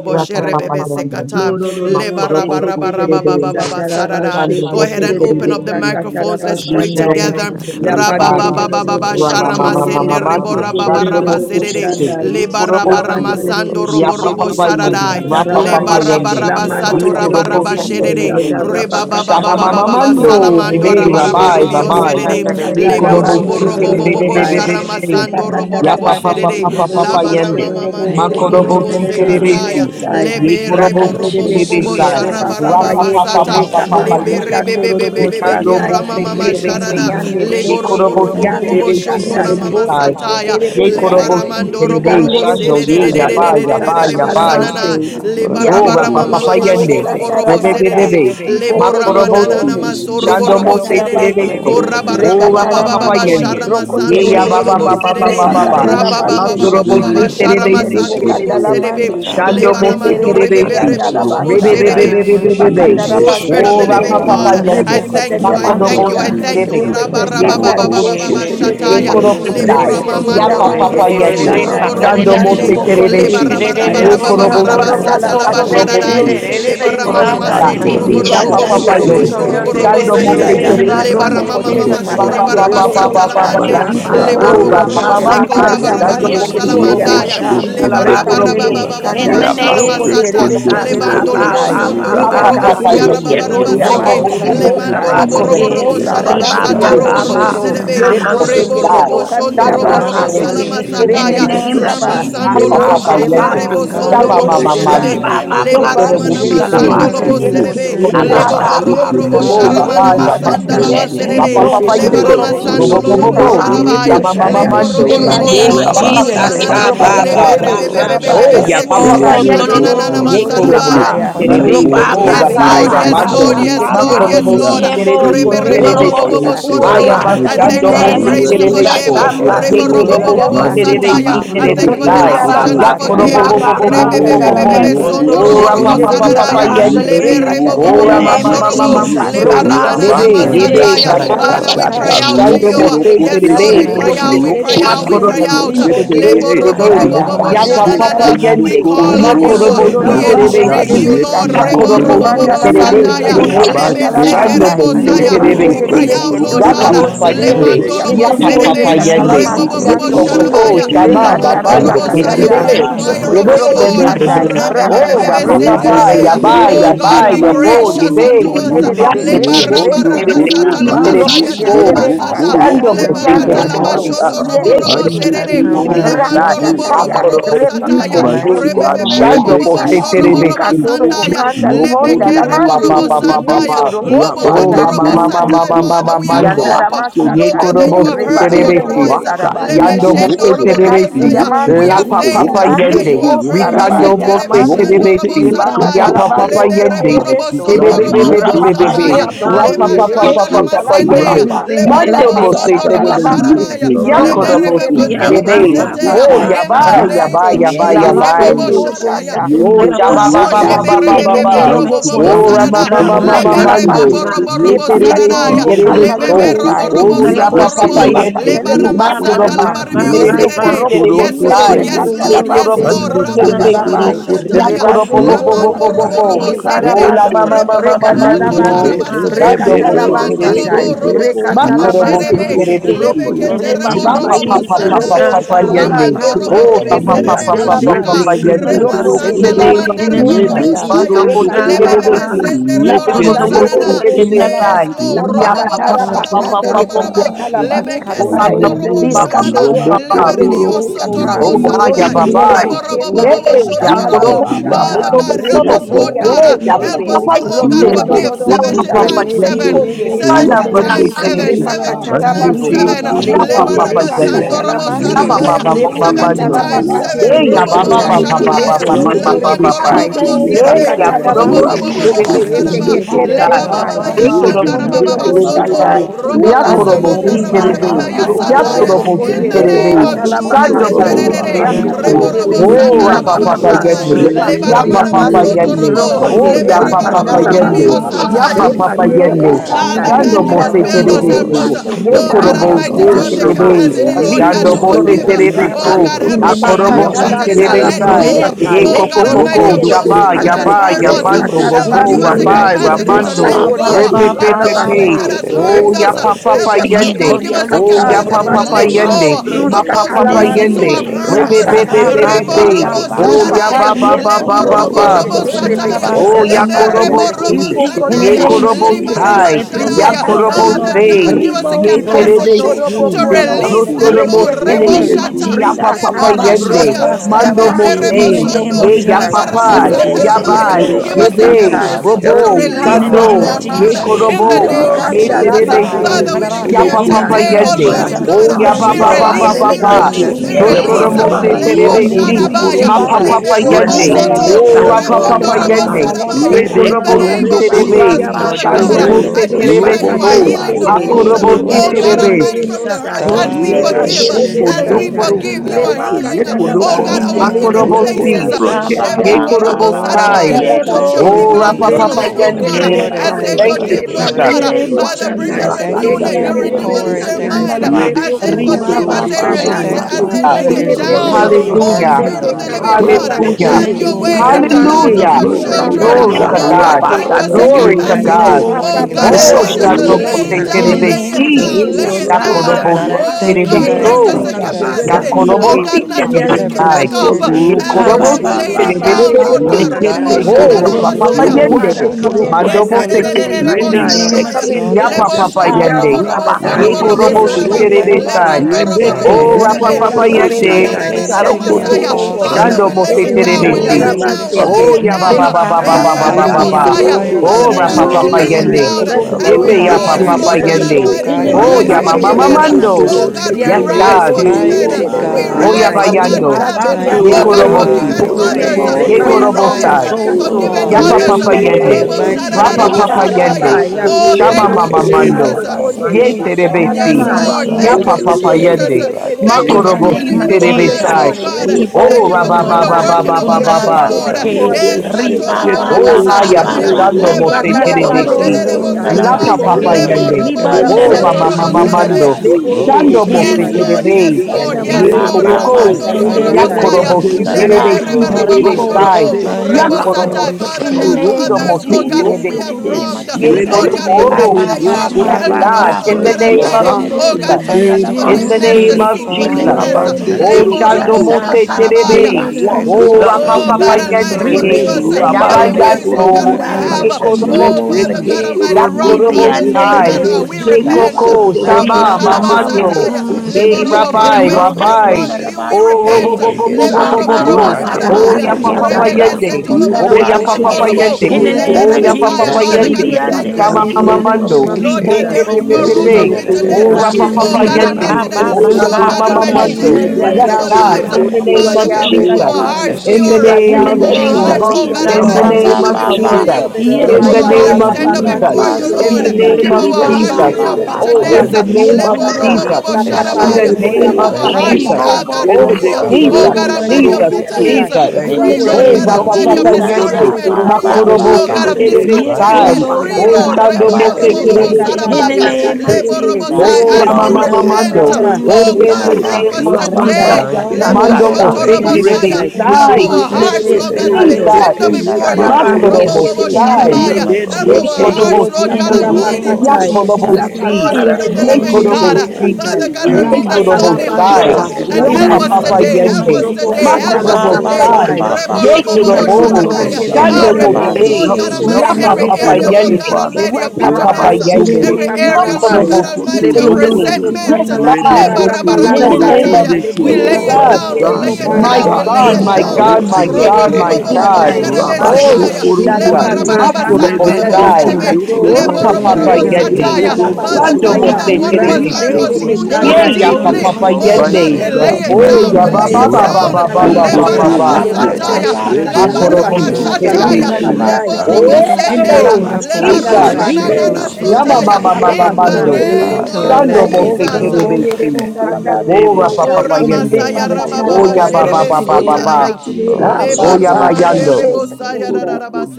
S3: Rapa Papa Yende,
S2: Loro loro Lorororobo
S3: Makorobo Si
S2: shekete derebe
S3: Terebe,
S2: sataraba
S3: Chando
S1: Go
S2: shekete
S1: ahead
S3: Mose
S1: and
S2: derebe
S1: open
S3: Terebe
S1: up the
S3: si.
S2: sakatara
S1: microphones. Let's
S3: Ye
S1: pray
S2: bashandai.
S3: korobo
S1: together.
S3: si
S2: La
S4: Okay.
S3: terere
S1: Raba
S3: sai.
S2: pandere de robo
S4: Blah, blah,
S3: Rama
S4: blah,
S2: sekete de
S4: blah,
S3: mama
S4: blah,
S2: rebe
S3: mama
S4: blah, blah,
S2: sekete de
S3: mando.
S2: seke tere de
S3: Shando
S4: blah,
S2: de
S3: mo
S2: robo
S3: se
S4: shake it.
S3: terere.
S2: shandai.
S3: Ye korobo
S2: La
S4: Blah,
S3: si.
S2: pandere de
S4: blah, blah,
S2: rebe
S3: Ya
S4: shake
S3: papa
S4: it.
S2: sekete de
S3: pa
S2: rebe
S3: yende.
S2: sata
S3: Rapa
S4: Rake
S3: papa
S2: rabaya.
S3: yende.
S2: La
S4: sekeke
S3: Ye
S17: Thank
S2: mandere
S4: rapa
S2: de robo
S3: korobo
S4: papa
S2: de
S3: si
S2: ribo sata
S3: terere.
S2: rabakata
S4: sake
S3: Shama mama
S2: rabasete.
S3: mando.
S4: rambro
S3: Bebe
S4: ko
S2: Rebende de
S3: rabai
S2: rebende
S4: sekeke
S14: And
S3: rabai.
S2: ribo
S1: sedede
S14: forever,
S3: Ye
S2: sata
S14: we
S4: rake
S1: lebo
S7: Thank
S3: korobo
S14: never
S7: you,
S1: robo
S3: si
S2: rabandere
S14: can
S2: de
S1: robo
S4: sekeke
S14: go
S3: terere
S2: robo
S1: bobo
S3: bebe
S14: on
S1: bo
S7: God.
S4: rapa
S3: bebe
S2: sai.
S14: this.
S4: papa
S1: sharama
S3: bebe.
S1: sando robo
S2: Repakata
S7: Thank
S3: Ya
S7: you,
S1: robo
S3: papa
S1: sedede
S2: rabasete
S3: papa
S2: de
S3: papa
S7: Jesus.
S2: rebe
S3: pa
S1: laba
S2: kete
S3: yende.
S2: de robo
S1: ramando
S3: Ma
S7: Thank you,
S1: robo
S3: korobo
S2: sekete
S1: robo
S2: de
S7: mighty
S3: si
S4: rambro ko
S2: rebende
S3: terere
S7: God.
S2: ribo
S1: taya
S3: si.
S4: sekeke
S2: sai.
S3: Ye
S1: lebe rebo
S7: Thank
S3: korobo
S7: you,
S3: si
S2: Brakate rebe
S4: parusha
S3: terere
S1: bobo
S2: sete
S7: Jesus.
S3: sai.
S1: sharaba
S2: repapapa
S3: Rapa
S2: ye
S3: papa
S7: Thank
S3: papa
S2: koreta
S7: you,
S3: papa
S1: lebe
S2: pasti
S7: Lord.
S3: yende.
S1: rebe
S2: kandoro
S1: bebe
S2: robo
S1: bebe be
S3: Ricando
S2: shandai.
S7: Thank you,
S3: Monte
S1: mama
S2: De
S4: keke
S11: you.
S7: mighty
S2: conde
S1: sharada
S3: Terebesi,
S4: rambro
S7: God.
S2: yande
S4: ko
S2: de
S3: Ye
S1: lebo robo
S2: robonde
S3: Korobo
S1: robo
S3: Si
S7: Thank
S1: bobo
S7: you,
S1: bo
S2: yando
S3: Terebesi
S7: Jesus.
S2: canda
S4: sekeke
S3: Terebesai,
S2: libose
S16: you.
S2: que
S1: taya
S2: tere
S4: ada
S3: Ye
S7: Thank
S4: papa
S1: leba
S2: besai.
S3: Korobo Si
S7: you,
S1: robo
S3: Terebe,
S7: God.
S1: robo
S2: Bicando robo
S3: Shando
S7: Thank
S3: Ye
S7: you,
S2: chanda
S4: chara
S3: Yabai
S2: lebosa
S4: rake
S3: Yabai
S1: Lededededededededede
S7: Jesus. Thank
S3: Yabai,
S4: sekeke
S7: you,
S1: sanana
S7: oh
S2: catarabase.
S7: God.
S1: leba
S4: rambro
S3: Oh,
S2: Yando
S4: ko
S3: Rapa
S2: conde
S3: Papa
S4: sekeke
S7: Never
S3: Yende,
S2: lebosa
S7: happened
S1: robo
S7: to
S1: robo
S7: greater
S2: tarabaca.
S7: than
S1: sedede
S3: Rebebebebe,
S7: you.
S1: lebo
S2: Liboco
S1: ramando
S3: Makorobosi,
S4: rake
S2: torobone.
S7: but it's
S1: Sorobo
S7: great.
S4: sekeke
S2: Lepa
S3: Shando
S1: robo
S3: Mose
S7: But
S1: sedede,
S7: I
S3: Terebeso,
S2: catarabastete.
S7: pray
S4: oh
S7: for
S1: koraba
S7: your
S1: raba
S3: Oh,
S7: help,
S1: baba
S3: Rapa
S7: oh
S1: baba
S3: Papa
S1: baba
S7: God.
S2: Recataramando.
S3: Yende,
S1: sharama
S2: Roco
S7: With
S3: Ye
S1: Eya ba ba ba
S3: ya
S7: my
S3: ba ba
S2: terebeke.
S3: ba
S1: ba
S3: ba
S7: filthy
S3: ba
S1: Serere,
S3: ba
S2: Lepa
S7: life,
S3: ba ba,
S7: that you
S4: rambro
S1: ba ba
S7: would
S4: ko
S7: help me,
S2: catarabastete.
S7: oh
S1: ba
S7: God,
S1: ba
S3: Makorobosi
S4: sekeke
S7: and
S1: sando Rababababababa,
S7: beat
S2: Lepoco
S7: me
S1: robo
S7: to
S1: setere de
S3: Terebesi
S7: the
S2: terebo
S4: Shake,
S11: Robo
S7: den.
S3: Terebeso,
S1: Sharamaserebe,
S2: catalamande.
S3: Shando
S7: God,
S1: Leba
S7: I
S11: Yabanda
S2: Lebende
S3: Mose
S2: rebo
S7: thank
S11: katanda
S7: you.
S3: Terebesi,
S2: shianda la bastata.
S1: Sherebe.
S11: kurokototo.
S7: Lord, I
S2: Lepa
S7: worship your
S3: Rebebebebebebebe,
S1: Oh,
S7: name.
S1: Spirit of the
S3: Oh,
S11: Rebesheke
S3: Rapa
S7: I
S2: catarabasteke
S7: thank you
S3: Papa
S7: for this
S3: Yende,
S1: Lord,
S7: time
S1: thank you.
S7: spent
S2: Repocataria
S7: before you
S11: turokundekiyondo
S7: in
S1: Thank you, I
S2: mandoria,
S3: Makorobosi
S7: prayer
S1: thank
S7: this
S1: you.
S11: kurokoto.
S3: Terebe,
S7: morning,
S1: Rabba
S7: oh
S3: Ye
S1: Rabba
S7: God.
S2: repekeshanda
S1: Baba Baba
S3: Korobosi,
S2: liboste
S1: Baba
S7: I
S11: Roboshokoto
S3: Ye
S7: thank
S1: Shataya.
S2: ketetete,
S7: you,
S1: Lebo
S3: Korobosai,
S7: Jesus.
S1: Rama
S3: Ya
S2: repeketoria
S1: Mando Robo
S11: rekindekiyekete.
S3: Papa
S2: mandere
S3: Yende,
S1: Oto
S7: Worship
S2: bosandai,
S7: your
S1: Robo Robo
S7: holy
S11: Rabando
S3: Shando
S1: She.
S18: Yandere
S2: yando
S7: name,
S3: Mose
S7: God.
S2: bokondere
S1: Leba
S11: kurokototo
S3: Terebesi,
S1: Rabba Rabba
S2: bosaya,
S3: Ye
S1: Rabba
S7: Bless your
S1: Baba Rabba
S11: yakanda
S3: korobosai.
S7: name, mighty
S11: katata
S2: ripakatalapate,
S7: God.
S3: Akorobosi,
S1: Shadadaya.
S11: rokunde.
S2: loste
S1: Leba
S2: keteri
S1: Rama
S11: Father God,
S3: Yekorobosa,
S2: bosai,
S1: Namaso
S7: I
S1: To
S11: Rebe
S7: give
S1: Robo
S17: you.
S7: you
S1: Robo
S3: Yapa
S1: Bo
S7: thanks,
S2: libashande
S3: Papa
S17: Yo
S3: Yen,
S7: mighty
S1: To
S2: lebeste
S17: soñó
S1: Robo
S11: Shokotorokoto,
S17: de-
S7: God.
S1: Robo
S2: tetere
S17: de-
S3: Sando
S17: de- de- de-
S3: Mope
S17: de-
S2: besaya,
S17: de-
S1: Serede.
S11: Rebende
S1: Leba
S17: basa,
S3: Terebisi,
S17: de- de-
S1: Rama
S17: de-
S1: Mama
S2: ropokotere
S17: de- de- de-
S1: Mashora
S3: Baba
S2: matando
S17: de-
S3: Baba
S1: Baraba
S15: Lord
S17: de- de-
S11: Kiyokundokorokoto,
S3: Baba
S15: Jesus,
S17: de-
S3: Baba
S2: rebokosha,
S7: I
S17: de-
S3: Baba,
S1: Sande.
S15: ah,
S11: Mighty
S7: bless
S15: ba
S7: your
S11: God,
S1: Lebo
S15: ba
S3: Oh
S1: Robo
S15: ba
S7: name,
S11: Rebe
S3: Rama
S2: ripokorokonde
S15: ba
S7: God.
S15: ba
S3: Mama
S7: I
S1: Eko
S15: ba.
S3: Mando,
S1: Rabba
S7: bless
S11: Shekete,
S2: sepotaria
S7: your
S4: break,
S3: Sando
S15: Ye
S2: mande
S7: name,
S3: Mope
S4: shake,
S15: kundalo
S2: ketoria
S11: Robo
S1: Salamandaya.
S7: Jesus.
S15: bosa
S3: Terebisi,
S2: kata,
S15: kundala
S1: Leba Rabba
S15: basa
S3: Yekorobosi
S1: Rabba
S2: brekatere
S15: ke.
S7: Remember
S1: Baba
S11: Shokundokorokoto,
S7: for
S15: In
S1: Baba
S15: the
S2: bokandai,
S7: feeling
S3: Terebisi,
S7: that
S11: Rabba
S7: We
S4: shake,
S15: name
S1: Baba
S15: of
S7: love you.
S2: rokoterebe
S11: Shekende
S1: Le
S3: Yekorobosi
S15: Jesus,
S7: Not their
S2: keteste
S15: ah,
S11: Kiyoko,
S1: bandolo
S4: Lambrogo
S15: ba
S1: bo
S3: Terebisi,
S2: ketai,
S7: baptism
S15: ba
S7: by
S1: sondo
S15: ba
S11: Reba
S4: sekeke,
S1: robo
S15: ba
S2: Lipa
S3: Mapa
S1: robo
S11: Kanda
S15: ba.
S7: tongues.
S3: Papa
S2: katile
S15: Ye
S3: Yende,
S4: sabrogo
S2: peketoria
S15: kundalo
S3: Robo
S11: Korokotorokoto,
S2: mande
S3: Bobo
S15: bosa
S4: sekeke,
S1: le
S3: Bobo,
S15: kundala
S1: mando
S2: debosai.
S1: lo
S15: basa
S11: Kiyekete,
S1: borobo
S7: Hallelujah.
S2: Lepo
S15: ke.
S1: robo
S3: Akorobosi,
S4: brengedede
S11: Rabba
S2: katala
S15: Riba
S1: shalabasato
S11: Shende
S7: God,
S15: ba
S7: I
S2: iando
S15: ba
S1: robo
S3: Yekorobosi,
S1: robo
S4: brakeske
S15: ba.
S7: bless
S2: koso.
S11: Kiyokun,
S7: your
S1: serebe
S7: name,
S2: Lepo
S15: Naman
S18: [LAUGHS]
S4: nambrogo se,
S1: rebo
S11: Mighty
S3: Yekorobosa,
S2: shekete
S15: sundalo
S1: robo
S11: God,
S7: Jesus.
S15: bosa
S1: shondo
S2: pokandira
S11: Rebe
S2: ba
S1: robo
S3: Sando
S15: kundala
S4: o
S7: God, I
S1: robo
S3: Mope,
S15: basa
S2: sekete.
S15: ke.
S7: worship
S11: Shekete,
S4: sekeke
S7: your
S15: In the
S7: name,
S1: salamasakaya
S2: Lekete
S15: name
S7: mighty
S4: nambrogo
S15: of
S3: Yeterebisi,
S2: riraba.
S4: se,
S1: lama
S11: in
S7: God.
S11: the
S15: Jesus,
S1: sandolo
S3: Yapa
S11: name
S2: Lebo
S15: ah,
S11: of
S3: Papa
S15: ba ba
S3: Yende,
S11: Jesus,
S4: sekeke
S15: ba
S2: sheremande.
S7: Oh,
S1: bo
S7: God,
S11: Rebe
S1: sondo
S7: I
S3: Sama
S2: Lobo
S1: lo
S15: sundalo.
S4: nambrogo
S3: Mama
S7: lift your
S4: se,
S3: Mando,
S7: name
S15: Riba
S2: sherebandai.
S7: on
S11: Shekete,
S15: ba
S1: le
S15: ba
S7: high.
S2: Liba
S4: o
S3: Yokorobo
S1: baramana
S11: Ande
S18: Selfishness,
S1: masolo
S15: sakundala
S2: sherebe.
S11: kuyo
S7: Lord,
S15: basa
S3: Sekerebisi,
S7: I
S1: bo
S4: sekeke
S11: kundo.
S15: ke.
S7: bless
S2: Yekondo.
S1: serebe
S7: your
S15: La
S4: nambrogo
S3: Yakorobo
S1: le
S15: ba
S4: se,
S2: Repapa
S7: name.
S15: ba
S11: Rabashe
S1: bokoro
S15: ba
S3: Sekerebisi,
S2: yeke
S15: ba
S1: robo
S11: kende
S2: te
S7: God,
S15: ba
S3: Robo
S2: te
S7: I
S11: kuya
S15: ba
S2: te
S1: sharamana
S3: Babai
S11: kudo
S15: ba.
S4: senanana
S7: worship
S2: pokatasa.
S4: brake
S7: your
S3: Ramando,
S11: kuturo
S1: mandala
S15: Ye
S4: seke,
S15: kun
S7: name.
S3: Papa
S11: kutere
S1: baserere
S2: Lito
S15: son
S2: te
S3: Papa
S15: kun
S11: kute.
S2: sherebe
S3: Yende,
S7: God,
S15: dolo
S7: I
S15: bo
S4: sambrogo
S18: Lord
S2: kendo.
S7: just
S3: Robo
S18: God,
S1: Sandolo
S3: Bobo
S7: thank
S11: Rebendo
S1: robo
S3: Bo,
S4: sekeke,
S7: you.
S2: Ribonde
S18: my
S11: kurundo.
S1: sharabaya,
S7: I
S3: Mama
S2: rebosaya.
S7: thank you
S1: lebo
S11: Mighty
S7: for
S3: Mando,
S18: covetousness,
S1: robo
S7: who
S15: In
S4: senkeske
S15: the
S7: you
S11: God,
S1: robo
S2: Lepasha.
S15: name
S3: Ye
S7: are,
S15: of
S1: soto
S4: nambrogo
S1: robo
S11: Rabasha
S7: for
S2: Yendo.
S18: I
S15: Jesus,
S11: ta
S1: shanana,
S15: ah,
S4: sekeke,
S7: everything
S11: ta
S7: that
S2: Ropo
S15: ba
S7: you
S11: ta
S18: thank
S7: have
S3: baba
S15: ba
S1: lebe
S11: ta
S2: sherebe
S7: done
S15: ba
S18: God
S1: rebe
S11: ta
S7: for
S4: o
S15: ba.
S1: bebe
S11: ta
S7: me,
S3: Oh,
S11: ta.
S1: bebe
S2: yarabaya.
S15: Ye
S3: ya
S7: for
S1: seko
S15: bo
S4: sekeke
S3: papa
S1: robo
S3: pa
S11: Rebe
S15: son
S7: touching
S2: Lepande
S3: yende.
S2: lebe
S11: kete
S7: Verna,
S4: nambrogo
S7: oh
S11: ye
S3: Ye
S4: se,
S2: ketore
S7: God,
S11: kutu.
S3: korobo
S1: Masarabaya,
S2: besaya.
S3: si
S7: for
S3: terebe
S11: Robo
S7: touching
S2: Broko
S15: Riba
S3: robo
S7: Ace
S15: ba
S7: and
S4: Brangelele,
S1: Yes,
S15: ba
S11: shokuro
S3: rabai
S1: Lord.
S7: Mighty
S15: ba
S2: terebekanda,
S1: Yes,
S15: ba
S11: kuti
S3: ramando.
S1: Lord.
S7: God,
S15: ba
S2: libose
S4: bronkeske,
S11: ye
S1: Yes,
S15: ba
S3: Ma
S1: Lord.
S7: for
S15: ba.
S11: kete
S1: Yes,
S3: korobo
S11: ya.
S2: keterebekete,
S1: Lord.
S3: si
S4: nambrogote,
S15: Ye bo
S7: consoling
S3: terebe
S7: me,
S2: liko
S1: Rebe,
S3: si
S7: Lord
S15: son
S1: rebo,
S11: Rebondo
S1: bo,
S3: terebe
S1: bo, bo,
S3: so.
S2: nerebesa,
S7: Jesus.
S11: kuruko.
S19: Rakaya
S2: le
S7: When
S3: Haya
S4: abagesekeke,
S1: I
S2: katala
S11: Mighty
S15: In the
S1: thank you
S3: bashando
S7: anxiety
S1: for
S3: mo
S11: God,
S1: the
S15: name
S7: was
S3: se
S15: of
S2: pakando,
S1: grace to
S7: deep
S11: Rebe
S3: terebe
S1: forgive.
S7: within
S15: Jesus,
S7: me,
S3: so.
S2: yando
S7: oh
S4: obogosekeke,
S15: samba
S19: Dabara
S7: God,
S2: konde
S3: Ye
S1: Rebo,
S7: you
S11: shokuro.
S7: were
S1: robo,
S2: kete
S15: sinkele
S3: korobo
S7: my
S15: bo
S3: si
S7: help.
S11: Mande
S3: terebe
S2: yabasi,
S1: sataya.
S11: kuyo
S3: si
S7: I
S1: I
S4: nambrogosekeke,
S7: thank
S1: thank
S11: kundo
S3: terebe
S7: you that you
S11: kuro
S7: have
S15: Riba
S3: sai.
S2: ropotoria
S15: ba
S11: kute.
S15: ba
S3: Ya
S7: always
S1: you for
S15: ba
S7: been my
S1: forgive.
S15: ba
S3: korobo
S2: basataya,
S3: bo
S4: brangelele,
S15: ba
S3: bo
S7: help.
S11: Yebeke,
S3: bo bo
S2: lebo
S1: Rebe,
S15: ba.
S3: bo bo bo bo.
S4: brangelele,
S7: Oh
S15: Ye
S2: katalamande,
S7: God, I
S1: sondo,
S15: kondolo
S11: yokunde,
S7: thank
S15: bo
S3: Ora
S7: you
S4: brankeske,
S7: for
S2: lebonde
S3: papa
S7: being
S3: papa
S7: my
S11: kurukutu,
S3: pa
S7: help
S2: rebesaya,
S7: in the
S4: nambrogose,
S11: yiki,
S1: Lebe,
S3: yende.
S15: sake.
S7: midnight
S1: rebo,
S19: Rakara
S1: bo,
S15: In
S2: brekatata
S1: bo,
S7: hour.
S15: the
S3: Ora
S15: name
S3: mama
S2: yabando
S15: of
S11: yokurukutu,
S3: mama
S1: robo.
S2: konde,
S7: Lord,
S11: ye.
S7: this
S15: Jesus,
S4: abagesekeke,
S1: Leba,
S7: morning
S3: mamando.
S2: broko
S7: I
S15: Abba
S7: cannot
S1: ramanana,
S3: Lebe
S7: see
S11: Rabaka,
S7: my
S2: torebekete
S15: Sendelebe
S7: way
S2: le
S3: yebe
S1: sataya.
S7: out
S4: brangelele,
S7: of
S15: saku.
S7: every
S2: peketala
S3: yabai.
S1: Father, we
S11: nakarakatata,
S2: pakai,
S1: cry out
S7: situation.
S1: to
S3: Shando
S4: bronkesekeke,
S3: mo
S1: you.
S7: I
S2: leponere
S3: se
S7: can't
S1: Yes,
S7: see
S1: Lord,
S2: pokana,
S11: rokorokoteke,
S3: terebe
S1: we
S7: my
S1: cry
S7: way
S3: terebe.
S2: lebose
S1: out.
S7: out
S1: We
S7: of
S1: cry
S4: brogosekeke,
S3: Ma
S7: juicy
S1: out. We
S2: terebese,
S11: rokondeke,
S1: cry
S7: beef,
S3: korobo
S7: oh
S1: out.
S3: si
S4: nambrogose,
S19: Dabara
S7: God.
S11: yekete,
S2: liponde
S3: terebe
S1: Lebo,
S11: ye.
S7: I have
S3: terebe.
S2: lerebesaya,
S7: no
S1: sha-
S3: Yapa
S11: Rabashe,
S3: Papa
S4: abagesekeke,
S7: recourse.
S2: lebanda
S3: Yende,
S7: I
S1: call on
S7: can't
S1: you,
S11: kindokoroko.
S15: Riba
S2: Lobondo
S7: see
S15: ba
S2: lo
S3: Makorobo
S4: brankeske,
S2: lo
S3: si
S15: ba
S2: lo
S11: Thank
S2: bo
S15: ba
S11: you,
S7: myself
S15: ba
S7: out
S2: shende
S11: God.
S7: of
S2: le
S15: ba.
S7: the
S3: terebesi,
S4: nambrogose,
S2: be
S1: Lord.
S15: Ye
S2: sandai.
S7: immigration
S1: Rebo,
S7: thing.
S3: Makorobo
S15: kondolo bo
S3: si
S2: Libanda
S15: se
S2: la
S7: I
S11: Yekindokorokote.
S4: brangelele,
S7: have
S2: bande
S3: terebe
S15: kondala
S2: le
S15: ba
S2: bo
S7: no
S3: terebe,
S15: se
S2: sakata
S1: lebe,
S2: la
S11: Rabashe,
S15: kendala
S4: brankesekeke,
S7: recourse.
S15: ba.
S3: Shando mo
S2: masai.
S11: kete,
S7: I
S3: se
S15: Ye
S2: Le
S1: saya.
S7: only
S2: pande
S15: kondolo
S7: have
S2: le
S15: bo
S4: Oh,
S2: le
S4: ba-
S3: terebesi,
S2: be
S7: you.
S11: yekidokoto,
S4: ba-
S15: se
S4: ba- ba-
S2: kendo
S1: Lord
S2: lo
S1: God.
S15: kendala
S2: lo
S3: Rapa
S4: ba-
S7: I
S15: ba
S2: bo
S11: rokoto.
S4: ba-
S15: se
S3: Papa
S2: shende
S7: only
S15: ke.
S2: le
S1: Lemo,
S4: ba-
S7: have
S2: be
S3: Yende,
S4: ba-
S2: ya.
S15: In
S7: you.
S1: robo,
S15: the
S11: Rebekete,
S3: Yapa
S4: shakeke.
S15: name
S2: Libonde
S15: of
S3: Papa
S1: zerebe.
S7: I
S11: rekete,
S2: katala
S7: only
S3: Yende,
S1: Rebo,
S7: have
S1: bo,
S15: Jesus,
S2: masi
S1: bo, bo,
S11: rokoto,
S2: ando
S7: you,
S4: Nambrogo
S3: Yeko
S19: Rakara
S15: ibe
S7: God.
S2: kondo.
S3: Koko
S15: se
S1: sharabaya.
S4: shakeke.
S18: for
S2: Le
S15: ke
S11: rokote.
S3: Shama
S15: la
S7: Oh,
S2: pata
S15: bo
S7: but
S2: raba
S3: Mamando
S15: se
S3: Ye
S7: because I
S1: Saya,
S7: have
S1: we
S2: katata.
S7: you,
S15: kondala
S7: I
S3: terebe,
S15: ba
S4: Brangedede,
S7: have a
S15: se
S2: Ye
S1: fire
S15: ke.
S7: lot.
S1: up.
S4: branke
S2: kondo lo
S3: Rebebe
S2: bo
S7: And
S3: bebe.
S4: shakeke.
S15: Liba
S7: so
S2: shandai.
S7: I
S3: bebe,
S15: ba ba
S11: Yakandakatatatatatatatata.
S7: lay
S15: ba
S3: Oh
S7: these
S2: Rakanda
S7: two
S15: ba
S3: Rapa
S4: Oh,
S2: repe
S15: ba.
S7: things
S2: se
S7: at
S3: Papa
S4: yes,
S2: de
S11: Ebendo
S7: your
S2: le be
S15: Ye
S11: koro
S3: Yaba
S4: Lord,
S7: feet,
S15: bo
S2: kere
S1: Oh
S4: yes,
S7: Lord
S11: kunde
S1: God,
S3: Yaba
S2: bokana
S1: be
S11: ke
S4: Lord,
S11: ye
S15: kondolo
S4: yes,
S3: Yabo
S2: bakai.
S15: bo
S7: Jesus.
S1: gracious
S11: koro
S15: se
S1: unto me.
S3: Yebe,
S11: kunde.
S2: Liponde
S15: kondala
S2: le le
S15: ba
S2: be
S15: se
S3: Yapa
S15: ke.
S2: kende
S7: Immigration,
S2: le
S7: oh
S2: be
S3: Si
S11: Yobondo
S2: se le
S7: God
S2: le
S3: terebe
S4: God.
S2: le
S11: koro
S15: Riba
S2: be.
S3: Si
S15: ba
S11: de
S7: and
S15: ba
S3: terebe,
S11: ye
S7: juicy
S15: ba
S2: Roponde le
S11: ke
S3: Oh,
S2: le
S15: ba
S11: yo
S2: be
S7: beef.
S15: ba ba
S11: koro
S2: ngandai.
S7: I
S15: ba.
S3: Shando
S7: pray,
S3: mo
S7: O
S11: kote
S3: se
S7: God, that
S15: Ye
S2: Yando
S7: our
S15: bo
S2: kondo
S7: help
S3: terebesi,
S11: yakata.
S7: is
S15: kondolo
S2: yende
S7: coming.
S15: bo se
S11: Ande
S7: I
S11: ke
S7: pray,
S2: keterebeke
S7: O
S15: kondala
S7: God, that
S11: yondo
S15: ba
S7: our
S15: se
S3: Yekerebesiterebesai.
S7: help
S11: kutu.
S7: is
S15: kendala
S2: rakatataya
S7: coming.
S19: Dabara Dabara
S3: Hakorobo
S2: repa
S15: Li
S7: In
S15: pa
S7: the
S11: My
S15: pa
S3: siterebe.
S7: mighty
S15: pa
S2: katalibose
S11: God,
S7: name
S15: pa
S7: of
S15: pa
S3: Shandobo
S15: pa
S2: keterebesai
S11: Yepeke
S15: pa
S7: Jesus.
S15: pa.
S11: Kuru
S3: seterebesi
S2: sikandoro
S15: Ye
S11: Kuti,
S15: o
S2: bokanda
S15: sondo
S2: libonda
S11: Nokuru
S15: bo
S3: ba
S15: se
S2: lamande
S3: ba
S11: Nukuru
S3: ba
S15: kora
S3: ba
S15: bo
S3: ba
S11: Kuti,
S3: ba.
S2: yendo
S15: se ke.
S2: robonde
S11: Rabba
S3: Oh,
S15: Li
S3: mama
S15: pa
S11: Nokuru
S3: mama
S15: pa
S2: rebasatai
S3: mama
S15: pa
S11: Kuti,
S15: pa
S3: mama
S1: We
S15: pa
S1: have,
S15: pa
S3: mando.
S11: Rabba
S15: pa pa.
S3: Ye
S1: Lord God,
S2: Yandaramasatai,
S15: Ye
S3: korobo
S11: Shekete
S15: bo
S3: si
S1: heard of
S2: Repande
S11: Kuti,
S15: sondo
S3: terebesi.
S15: bo se
S11: Waka
S2: Lebosarabai,
S15: kuna la
S3: Yando
S11: Toko
S15: ba se
S3: mose
S15: ke.
S2: Riponde
S1: Indorobotaya.
S11: Nokute,
S2: Kandi
S15: In
S3: terebesi.
S15: the
S11: Yuku
S15: name of
S3: La
S2: Diamando,
S3: pa pa
S1: Faith
S11: Nokuru
S3: pa
S15: Jesus, he
S2: Ribande
S11: Kuti,
S3: yende.
S15: based and then
S11: Yokoto,
S2: Ribosarabai,
S3: Ricando
S15: against the
S3: mose
S15: fool.
S2: Yaramande,
S11: Yokote
S3: terebesi.
S15: Li ba ba
S3: Ya
S1: by
S3: pa
S15: ba
S3: pa
S11: Kotoko.
S3: pa
S15: ba
S2: Lebacatalabaste
S15: ba
S3: yende.
S15: ba.
S11: Mighty
S3: Kebe
S15: Ye
S2: Keterebesoya,
S11: God,
S3: be be
S15: ba
S3: be be
S1: Sondoroborobo.
S15: ba
S11: Roku
S3: be be
S15: ba
S3: be.
S15: ba
S11: Nokuru
S2: Rapapayendo
S15: ba.
S3: La
S11: Kuti,
S3: pa
S1: Lema
S2: Conde
S3: pa pa
S2: Rebe
S3: pa pa
S11: Yekete,
S3: pa pa yende.
S11: Rabba
S2: Catalapacata,
S15: Libendele
S11: Tata
S1: Leborobondorobo.
S3: Mando
S2: Lapa
S15: besu
S3: mose
S11: Tata,
S2: Shata
S14: Sayang
S3: terebesi.
S15: kundalaba
S2: Labake,
S3: Ya
S19: Dabara
S11: Yepeke
S2: Rocco
S15: sakindalaba.
S3: korobo
S11: Yoku
S3: si
S2: Terebeke
S15: Ya
S1: Lebendoloboteya.
S15: ba
S3: terebe.
S11: Nokuru
S15: ba ba
S11: Kuti,
S3: Oh,
S15: ba
S2: Terebosatai,
S15: ba ba.
S3: yabai yabai
S2: Rakate,
S15: Ye
S3: yabai
S15: bo
S2: Lamande
S3: yabai.
S15: sondolo
S11: Yakatakarekote,
S15: bo
S1: Saraya.
S2: Riboshanda,
S3: Oh,
S11: yende
S15: sokundalaba
S3: chaba ba
S1: Oh,
S3: ba
S15: sake.
S2: Leboshanda,
S3: ba ba
S11: kiyokende.
S15: In the name of
S11: Mighty God,
S3: Oh,
S2: Lepocorobocote,
S15: Jesus.
S3: rama ma
S15: Ah,
S3: ma
S11: lekende
S15: ba
S8: Jesus,
S15: ba ba
S3: mando.
S11: kerokote
S2: Lebocatalapate,
S15: ba.
S11: kete
S3: Ye
S2: Lepa
S11: te.
S15: Ye
S3: terebe
S2: katiri
S3: si
S1: Saradaya.
S15: bo
S11: Robo
S3: terebe
S2: bokata
S15: sondolo
S3: so.
S1: Leberobo.
S15: bo
S2: lebasai.
S11: sekote
S3: Oh, ya
S15: sokundalaba
S2: Lepo
S3: papa
S11: yekete
S2: shere
S15: sake.
S2: bakata
S3: yende.
S15: Li ba
S2: lebokata
S15: ba
S11: yakotorekote.
S2: ma.
S3: Makorobo
S15: ba
S3: si
S15: ba ba
S2: Yendo
S3: terebe
S15: ba.
S3: si
S11: Rebeke
S2: korobo
S3: terebe
S15: Ye
S2: kotere
S11: torokote
S15: bo
S3: sai.
S2: bekata
S3: Ye
S11: yeke.
S1: Lord,
S15: sondolo
S2: labande
S15: bo
S3: korobo
S1: Lord,
S3: si
S2: ribo
S11: Ande
S1: Rababataya,
S3: terebe
S15: sokundalaba.
S2: satarabai.
S3: si.
S11: kiyokorokote.
S3: Ya
S15: Ri bo
S2: Rebande
S3: korobo bo
S15: son
S2: rebo
S3: bo bo bo
S15: korobo
S3: bo
S2: sata.
S1: Ndorobo
S3: bo.
S15: sake.
S1: Robo
S2: Lepa
S1: Serere,
S3: Oh, la
S15: La
S11: Rakatatatatata.
S2: rabate.
S3: ma ma
S15: ba
S3: ma ma
S15: ba
S3: ma
S15: ba
S2: Brekata
S15: ba
S11: Rebe
S15: ba
S3: mando.
S11: be
S2: labande.
S15: ba.
S11: be
S19: Rakara
S1: Saya,
S11: be
S3: Dando
S11: be
S2: Brekata
S3: mo
S11: be
S3: se
S11: be
S15: Yebo,
S11: be
S3: terebe
S11: be
S1: Ndolobo
S2: labasatai.
S3: si.
S11: be.
S1: Robo
S15: Sundolobo,
S2: Brekata
S3: Makorobo si
S1: Serebe,
S14: Thank
S2: labasete.
S11: Rekendo
S3: terebe
S15: Sakundalabasake,
S3: si.
S2: Rokoto
S15: In the
S2: reba
S15: name of
S3: Rapa
S2: papai
S3: papa
S15: Jesus,
S3: papa
S2: korobo
S3: papa
S15: Abba,
S1: Lama
S2: shapapa
S3: yende.
S2: ye
S1: Robo
S15: Baba,
S3: Oh,
S2: popo
S1: Robo,
S3: rapa
S2: rebo
S15: yes,
S3: papa
S15: in
S3: papa
S15: the
S2: katalabande.
S3: papa yende.
S1: Rema
S2: Rokonde
S3: In the
S15: Basumkarabasake,
S3: name
S2: rebande
S3: of
S15: in the
S2: rebo
S1: Serebo
S15: name
S1: Robo
S3: Jesus,
S15: of
S2: sata.
S1: Sa,
S3: mando
S15: Jesus,
S3: mo se
S2: Brekata
S1: Lebe
S2: la
S8: I
S15: Abba,
S2: mande.
S3: kerebesi.
S1: Bende
S2: La
S8: thank
S15: Ye
S1: Rebo
S8: you.
S1: Robo,
S3: Yekono mo
S2: Lamashande
S3: se
S2: de
S15: Kundolobo,
S1: Yes,
S15: Sakundalaba,
S2: Robosatai,
S3: kerebesai.
S1: Lord,
S3: Ya
S1: Robo,
S15: Liba,
S3: papa
S2: Lapacatara
S8: I
S3: papa
S15: Baba,
S8: thank
S15: Baba,
S3: papa
S8: you
S2: Bacate
S8: for
S2: de
S3: papa
S15: Baba,
S2: Bocatala
S3: yende.
S1: Lebe
S15: Ye
S1: Kese
S3: Shaba ba
S11: in
S2: Bascatai,
S11: the
S3: ba
S1: Robo,
S15: Kundolobo,
S11: name
S3: ba
S11: of
S3: ba ba
S2: Liscatore
S15: Sakundalaba,
S3: ba ba. ba.
S2: Bacande de
S11: Rombokotoro
S15: Ribo,
S1: Shoto
S11: Kundi
S2: Boscata,
S1: Robo,
S3: Oh,
S1: So
S11: Kuyo
S15: Kundolobo,
S3: haya
S11: Kundo
S2: Rosketere
S11: Koro
S15: Sakundalaba,
S3: babai.
S1: Robo
S2: Bekende
S11: Kote,
S1: Bobo,
S15: La,
S2: de
S3: Yay, ya
S1: Robo
S15: Baba,
S2: Bescatala
S1: Robo,
S11: Jesus,
S15: Baba,
S3: korobosi.
S2: Bascata,
S1: Father
S15: Baba,
S1: God,
S3: Yekono
S11: Rabando
S3: mo.
S11: Koro
S15: Yebo,
S2: Recatorias
S3: Yay,
S11: Kote,
S3: ya
S2: Keterebe,
S11: Kote,
S15: Kundolobo,
S3: papa
S1: oh God,
S3: yende.
S15: Sakundalaba,
S11: Rebe
S2: roskotoro
S3: Ya
S7: Oh God,
S11: Kundo
S7: I
S3: papa
S2: Roboshai,
S15: Libe
S3: papa
S11: Koro
S8: your
S15: be
S7: respect it
S15: be
S3: yende.
S1: seven,
S7: for
S11: Kote,
S15: be
S2: Liponde
S15: be
S7: you.
S2: de
S1: seven,
S3: Mana mo
S15: sendele
S7: There's
S15: be
S3: se
S2: Bacandai,
S11: Rokondo
S7: so
S3: kere
S1: seven,
S7: much
S11: Kure,
S7: I
S15: sekundala ba
S7: don't know
S11: Ande
S7: how to
S3: so.
S15: riba
S2: Repacatarabase,
S11: Kuyo
S1: seven,
S7: do.
S15: ba
S3: Ya
S11: Kundo
S15: ba ba
S1: Lebe
S11: Koro
S2: Leponde
S3: papa
S15: ba
S3: papa
S2: de
S7: There's
S11: Kote,
S3: yende.
S1: Ndo
S7: so
S15: yeba
S1: Robo
S7: much that
S3: Ya
S7: is
S2: Bacatalamase,
S1: Sarabai,
S3: mama
S7: just
S15: sondolo
S11: Yekumi
S3: mama
S15: bo
S2: Lepo
S7: in
S3: mama no.
S11: Kuyo
S15: sekundala
S7: I'm
S1: times
S15: ba
S7: just
S2: Catalabacate
S3: Ye
S1: seven,
S2: de
S7: hitting
S15: seke
S11: Rabando
S7: in
S3: ya
S7: over
S11: Koro
S3: baba
S15: in
S2: Bestatai,
S7: my
S15: the
S3: baba
S19: Dabara
S7: head
S11: Kote,
S15: name
S3: baba
S15: of
S1: Rabaya,
S7: about.
S2: Lepo
S3: baba
S15: Jesus.
S11: Rebe
S1: Lama
S2: Cotore
S3: baba baba.
S11: Kete
S7: I
S2: Becai,
S1: Robo
S7: just
S15: Libe
S11: Kuyo
S3: Ye
S2: Lipa
S7: pray
S1: Serebe,
S7: for
S15: sekere
S3: ya
S11: Koto,
S15: be
S7: your
S2: katala
S8: That's
S7: help,
S3: korobo
S8: not the
S3: si
S1: Robo
S2: maseke.
S7: mighty
S15: sekundala
S8: word.
S15: ba
S1: Bobo,
S11: Rabando
S3: terebe
S7: God.
S3: si
S8: Oh,
S11: Kundo
S4: Shakeke,
S15: riba
S3: terebe
S11: Koro
S2: Repeketere
S8: thank
S7: Your
S15: ba
S1: Leba
S3: sai.
S15: ba
S11: Kote,
S7: help,
S2: besai,
S15: ba
S7: God,
S1: babaya.
S3: Ye
S15: ba
S7: help,
S3: korobo
S4: shakeke.
S7: help.
S11: Rebe
S3: si
S2: dikondoro
S7: I
S11: Kuyo
S7: need
S18: Lord.
S3: terebe
S15: yekundala bo
S7: your
S1: Soto,
S11: Kote,
S8: you.
S2: boshatai,
S3: sai.
S7: help.
S11: Mighty
S18: God, I
S3: Ya
S1: Robo
S18: repent
S15: sekundala ba
S2: lepandere
S3: korobo
S7: I
S3: si
S7: need
S15: riba
S2: besai,
S7: your
S4: Brangedede,
S1: Baraba
S15: ba
S3: terebe.
S7: help,
S15: ba ba
S7: mighty
S3: Ya
S4: branke
S1: Sata
S15: ba
S7: God.
S2: lipokoro
S7: I
S15: ba
S3: korobo
S7: need
S4: shakeke.
S7: your
S3: si
S2: pokonde
S7: help.
S15: yebo
S3: terebe.
S4: Brangedede,
S3: Sando
S15: sondolo
S3: bo
S15: bo
S2: Repeketerebesai, Tikondoroboshatai,
S3: si
S1: Terere,
S7: Lord,
S3: terebe
S4: branke
S7: I
S15: sekundala
S3: si.
S15: ba
S1: Rebo
S7: thank
S8: Hallelujah.
S4: shakeke.
S15: in
S2: Lepanderebesai,
S15: the
S7: you.
S2: Lipokoropokonderebekatalapakatai, Rakaterebe,
S3: Oh
S15: name of
S3: rapa
S8: Thank the
S3: papa
S2: Rapapapa,
S8: Lord.
S4: Nambrogo
S15: Jesus.
S3: yende.
S7: Lord,
S15: Ribe
S7: I give
S3: Ya
S4: shakeke.
S1: Barama
S7: you
S2: Repatoria
S15: sendele
S3: papa
S15: be
S3: papa
S2: Kande,
S7: praise.
S3: yende.
S15: sekundala
S4: Brangedede,
S1: Robo
S15: ba
S2: Rokonde,
S3: Oh ya
S8: Hallelujah. Hallelujah. Lord Praise
S7: Lord,
S8: the
S3: papa
S11: God,
S15: Riba
S3: papa
S11: in
S8: heavy
S2: Repakandala
S15: ba
S11: the
S4: brangedede,
S15: ba
S7: I
S8: ever
S15: ba
S3: yende.
S11: name
S4: branke
S2: Baseke,
S7: put
S11: of
S15: ba
S7: the
S3: Ya
S15: ba.
S8: heavy
S4: shakeke.
S3: papa
S1: Taya,
S7: investment
S8: blood,
S3: papa
S11: Jesus
S7: before you,
S8: Jesus,
S15: Yeba
S4: Nambrogo
S11: Christ
S3: yende.
S11: of
S7: God.
S8: Lord,
S15: ba ba
S2: Lepanderebesandai,
S15: ba.
S1: Father,
S8: have
S4: shakeke.
S7: Again,
S3: Chando
S15: ba.
S11: Nazareth,
S3: bo
S7: I
S8: mercy.
S3: se
S2: Yando
S7: was
S11: Rabando
S3: terebe
S2: Konde,
S15: Sendele
S4: Longo
S7: so
S3: si.
S15: be
S11: Koroko,
S2: Yando
S3: Ye
S11: help
S1: oh
S4: sekeke
S15: sekunda
S1: God,
S2: Kondai,
S11: me,
S15: la
S7: happy
S4: nam
S15: ba
S11: my
S3: korobo
S11: God,
S3: ye
S7: about
S4: logo
S11: help
S7: it,
S2: Yando
S15: sakura
S11: me,
S7: but
S15: ba.
S11: help
S7: if
S4: sekeke
S3: terebe.
S11: me,
S7: it's not
S1: Lord
S7: what
S1: God,
S11: Rebe
S7: you
S3: Shando
S15: Ribos
S3: bo se
S7: want,
S11: Ketoro
S18: of
S15: korobos
S18: the
S4: senenenene
S3: terebe
S11: Kondo
S18: thoughts
S15: karaba.
S1: oh
S18: that
S2: Konderebekenderebesatai,
S4: lam
S18: I
S8: Lord,
S3: so.
S1: God,
S8: have
S18: did
S8: mercy.
S4: logo
S15: In
S1: help
S15: the
S11: Korokoto,
S18: not
S1: us
S18: want
S15: name
S18: to
S7: God,
S3: Akorobo
S15: of
S4: sekeke
S18: come
S3: si
S7: block
S18: on
S2: Lipakatalas
S1: to
S7: it
S11: Rabate
S18: this,
S15: Jesus.
S3: terebe
S1: let go,
S7: again.
S3: sai.
S11: Ketoro
S15: Ibebe
S2: Karaproskatai,
S3: Ye
S11: Koto,
S1: oh
S18: this
S4: rengerere
S1: God,
S3: koko
S1: I'm not
S15: sendele
S18: toilet
S15: be
S4: blanke
S3: koko
S11: Robondo
S18: and God,
S3: chapa
S4: sekeke
S15: sekunda
S8: Lord,
S2: Prosketerebekandai,
S15: la
S11: Korokondo
S3: yaba
S15: ba saku.
S4: logo
S11: Korokoto,
S3: yamando
S15: In the
S3: robo
S4: sekeke
S18: oh,
S11: Rebe
S15: name
S2: Breskatarabasanai,
S15: of
S4: lam
S3: rabai
S4: logo
S15: Jesus.
S3: ramando
S1: let
S15: Ba
S11: Ketoro
S18: pastors,
S8: have
S15: ba
S18: Father
S2: Riskatorias
S4: sekeke
S1: go
S11: Koto
S3: repe
S18: God,
S15: ba
S18: I
S8: mercy.
S3: pe
S15: ba
S1: of
S3: pe
S15: ba
S1: those
S8: Lord,
S11: Yakata,
S8: have
S18: repent.
S15: ba.
S3: pe.
S2: Katarabasei,
S11: in the
S8: mercy.
S1: harm
S3: O
S4: sengerere
S11: name
S3: ya pa
S11: of
S3: pa
S4: blanke
S2: Resketete
S3: pa
S11: Jesus.
S4: sekeke
S3: yende.
S2: Yapaturia
S11: In the
S3: O ya
S4: sam
S15: Yekondolobosa
S8: God,
S11: name
S2: Kataya
S3: pa
S11: of
S3: pa
S4: logo
S2: Pate,
S11: Jesus.
S1: go
S3: yende.
S4: sekeke
S15: kunalabaseke,
S3: Ma
S8: God,
S1: of
S2: Ruska
S3: pa
S1: those
S3: pa
S15: In the name
S1: who
S15: of
S2: Talamande,
S3: yende.
S11: Yebelokoto.
S1: have
S7: Oh,
S4: blankerere
S1: hurt us.
S15: Jesus,
S8: Oh,
S3: Rebe
S8: God,
S2: Ruska
S7: God,
S3: be
S7: I
S3: be
S15: Abba,
S3: be
S15: ba,
S3: be
S1: Rebo
S7: thank
S4: blankerere
S15: ba,
S7: you,
S3: be.
S2: Talebeteya,
S15: ba,
S1: Robo
S15: ba,
S11: Yabasokorokote
S4: blanke
S7: Jesus.
S8: oh,
S3: O
S15: ba.
S1: Sada
S2: Rupa
S3: ya ba
S4: sekeke
S11: yekote.
S3: ba
S8: God,
S3: ba
S2: Payendo
S3: ba
S4: o
S3: ba
S2: Konde
S3: ba.
S7: I
S8: mercy.
S15: Yekondolobosa
S11: Rabanda
S7: need
S4: logo
S7: to
S2: Shetere
S1: Sata,
S8: Morning,
S7: learn
S11: kata
S7: to
S4: sekeke
S8: Lord.
S3: Oh,
S2: Beketa
S4: la
S15: kunalabaseke,
S11: kata.
S7: trust
S4: pa
S7: you,
S4: pa
S2: Zapaya,
S4: pa
S7: oh,
S3: Yakorobo
S1: Rebo
S4: pa
S7: God,
S15: nalabeseke.
S11: Rebende
S3: si,
S1: Robo
S15: in
S4: pa
S8: Thank you,
S4: pa
S15: the
S3: ye
S4: pa
S8: Jesus.
S2: Lipokotere
S15: name of
S7: just to
S3: korobo
S4: sekeke
S8: Thank
S11: keyokorokoto.
S15: Jesus,
S2: Peketeya,
S7: put
S8: you
S3: sai,
S15: the
S8: for your
S15: blood,
S7: things
S15: the
S8: divine
S11: Yende
S1: Sadaya,
S15: blood,
S2: Brikatata
S15: the
S7: before
S1: God,
S3: Yakorobo
S15: blood.
S7: you in the
S8: mercy.
S11: keyokoto.
S3: se,
S2: Tapateya,
S7: mighty
S8: I love
S1: to
S15: Ribo
S7: name
S3: ye
S7: of
S8: the
S1: capel
S11: Yebe
S3: terebe
S7: Jesus
S2: Lipokotoro
S15: sondolobosa
S3: si,
S11: shekete
S7: and watch
S2: Bokoto,
S7: you
S1: release,
S8: Lord,
S7: work
S15: kundalabaseke.
S7: it
S3: Josorobo
S7: out
S11: yakorokonde
S7: for
S15: In the
S3: se,
S1: Rebo
S7: my
S15: name
S2: Reketete,
S8: thank you for
S15: of
S7: good.
S1: Shata,
S11: keyekoto.
S8: this
S3: Yapa
S15: Jesus,
S1: Rebo
S3: papa
S8: morning,
S2: Brikata,
S11: Thank
S15: libas
S8: Lord.
S11: you,
S7: Mighty
S1: Rosho,
S3: yende,
S2: Broko
S7: God,
S11: God,
S15: karabas
S7: I
S11: in the
S3: Mando
S15: karaba.
S2: Yaka
S3: mo
S7: bless
S1: Yande
S7: your
S4: logo
S11: name
S15: In the
S3: se,
S11: of
S2: Dekendo
S15: name
S7: name.
S15: of
S8: Thank
S1: Rebondo,
S4: sekeke
S3: ye
S8: you
S11: Jesus.
S2: Kosai.
S8: because
S15: Jesus,
S3: yapapa,
S8: you are
S15: ibe
S8: the
S11: Robo
S7: Jesus, I
S8: God
S2: Rekeste
S8: who
S4: Ragedede
S3: yabai,
S8: you
S1: Give
S11: Shokoroko
S15: sendelebesa
S7: worship
S1: us a
S7: you
S4: Ramblogo
S7: this
S3: yebe,
S11: Tete.
S2: terebesatai.
S11: Help
S7: morning.
S8: are.
S15: kundalabasako.
S11: me,
S4: Sekeke
S3: robo,
S15: in
S1: release
S15: the
S2: Rikando
S11: Rabba
S7: God,
S15: name
S3: shando,
S7: I
S15: of
S4: Bronke
S7: give
S3: ye
S1: God,
S7: you
S8: Yes,
S15: Jesus,
S2: riamando.
S1: in the
S8: Jehovah
S4: Sekeke
S3: korobo,
S11: Katakata.
S15: libos
S7: thanks.
S3: ye
S8: Jireh.
S2: Rikanda
S15: korobos
S4: Ragedede
S3: terebe
S15: karaba
S2: rapande.
S3: si,
S1: Father,
S4: Branke
S1: we
S15: karaba.
S1: declare
S7: Hallelujah
S3: Yapa
S2: Yes,
S15: In the
S4: Sekeke
S7: to
S3: papa
S2: God.
S11: Rebendekorokoto.
S8: Thank
S15: name
S1: today,
S7: your
S15: of
S2: Yes,
S3: yende,
S2: God.
S1: oh
S11: Mighty
S7: name.
S15: Jesus,
S3: Oh,
S1: God,
S4: Sambrogo
S11: God,
S2: Yes,
S3: yaba
S1: we
S15: rebe
S3: ba
S2: Lord.
S11: Rabba
S3: ba
S1: release,
S3: ba
S4: Sekeke
S2: Yes,
S3: ba
S1: we
S15: sendelebe
S2: God.
S3: ba,
S11: Shokoto.
S7: Hallelujah
S1: release,
S7: to
S1: we
S7: your
S11: Where
S1: release
S2: Yendo,
S11: my
S4: Shenenenene
S7: holy
S3: Josorobo
S15: sekundarabasaka.
S3: se
S2: yende,
S11: mind,
S7: name,
S15: In the
S2: yende.
S11: Rokondo
S3: si,
S15: name of
S7: Jesus.
S4: Rabababababababa
S1: Adabaya,
S3: Mapa
S11: Korokoto.
S2: Rebande,
S15: Jesus,
S4: Branke
S3: papa
S2: rebonda,
S3: yende,
S4: Sekeke
S11: Wrestle
S7: Hallelujah
S15: ibebe
S1: Ato,
S7: to
S2: rabande.
S3: O
S7: your
S8: Mm.
S4: Branke
S3: Rapa
S15: sondo
S7: holy
S15: bo
S3: Papa
S4: Dedede
S7: name,
S11: Yakatatata.
S15: sondo
S2: Lamakata
S3: Yende,
S7: mighty
S4: Branke
S15: lobo
S3: Ye
S1: Rabosabaya,
S7: God.
S11: Rebe
S2: lapatai.
S4: Dedede
S1: the
S15: sekundalaba.
S1: name
S3: Korobosi
S4: Branke
S11: Korondo
S4: Sekeke
S8: thanks to
S3: Terebe,
S2: Repatoria
S8: you,
S11: Korokondo
S15: Libamba
S7: Lord,
S1: of
S7: you
S15: ba
S8: Lord
S7: are
S3: Shando
S1: God.
S2: bakandai.
S11: Teye.
S7: worthy
S3: Bose
S7: to
S4: Sambrogo
S15: sendelebe
S7: be
S3: Terebe
S11: Robo
S1: You are
S2: Lepakate
S3: So,
S4: Sekeke
S7: praised
S1: healing,
S7: and
S2: lepeke.
S15: sekundalabasake.
S7: worshiped and
S15: In
S3: Hakorobosi
S2: Lopo
S1: oh
S15: the
S4: Orogo
S1: God
S2: lopo
S15: name
S1: Almighty,
S15: of
S8: Jesus.
S3: Terebe,
S7: adored.
S11: Shokorikote
S4: Sekeke
S1: from the
S15: Jesus,
S1: hurts
S2: nerebosai.
S1: we
S7: God,
S11: Rebe
S7: I
S4: Rambreke
S15: rebe
S1: forgive.
S2: Lipate
S7: lift
S8: This
S4: Dedede
S7: your
S11: shoko
S1: As we
S15: sendelebe
S7: name
S4: Branke
S8: morning,
S7: on
S2: rebesatai.
S11: nokoro
S8: the
S1: forgive,
S4: Dedede
S1: you are
S8: Lord,
S7: high.
S1: healing.
S11: kundeke
S4: Branke
S2: Lepakata
S11: yeko
S15: sekundalabasamu.
S4: Dedede
S1: Oh
S2: rabai.
S1: God,
S15: In the
S11: nokoroko
S1: our
S7: God,
S15: name
S8: is
S15: of
S7: I
S2: Lepokoto
S3: Hakorobosi,
S4: Orogo
S15: Jesus,
S7: thank
S11: nokotoro
S7: you.
S4: Sekeke
S11: kete
S1: Ishebo
S2: roboshandai.
S3: Ye
S15: ababa ba
S11: okote.
S2: Lipa
S15: ba.
S7: Lord,
S3: Korobosai,
S1: Sarabaya.
S7: I
S2: katala
S11: Mighty
S1: Your
S7: bless
S15: Yebo
S11: God,
S2: pase,
S7: your
S3: O
S1: people,
S11: in the
S3: Rapa
S15: sondo
S7: name.
S2: lepe
S11: name
S3: Papa
S1: I
S8: on
S15: lobo
S11: of
S1: know God,
S8: the
S2: kendere
S3: Yende.
S7: Lord,
S8: issue.
S7: I
S11: Jesus
S1: as
S2: besai,
S1: they
S7: thank
S1: forgive,
S7: you
S3: Thank
S11: Christ
S7: for
S3: you,
S15: sekundalabasake.
S11: of
S7: your
S1: Lord
S11: Nazareth,
S15: In
S3: Jesus.
S15: the
S2: lepandere
S1: God,
S2: de
S15: name
S7: presence.
S15: of
S11: wash me
S7: I
S2: besandai,
S15: Jesus,
S7: thank you
S11: makanda
S15: ribi
S7: for
S1: newness
S7: your
S2: ekendere
S11: karoko
S15: Ribiandelebe
S7: power.
S1: in
S7: I
S1: their
S11: toto.
S7: thank
S2: besatai,
S7: you
S8: Thank
S7: for
S1: mind,
S8: you
S15: Sakundalaba,
S7: your
S8: for
S11: Rebe
S8: your
S2: lepo
S1: as they
S2: Lipakatalapase, lepekenderebesai, lepandererebesandai,
S8: message.
S2: ekenderebesatai,
S7: peace.
S15: Riba
S1: forgive,
S11: kendokoro
S1: as
S15: Ba
S1: they
S15: Ba
S11: nokoro
S7: I
S11: nokoro
S15: Ba
S2: lepokatalabasatai,
S1: release it,
S8: Thank you
S15: Ba
S7: thank
S1: as
S7: you,
S11: kote.
S15: Ba,
S7: O
S1: they
S7: God,
S1: lay it
S7: that
S11: In
S7: there's
S11: the
S1: down.
S7: nothing
S11: name
S2: liporepepepe,
S15: Yekondo
S7: too
S11: of
S7: hard
S1: Oh,
S3: Hallelujah,
S7: for
S11: Jesus,
S8: for
S15: Sakundalaba
S7: you.
S8: your
S15: Seke,
S11: purge
S7: I
S8: resurrection.
S15: in
S3: hallelujah,
S15: the
S2: lepekatalabaseke,
S7: thank
S11: koroko
S7: you, O
S15: name of
S1: away
S7: God, that
S1: in the
S7: every
S11: ndekeke.
S15: Jesus,
S2: lamande,
S7: area of
S3: hallelujah.
S15: Ye
S11: Purge
S15: Ba
S11: me,
S1: children.
S7: infirmity
S11: my
S15: Ba
S7: in the
S2: lamande,
S3: Glory
S15: Ba
S1: Oh
S11: God,
S3: to
S1: God.
S15: Ba Ba
S7: thyroid
S3: God,
S2: lamande,
S15: Ba,
S2: lebo
S11: rapakanda
S7: is
S3: glory
S7: being
S3: to
S2: shandai,
S7: healed this
S3: God.
S11: korokoto.
S15: Yekondolobo
S8: Thank
S2: Papa
S1: Oh
S7: morning
S8: you
S7: in the
S1: God
S11: It's
S2: paye
S8: for
S3: Oh,
S7: mighty
S15: Sakundalaba
S11: up a
S8: your
S1: Almighty, to
S7: name
S3: Shando
S7: of
S11: rock
S15: Seke,
S11: on
S3: Bose
S1: lay
S2: rekata,
S15: in the
S1: down,
S7: Jesus.
S3: Terebe
S15: name of
S1: lay
S3: Si,
S2: Yendo
S15: Jesus,
S2: robo
S11: the
S15: Abba
S1: down.
S7: God,
S15: Ba
S7: I
S2: shandai.
S15: Ba
S3: Yakorobosi
S1: Oh
S7: thank you.
S3: Terebe
S1: God,
S7: God,
S15: Sende
S7: I
S2: Yes,
S3: So,
S2: Lord,
S7: thank you.
S2: to
S11: Rakandakarakata.
S7: God,
S2: your
S15: Besundalaba
S7: I
S1: pass
S2: will
S1: it.
S3: Ya
S11: That
S2: and to
S11: which,
S7: thank
S2: your
S15: Sakunda,
S1: Oh
S3: korobo
S1: God,
S2: way.
S7: you.
S11: Father
S15: in the
S3: site
S11: God,
S3: de
S11: has
S2: Yes,
S7: God, I
S15: name
S11: been
S15: of
S1: get
S2: Lord, we
S3: besai.
S1: back
S7: bless
S1: up
S7: your
S11: difficult.
S2: worship
S15: Jesus,
S3: Ye
S2: you.
S7: name,
S2: We
S1: after
S3: korobo
S15: Abba
S2: worship
S1: you
S15: Ba
S2: you.
S1: laid
S3: site
S15: Ba
S3: de
S7: Jesus.
S1: it
S15: Ba
S11: Rokondokorokete.
S2: Lapande
S1: down.
S8: resurrection.
S15: Ba
S2: rebo
S15: Ba,
S1: Lord.
S7: Lord God,
S2: satai.
S1: Robo
S7: I
S3: Oh,
S15: Yebo
S1: shana.
S2: King
S11: Reketekoto.
S2: of
S3: rapa
S7: worship
S3: papa
S7: you,
S2: glory,
S7: O
S15: Sondolobo
S2: Father,
S3: yende.
S7: God.
S2: come in,
S15: Sakundalaba
S3: Mando
S2: my
S11: Rokondokorokote.
S3: mo
S2: God.
S7: Holy
S3: se
S15: Seke,
S2: Come
S3: te
S2: in, my
S15: in
S1: Esererererebo
S15: the
S7: Spirit,
S2: God.
S3: si.
S7: we are
S15: name of
S1: sarabaya.
S2: Come
S11: Rebesekete.
S2: in,
S3: Ya
S7: exalted
S15: Jesus.
S1: Lebo
S3: papa
S2: Jesus.
S7: this
S3: papa
S2: Come
S1: shondo robo
S2: down,
S3: yende.
S15: Abba,
S7: morning.
S2: Father
S15: Baba,
S2: God.
S3: Ye
S1: sorobo
S4: Yambro
S7: Holy
S1: robo.
S15: sende
S4: go
S3: korobo
S2: Lebo
S7: Spirit, I
S3: site
S4: shekeke,
S3: de
S15: sekunda la
S11: Rabakatandakorokote.
S2: nerebo
S7: thank you
S15: ba
S7: for your
S3: besai.
S1: Emando
S2: shatai.
S1: robo
S15: sekunda.
S7: presence and
S1: robo
S2: Lebo
S3: Oh,
S7: your
S15: Iwi
S3: rapa
S1: serebe.
S15: be
S4: Blagedede,
S3: papa
S7: peace.
S15: be
S2: katalaba
S11: Rebekendokorokote.
S15: be
S3: yende.
S15: be
S1: Rushmana na
S2: satai.
S15: be
S1: na na
S4: blagedede,
S1: na
S2: Let
S7: Empty
S2: the
S15: sende
S7: me
S15: le
S7: of
S11: Yakatarokoto.
S1: masaya.
S2: glory
S15: bo
S7: all
S2: fall.
S1: Father,
S2: huh?
S7: self
S4: blankeshekeke.
S3: Shando
S15: seku.
S11: Mighty
S7: and
S3: mo se
S11: God,
S15: In
S2: Lebo
S3: te
S7: fill
S15: the
S11: in
S7: me
S11: the
S1: we
S7: with
S15: name
S1: lay
S7: your
S3: si.
S15: of
S4: Oh,
S1: it
S2: shatalaba
S11: name
S7: Holy
S1: down. We
S15: Jesus.
S11: of
S1: lay
S2: sete.
S3: Oh,
S1: it
S3: ya
S7: Spirit.
S3: ba
S11: Jesus.
S1: down.
S3: ba ba
S2: Lepa
S15: Riba
S3: ba ba
S15: ba
S3: ba
S1: Eh,
S3: ba
S15: ba
S3: ba
S7: Baptize
S15: ba
S2: kalapande.
S3: ba
S7: me in
S15: ba
S7: the
S3: ba.
S15: ba.
S1: rebosaya.
S2: Lepo
S7: fire
S4: oh,
S7: of
S11: Rebendokorondo.
S7: your
S3: Oh,
S1: Father,
S3: rapa
S7: Holy
S2: kandalaba
S1: we
S15: Yebo
S3: papa
S4: lokosekeke.
S1: lay it
S2: satai.
S7: Spirit.
S15: sondo
S3: yende.
S15: lo
S1: down.
S11: Rebesekete.
S2: Let
S1: Yes,
S15: bo
S2: the glory
S3: Epe
S15: sekunda
S3: ya
S15: la
S7: Baptize
S2: fall.
S11: Rokote.
S7: me
S15: ba
S3: papa papa
S1: Lord God,
S4: Blambrokosekeke.
S2: Let the
S15: seke.
S7: afresh,
S3: yende.
S7: O
S11: Yekete.
S2: glory
S15: In
S7: God,
S1: we
S15: the
S7: in
S2: fall.
S7: the
S3: Oh,
S1: rise.
S15: name
S3: ya
S15: of
S7: fire of
S3: mama
S7: your
S4: Blengedede,
S11: Rebetsunde
S15: Jesus.
S7: Holy
S3: mamando.
S2: Abanderebosatai.
S1: Oh
S15: Ibe
S11: kurunde
S1: God,
S7: Spirit.
S1: we
S4: blankeshekeke.
S15: sende lo
S11: kiye
S1: rise.
S15: bo
S3: Yes,
S11: kiyo.
S15: seku
S1: Amen.
S4: Glory,
S7: Mighty
S15: ba la
S1: We
S15: ba.
S4: glory,
S7: God,
S2: Yandorobosheketelepekatai.
S1: rise
S11: Rabanda
S4: glory,
S3: Oyabayando,
S15: Riba ba ba
S11: karande
S15: ba
S1: Oh
S7: mighty
S1: God,
S15: ba
S4: glory,
S11: o
S15: ba.
S3: Yekorobosi,
S7: God, we
S1: forgive
S18: Oh,
S11: poro
S2: Likatoriakanderebesatai.
S4: glory,
S1: others.
S7: pray
S1: uh,
S15: Yebo
S7: that
S11: kote.
S7: your
S1: We
S18: Jesus.
S4: glory.
S15: sondo bo
S7: fire
S3: Yekorobosai,
S7: would
S1: have
S15: sondo lo
S2: Lepakatachapakato.
S4: Oh,
S1: forgiven
S15: bo
S7: fall
S3: Yapa
S1: others.
S3: Papa
S15: sekunda
S18: Oh,
S15: la ba.
S11: Re.
S7: in
S3: Yende,
S7: the
S4: lokosekeke,
S2: Resketelebeye.
S7: mighty
S15: Liba ba
S3: Rapa
S7: name
S15: ba
S7: of
S3: Papa
S15: ba ba
S4: lambrokosekeke.
S15: ba
S11: Kurunde
S3: Yende,
S15: ba
S2: Ruskatalabaya.
S15: ye
S1: Oh,
S11: koro
S7: Jesus.
S1: thank
S3: Shama
S15: yekondo
S1: you.
S2: Repande
S3: Mama
S11: kote.
S15: sokunda
S4: Blengedede,
S3: Mando,
S2: lepando konde
S15: labaseke.
S3: Ye
S8: Whatever
S11: Mighty God,
S4: blankeshekeke.
S15: In the
S1: yes,
S3: Terebesi,
S15: name
S18: la
S2: lepakatalapai.
S11: Rabbi
S15: of
S18: la
S8: the
S1: Lord.
S18: la la
S1: Thank you.
S3: Yapa
S15: Jesus.
S18: la
S3: Papa
S4: Blagedede,
S8: absolute
S18: la.
S3: Yende,
S11: Shokorokote,
S1: Thank you
S15: In the
S4: blakeshekeke.
S11: Mende
S2: Lepokaterebeketerebesaya.
S15: name
S3: Makorobosi
S1: in
S15: of
S1: our
S8: power of
S2: Fall
S11: Kiyonde
S2: this
S1: lives,
S8: the
S15: Jesus,
S3: Terebesai,
S1: oh
S2: morning.
S8: Lord,
S1: God.
S2: Let
S8: power
S11: Korokote,
S2: your
S8: of
S1: In
S15: libo
S8: the
S2: glory
S3: O
S11: in the
S7: Thank
S2: fall.
S3: Rabba
S15: sondo
S7: you,
S11: mighty
S3: Baba
S15: lobo
S2: Aban.
S7: God.
S3: Baba
S11: name
S1: our
S3: Baba
S11: of
S1: lives,
S4: Shekeke.
S15: sokunda
S2: Yendo
S3: Baba,
S15: laba
S11: Jesus,
S1: Lord.
S2: fall,
S7: Lord, may your
S15: seke
S2: fall this
S4: Lambroko
S1: Eh,
S7: fire
S2: morning.
S11: Rebe
S15: riba
S4: Shekeke.
S15: ba
S2: Amana
S7: fall
S1: satoroborobo,
S15: ba
S3: Oh,
S7: this
S15: ba
S3: haya
S15: ba
S2: lamashatai.
S4: Oh,
S15: ba
S7: morning.
S3: bashando
S15: ba
S11: Sheketorokoto,
S3: mose
S1: leboro,
S4: glory,
S11: Rabbi
S4: glory,
S15: yekondo
S3: terebesi.
S7: Burn out
S1: derebo,
S15: sokunda
S2: Dibakalabalelobosai.
S4: glory.
S3: La
S1: sadama,
S15: laba
S11: Shekete
S3: papa
S2: Fall
S7: corruption
S2: this
S15: seke
S11: Yeke,
S8: Lord,
S1: leboro,
S3: yende.
S2: morning. Fall
S7: and
S1: bobo,
S8: power
S4: Ragedede
S15: libanda
S3: Oh,
S11: Omeke
S2: afresh
S15: lebe
S4: Branke
S3: mama
S2: this
S7: self and
S3: mama
S15: sokunda
S2: morning.
S4: Shekeke.
S15: laba
S7: selfish
S1: lebe.
S3: mando.
S11: Yekete
S2: Lebo
S15: seke.
S2: ne
S4: Logo
S7: ambitions
S3: Shando
S7: and
S15: In
S2: reba
S11: Rokoto,
S15: the
S3: mose
S1: Yes,
S7: selfish
S4: Shekeke.
S15: name
S2: shandai.
S1: Lord,
S15: of
S1: yes,
S3: terebe.
S7: desires,
S15: Jesus,
S1: Lord,
S2: Yena
S11: Rokomeke
S7: oh
S3: Ye
S1: yes,
S2: man ne
S15: riba
S4: Bengedede
S7: God.
S15: ba
S2: reba
S15: ba
S3: kokoko.
S11: Yeketo,
S2: sata
S15: sende
S7: Fire
S2: lebo
S7: of
S3: Ya
S7: the
S4: Brankede
S15: lebe
S2: sai.
S1: Messiah.
S7: Holy
S11: Rokote
S4: Branke
S3: korobosi
S2: In
S15: sokunda
S2: the
S1: Lebe,
S7: Spirit
S15: laba
S2: mighty
S4: Shekeke.
S3: terebesi
S2: name
S11: Yekete
S2: of
S7: fall.
S15: ribo
S2: Jesus.
S4: Logo
S3: terebesai.
S1: shorobo,
S15: sondo
S11: Rokote,
S7: Fire
S4: Shekeke.
S15: lobo
S3: Ya
S7: of
S1: rebo,
S7: the
S4: Baba Baba
S15: soku.
S1: satai.
S7: Holy
S11: Rakataka
S3: korobosi.
S4: Baba
S1: Father
S15: In the
S1: God,
S7: Spirit
S1: for
S15: name
S3: Nido
S15: of
S1: others,
S7: fall.
S3: mose
S18: Oh
S1: Lord God,
S18: God,
S11: Rokoto,
S15: Jesus,
S1: who we
S15: in the
S1: have
S4: Shekeke.
S3: terebesi.
S11: Rokote,
S15: name
S1: wronged.
S15: of
S3: Ye
S8: of the
S7: In the
S15: Jesus,
S11: Rebe
S1: Lord
S7: mighty
S1: God,
S7: name
S15: ba
S7: of
S3: koroboro.
S4: Lambroko
S15: ba
S11: Keto
S1: that you
S15: ba
S1: are
S7: Jesus,
S3: Yes,
S15: ba
S7: fire
S4: Shekeke.
S7: of
S11: Rokote,
S7: the
S15: ba
S1: helping
S7: Holy
S1: us,
S3: God,
S15: ba.
S3: in the
S7: Spirit
S1: God Almighty.
S11: Mighty
S3: name of
S7: fall.
S11: God,
S4: Bengedede
S15: Yekondo
S1: Oh
S11: in the
S3: Jesus.
S1: God, just
S7: Fire
S4: Branke
S15: sokunda
S7: of
S1: seek
S11: name
S7: the
S11: of
S7: Holy
S3: In the
S1: forgiveness
S4: Shekeke.
S3: name
S7: Spirit
S11: Jesus.
S15: labasake.
S3: of
S8: Lord.
S15: In the
S7: fall
S3: Jesus.
S7: in the
S4: Blanke
S7: mighty
S15: name
S11: Rabando
S15: of
S8: Thank
S7: name
S8: you,
S3: O
S7: of
S8: Lord.
S3: Shando
S15: Jesus,
S11: Kurokoto.
S7: Jesus.
S3: Mose
S11: I
S15: Ababa
S11: can't
S3: Terebe,
S11: walk
S7: Baptize us
S3: O
S15: Basondo
S11: without
S3: Rapa
S7: afresh
S11: you
S1: Oh
S7: and
S3: Papa
S1: God
S15: Sokunda,
S7: fill
S11: holding
S7: us
S1: Almighty,
S11: my
S4: Shekeke.
S3: Yende,
S1: forgive
S7: afresh,
S15: Ribe
S11: hand.
S1: us
S7: O
S1: uh,
S4: Logo
S1: for
S7: God.
S1: the
S11: Rabando
S15: Sendelebe
S1: ways
S4: Shekeke.
S3: Yabayando,
S7: Anoint
S1: we
S15: Sekunda
S7: my
S11: Kurokoto.
S1: have. uh,
S7: lips
S4: Logo
S7: with
S15: Basendo
S7: new
S4: Shekeke.
S1: Oh
S15: Lobo
S1: Father
S3: Yekorobosi,
S11: Rebeke
S1: God
S7: tongues.
S15: Seke,
S1: Almighty,
S4: Baba
S11: Toronde
S1: wronged
S7: In the
S1: others, Lord
S7: mighty
S3: Yakorobosai,
S1: God.
S15: Libiandelebe
S7: name
S1: Uh,
S11: Keyekete.
S7: of
S1: We repent.
S15: Sekunda Laba,
S11: Rokoto
S3: Yekoko,
S7: Jesus.
S1: Robo
S3: Shama,
S15: Riba
S4: Nambrogo
S11: Rokotende
S15: Baba Baba
S4: sekeke
S3: Mamando,
S15: Baba.
S1: shalabasataya.
S18: in
S1: Lebo
S3: Ye
S18: the
S4: eskes
S11: Keyekotende.
S1: robo
S18: name
S1: for
S4: et
S18: of
S1: the
S3: Rabbi,
S1: way
S15: Yekondo
S4: nambrogo
S18: Jesus.
S3: Rabbi,
S15: Sokunda
S1: to
S4: se
S11: Rakatatatatatatata.
S1: you we
S3: O
S1: repent.
S4: e
S3: Robo
S15: Labasake,
S3: Bo Bo
S4: prege
S3: Bo Bo
S1: Lebo
S15: Liba
S18: Yeah,
S3: Bo
S18: da
S3: Bo
S1: robo
S4: sekeke
S18: da
S1: robo
S18: bo
S15: Baba
S3: Bo,
S18: bo
S15: Baba
S18: bo
S4: vagene
S18: bo
S3: O
S4: de
S15: Baba,
S1: sarabaya.
S18: bo
S3: Yapa
S4: nero
S18: shin da
S3: Papa
S18: da
S11: Radadadadadadada.
S1: Rebeke
S15: Yekondo
S18: da bo
S3: Yende,
S18: bo bo
S15: Sokunda
S1: tolobo
S18: bo
S3: O
S4: guaprakete
S18: to
S2: Lebo
S3: Yapa
S18: shin.
S1: shalamando
S3: Papa
S15: Labasake,
S11: Rebeke
S4: nambrogo
S2: Shadada
S1: robo.
S3: Yende,
S15: in the
S18: Yeah,
S2: Sandai.
S4: sekeke
S18: da
S1: Lebe
S15: name
S3: O
S18: da
S15: of
S11: Torokoto.
S18: bo
S3: Yapa
S18: bo
S2: Lebo
S1: rebesaya.
S18: bo
S3: Papa
S15: Jesus,
S18: bo
S1: Father
S18: bo
S2: Lelebe
S4: eskete
S11: Mighty
S18: bo
S3: Yende,
S1: God,
S18: bo
S11: God,
S18: to.
S1: thank
S4: kete
S15: Libiande
S11: in
S1: you.
S2: Satai.
S3: Shama
S11: the
S3: Mama
S2: In
S18: Yeah,
S11: name
S2: the
S4: nambrogo
S18: da
S11: of
S18: da
S2: name
S3: Mando,
S18: bo
S2: of
S18: bo
S1: Lord
S11: Jesus.
S4: sekeke
S18: bo
S1: God,
S3: Ye
S15: Ribo
S2: Jesus.
S18: bo
S1: there
S18: bo
S3: Pepe
S1: is
S18: bo
S2: In
S3: Pepe
S2: the
S1: no
S18: shin da
S2: name
S3: Pepe,
S15: Shonkorobo
S11: Rebendo
S4: eskene
S2: of
S18: da.
S4: de de
S1: rootedness.
S3: O
S2: Jesus.
S15: Sakunda
S3: Rapa
S18: Yeah,
S11: Kurokote,
S18: da
S2: In
S1: Oh
S3: Papa
S2: the
S18: da
S4: eskeske
S1: God
S18: da
S15: Riba
S2: name
S18: da
S2: of
S3: Yende,
S15: Ba
S18: bo
S1: Almighty, that
S18: bo
S15: Ba
S3: O
S1: is
S2: Jesus.
S18: bo
S4: nambrogo
S15: Ba
S18: bo
S4: se
S3: Yama
S15: Ba
S18: bo.
S11: Rabasekete,
S3: Mama
S2: Alababai.
S18: Yeah,
S3: Mando,
S4: eskene
S18: da
S2: You
S4: de
S2: are
S18: da
S4: de
S15: Yesende
S3: Yes,
S18: da
S11: Rebende
S18: bo bo
S2: Yahweh.
S3: God,
S18: bo
S8: Oh,
S15: Sakunda
S4: eskene
S3: in
S18: bo
S3: the
S18: bo
S11: Kurokote,
S2: You
S18: bo
S3: name
S15: Babo
S2: are
S18: bo
S3: of
S18: bo
S4: eskene
S2: Yahweh
S18: to.
S15: Sakunda
S2: this
S3: Jesus.
S18: Yeah,
S1: our
S18: da
S11: Kurokote.
S18: da
S1: hearts
S2: morning.
S18: da.
S3: In
S15: Labaseke
S3: the
S1: pure.
S2: You
S4: eskene
S2: are
S11: That
S4: de
S15: in
S3: name
S11: which
S4: de
S15: the
S18: Yeah,
S3: of
S4: de
S2: Yahweh.
S18: da
S11: has
S1: our
S18: da
S2: You
S15: name
S2: are
S18: da
S11: been
S15: of
S3: Jesus.
S1: hearts,
S18: bo
S4: eskene
S11: hard,
S1: oh
S2: worthy
S4: de
S18: bo
S2: of
S1: God
S18: bo
S2: it
S4: de
S3: In
S18: bo
S15: Jesus
S1: Almighty,
S4: de
S3: the
S11: Ramba
S18: bo
S2: all.
S18: bo
S3: name
S15: Abba
S18: bo
S3: of
S2: You
S15: Ba
S18: bo.
S2: are
S4: eskene de
S1: for
S15: Ba
S11: Kurokote.
S1: you.
S2: worthy
S4: de
S3: Jesus.
S2: of it
S18: La
S2: all.
S18: la
S8: uh,
S3: In
S18: la
S2: My
S3: the
S18: la
S11: Mighty
S2: God.
S18: la
S15: Yekondo
S3: name
S18: bo
S11: God,
S3: of
S4: eskene
S18: bo bo
S15: Sakunda
S18: bo
S11: lead
S3: Jesus.
S4: prege
S18: bo.
S11: me,
S18: It's
S2: Alabakaterebe
S18: the
S1: Lord.
S3: In the
S18: first
S15: Labaseke
S4: sekeke
S2: Satai.
S11: Rakende
S18: time
S3: name of
S18: that I
S15: Liba
S1: our
S11: Kurokote.
S15: Ba
S3: Jesus.
S18: believe
S15: Ba
S2: Yekoterebe
S18: God.
S15: Ba
S4: Eskelelele
S15: Ba
S3: Oh,
S11: Yes,
S3: in the
S18: It's
S4: branke
S3: name
S18: the
S3: of
S1: Lebo
S18: first time
S11: Jesus,
S4: sekeke.
S18: God.
S15: Yekondo
S2: Katalapatatatata.
S1: robo
S3: Jesus.
S1: bobo
S15: Sakunda
S3: In the
S2: Papapaye
S1: shadabai.
S18: It's the
S11: Rabasekete,
S18: first
S3: name
S4: Eskelelele
S15: Labaseku
S3: of
S1: Our
S4: branke
S1: hearts
S11: Kurokote.
S1: are
S3: Jesus.
S2: Korabatatata.
S15: Ribo
S1: God
S15: Bo
S18: time
S4: sekeke.
S18: that I
S3: Oh,
S1: free.
S15: Bo
S18: believe
S11: Yende
S18: God.
S15: Bo
S1: Oh
S3: Jesus,
S2: Ropopoporebo
S1: God
S4: Lambrogo
S11: Kuyondo
S15: Sakunda
S1: Almighty,
S3: Jesus,
S2: Katerebo
S4: sekeke.
S11: Kurokote.
S15: Laboseke
S2: Katai.
S1: heartedness.
S3: Jesus.
S11: That
S2: You
S15: in
S2: are
S15: the
S4: Branke
S11: which
S1: free
S11: I
S1: Lord.
S3: Oh,
S2: worthy.
S15: name
S4: sken
S15: of
S3: Rapa
S2: You
S11: struggle,
S3: Papa
S2: are
S4: lambrogo
S15: Jesus
S2: worthy of
S11: Rokondo
S3: Yende.
S4: sekeke.
S2: it all.
S15: Abba
S2: La Apa
S11: Kurokote,
S15: Ba
S2: papa
S15: Ba
S3: Makorobo
S1: Oh
S3: si
S1: God
S2: yeso
S1: of this
S11: Rekete.
S4: Eskelelele
S3: terebe
S2: popo
S15: Ye
S2: po
S4: branke
S3: sai.
S15: kondo
S2: tata
S1: free
S11: Rabanda
S4: sekeke.
S3: Oh,
S2: tata.
S1: Lord.
S15: sukunda
S3: Shando
S11: Katata,
S2: Yeso
S4: Eske
S3: Mose
S15: rabase ke.
S18: Oh
S2: repa
S4: sken
S3: terebe
S2: kata
S3: si.
S15: In
S2: la
S18: Jesus,
S15: the
S2: pa
S4: lambrogo
S2: pata
S1: Rabai.
S15: name
S18: Jesus,
S15: of
S11: Reketorokoto,
S4: sekeke.
S1: Lebo
S2: serebe.
S1: robo
S18: Shendera bo
S15: Jesus,
S1: sai.
S3: Oh,
S2: Ya
S18: shende,
S15: Ibon
S2: tata
S4: Oh,
S2: tata
S15: sondo
S3: Ramamamamando.
S11: Rekendokorokoto,
S4: ah,
S2: tata.
S18: Yendera
S3: Oh,
S1: Oh God,
S4: brogo
S15: sukunda
S3: in
S2: Yeko
S11: Reketo,
S18: nolo
S3: the
S18: bo
S15: raba.
S2: toro
S3: name
S18: to
S4: sekeke.
S2: po
S3: of
S18: yendera,
S3: Jesus.
S15: Riba
S2: tata.
S11: Rabanda
S1: today,
S15: bo
S1: lebo
S15: bo
S2: Lipo
S3: Mando
S18: Yendera
S15: bo
S4: Brangelelele
S11: Katata,
S18: bo
S2: koto
S15: bo
S1: shoto
S18: bo bo
S2: repa
S1: robo
S4: branke
S3: Mosete de
S15: sende
S1: sai.
S18: shende.
S2: kanai.
S4: sekeke.
S15: sukunda.
S1: Help
S2: Lepa
S3: Besai.
S1: our
S2: kate
S11: Redendokorokoto,
S1: hearts
S2: repo
S15: Lebende
S1: to
S15: lebe
S1: be
S2: kando.
S4: Eskelelele
S3: Jesus.
S11: Torokote,
S15: sukunda
S1: before
S2: Lisa
S1: you.
S2: la
S15: rabase
S2: pa
S4: eskelelele
S18: Draw me
S15: ko.
S2: skete
S3: Makorobo
S18: closer
S4: eske
S11: Reketorokote,
S18: to
S2: lepe
S15: In the
S18: Thee,
S3: sai,
S4: sken
S18: Lord
S15: name
S2: skete.
S15: of
S18: Jesus.
S1: Help
S3: ye
S4: lambrogo
S2: Les
S1: our
S11: Redendeke,
S4: se.
S15: Jesus.
S1: hearts,
S3: korobo
S2: potolo
S1: Lord God
S15: In
S2: tata
S15: the
S2: la
S18: Yendera
S3: si,
S1: Almighty.
S2: pa
S18: bo
S4: Oh,
S18: bo
S15: name
S3: ya
S18: bo
S15: of
S11: Reketorokote,
S4: brogo
S18: bo
S2: katai.
S18: shende
S2: La
S15: Jesus.
S4: sekeke.
S18: de
S2: pa
S11: Yanda
S18: de
S1: Oh
S3: Makorobosai,
S18: de.
S15: In
S1: Spirit
S15: the
S3: Yekorobosi,
S1: of
S2: kalepo
S1: the
S11: Karata,
S4: Brogo
S15: name
S1: Living
S2: kande
S18: Mold
S15: of
S18: me
S1: God,
S18: and
S2: rebo
S4: sekeke.
S18: make
S15: Jesus.
S3: Yakorobosi,
S18: me
S3: Yekorobosi,
S18: what
S11: Reketorokote,
S2: tata.
S1: Father
S18: You
S1: God,
S15: In
S2: La
S15: the
S1: remove the
S2: pa
S18: want.
S15: name
S1: stony
S15: of
S4: Blankelele,
S11: Mighty
S2: kalapande
S3: Yekorobosai,
S15: Jesus,
S11: God,
S2: rebo
S11: in the
S1: and
S15: in
S1: help
S15: the
S1: us
S3: Rapa
S4: blankelele,
S2: kandai.
S11: name
S18: Yendera
S11: of
S3: Papa
S18: da
S15: mighty
S18: da
S1: today.
S2: Lepo
S1: Help
S18: bo
S15: name of
S11: Jesus
S3: Yende,
S4: blankeseke,
S1: us
S2: korobo
S11: Christ
S15: Jesus,
S1: today.
S18: to
S11: of
S1: Help
S2: kanda la
S11: Nazareth.
S15: liba
S2: pa
S1: us
S18: shende de
S15: ba
S1: today.
S18: de de
S15: ba
S4: oh,
S2: kandai.
S3: Makorobosai,
S18: de.
S15: ba ba,
S2: Le
S1: Rebo,
S2: po
S18: La la
S4: blokosekeke,
S11: Help
S18: la
S2: la
S11: me,
S18: la
S2: pa
S3: Yekorobo,
S18: bo
S11: Lord,
S15: yekundo
S18: bo
S11: my
S2: katele
S11: God.
S2: le
S1: I
S11: Help
S15: sakunda
S1: repent,
S4: eskelelele,
S11: me,
S2: teke.
S11: help me,
S1: Lord
S3: Shandobose,
S11: help
S2: Lo
S1: God
S15: labateke,
S11: me,
S4: eskeke,
S1: Almighty,
S11: help
S3: ya
S2: pola
S11: me,
S2: pale
S11: help
S3: Papa
S11: me,
S2: le
S11: help
S15: libiande
S2: pe.
S1: Lord
S11: me,
S3: Yende,
S1: God
S15: lebe
S11: Father.
S2: Le
S4: nambrokosekeke,
S1: Almighty, of
S3: Rapa
S2: pakala
S15: sakuraba.
S3: Papa
S2: pale
S18: In the
S15: In
S2: tere
S15: the
S3: Yende,
S2: pe
S11: Rabashokoro
S18: name
S1: the
S18: of
S15: name of
S2: katala
S1: area,
S8: Um,
S18: Jesus,
S1: Lord
S2: pai.
S18: in that
S15: Jesus,
S18: up,
S11: kotoroko
S3: Makorobosi
S2: Le
S4: eskeke,
S1: Almighty,
S18: bo
S15: in
S18: bo
S15: the
S2: polo
S18: bo
S2: lo
S3: Terebe.
S18: bo
S2: po
S1: resentment.
S15: mighty
S11: torokote.
S3: Yes,
S2: panda
S18: shanda,
S15: name of
S2: la
S4: blankelele,
S3: God,
S11: Rebende
S2: pakala
S15: Jesus,
S18: in
S2: pala
S3: in
S15: in
S18: that
S3: the
S2: la la.
S15: the
S18: up,
S2: la
S18: bo
S4: blankesekeke,
S3: name
S18: bo
S3: of
S15: name
S18: bo
S15: of
S2: Le
S18: bo
S8: really
S11: korokondeke.
S1: We
S18: bo
S2: pore
S18: bo
S2: po
S1: lay
S18: bo
S15: Jesus,
S7: Mm.
S11: My
S3: Jesus,
S18: to
S4: oh,
S2: konde de po
S11: God,
S18: shanda,
S1: it
S11: my
S15: ribo
S3: my
S2: kanda.
S4: blokosekeke,
S1: down, we
S15: bo
S11: God,
S7: God, the
S1: lay
S2: Le
S18: in
S3: God,
S1: it.
S11: my
S18: that
S3: my
S11: God.
S2: katala
S15: sakurabo
S3: God,
S11: Help
S7: resentment
S18: up,
S11: me,
S3: my
S18: bo
S7: towards
S18: bo
S11: help
S1: Robo,
S2: kastere
S15: seke.
S11: me,
S3: God,
S18: bo
S2: de
S4: blokosekeke,
S18: bo
S3: my
S2: pe
S11: help
S7: Shanika
S18: bo
S7: is
S11: me.
S15: In
S18: bo
S15: the
S1: robo, sherebese karabarabasando robo,
S18: to
S3: God.
S2: kandai.
S7: still
S15: name
S18: in
S4: nambrokose,
S15: of
S1: sherebe,
S7: popping
S18: that,
S2: Matu
S7: up
S3: Oh,
S1: seka,
S7: in
S2: da
S7: my
S15: Jesus,
S11: Rabashokoro
S2: kota
S18: in
S2: la
S3: Jesus.
S2: pa
S18: that
S11: kote.
S7: spirit.
S2: tala
S18: up,
S15: riba
S18: bo
S15: ba
S18: bo
S3: Makoro
S15: ba
S18: bo
S7: God,
S15: ba
S2: pate.
S18: bo
S7: help
S11: Rebende
S7: me
S18: bo
S15: ba
S7: to
S2: pa
S18: bo bo
S3: Bosai.
S11: ke
S15: ba,
S18: bo bo
S7: let
S2: kato,
S18: bo
S7: it
S18: bo bo
S8: walk
S7: go
S3: Rapa
S8: by
S18: bo
S2: Roko
S1: robo,
S11: yokorokote
S18: bo
S8: your
S3: Papa
S15: yekundo
S18: bo
S2: tere
S4: blokosekeke,
S2: pe
S18: bo
S7: finally,
S11: yeke
S18: to
S8: faith,
S3: Yende.
S8: you
S15: sakunda
S1: taya.
S7: once
S2: katala
S7: and
S8: walk by
S1: Father,
S7: for
S18: shanda,
S8: your
S4: oh,
S3: Mando
S11: torokoto.
S8: will,
S2: pakataya.
S15: labateke.
S8: walk
S3: Bose
S7: all.
S18: in
S8: by
S4: kekekeke,
S18: that
S8: your
S11: Rebe
S18: up,
S2: Raska
S18: bo
S1: hurt
S18: bo
S15: Ribe
S3: Terebesi.
S8: way.
S18: bo
S2: tere
S1: us.
S2: pe
S18: bo to
S15: sende
S18: in
S2: kandai.
S3: Ye
S4: nambrokosekeke,
S7: Burn
S3: Yapa
S15: boton
S7: out
S11: kote.
S18: that
S7: the
S18: up, bo
S2: Broske
S3: Papa
S18: bo
S7: feeling
S2: tere
S7: of
S18: bo
S1: Oh
S2: pe
S8: Lord,
S18: bo
S1: God,
S18: bo
S11: Mighty
S4: kekeke,
S3: Yende.
S15: koroboseke.
S1: we
S18: bo
S2: kande.
S1: lay
S18: bo
S11: God,
S1: it
S7: resentment,
S15: In the
S7: oh
S3: Oh,
S2: Lo
S18: to
S11: mighty
S3: ya
S15: name of
S3: ba
S2: konde
S18: thoughts
S11: God.
S7: God.
S4: nambrokose.
S18: I
S3: ba
S2: de pa
S3: ba
S15: Jesus.
S18: had
S3: ba
S1: down.
S3: ba
S8: You
S3: ba ba
S18: towards
S7: Even
S3: ba
S7: if
S15: Riba
S1: Reba,
S2: pate.
S7: I
S3: ba
S8: continue
S15: pa
S1: rabba,
S4: Bagedede
S3: ba.
S8: to
S15: pa
S7: feel
S11: Rabashokotoroko.
S15: pa,
S7: that
S18: Samir.
S15: ba
S7: I
S4: blanke
S8: extend
S2: Lokotele
S1: taya.
S8: my
S7: feel
S15: ba.
S7: that
S4: sekeke.
S11: Rebe
S7: she's
S1: Leba,
S8: capacity
S3: Akoro
S2: pakatalapa,
S7: wrong
S11: neke
S7: in
S8: this
S7: her
S3: Bosi
S15: Yekondo
S11: yeke
S8: morning.
S18: Oh
S2: katalapa
S15: sakunda
S18: God,
S11: noko
S7: approach.
S3: Terebesi.
S4: Eskedede
S18: and
S2: kandai,
S11: roko te.
S4: blanke
S15: labaseke.
S7: I
S8: Thank
S7: don't
S15: In
S8: you,
S15: the
S4: sekeke.
S7: feel
S3: Oh,
S8: Lord.
S2: liskatalapa,
S7: good
S15: name
S11: Raba
S15: of
S18: bless
S8: Thank
S7: about the
S18: you.
S15: Jesus.
S11: shoko
S8: God
S3: Jesus.
S7: way
S2: standalapa
S8: for
S7: she
S11: roko
S4: Eskeske
S2: nde,
S8: this
S15: Ribe
S11: te.
S7: approaches
S4: nambrogo
S3: Yama
S7: things.
S11: Mighty
S15: sendelebe
S3: mama
S8: afternoon
S4: sekeke.
S2: laskatalapa,
S3: mama
S11: God,
S7: But
S11: in
S8: prayer.
S11: the
S15: sakunda.
S7: Lord,
S3: mando.
S7: help
S2: sondorobo
S7: me
S11: name
S1: Name
S7: to
S11: of
S15: Ribo
S1: of
S15: bo
S3: Sando
S2: standai,
S7: let
S4: Bagedede
S15: bo
S8: Thank
S3: Bose
S7: it
S11: Jesus
S8: you,
S1: Jesus.
S4: blanke
S7: down.
S11: Christ.
S15: sondo
S2: liponde
S8: Jesus.
S4: dedede.
S2: debo
S3: Terebesi.
S15: sakunda
S11: In
S14: you.
S11: the
S2: kandalibo
S3: Oh,
S11: name
S4: Bogo
S8: We
S15: labaseke.
S11: of
S3: Rapa
S2: katai,
S3: Papa
S1: Kora,
S8: bless
S15: In
S8: you,
S4: sekeke.
S15: the
S11: Jesus
S3: Yende.
S8: and
S11: Christ.
S1: masaya,
S15: name of
S8: we
S7: Let
S1: rabba,
S7: it
S3: Oh,
S8: thank
S7: go
S4: Oh,
S8: you
S2: lepakatalapa
S7: in
S3: ya
S15: Jesus.
S7: the
S8: for
S3: ba
S4: bogo
S2: nde.
S3: ba ba
S7: mighty
S11: Bande
S8: peace.
S3: ba
S2: In
S4: sekeke.
S3: ba
S2: the
S7: name
S3: ba.
S11: koroko
S7: of
S2: mighty
S11: te.
S2: name of
S15: Ba
S8: This
S1: Le
S4: Bogo
S8: is the
S15: ba
S3: Oya
S11: Rebe
S8: day
S15: ba
S7: Jesus.
S2: Jesus.
S4: sekeke.
S8: that
S1: barumande
S8: you
S3: bayando.
S15: sende
S11: sheke
S8: have
S1: rebosaya
S11: noko
S1: da
S8: made.
S1: da
S15: sakunda.
S11: roko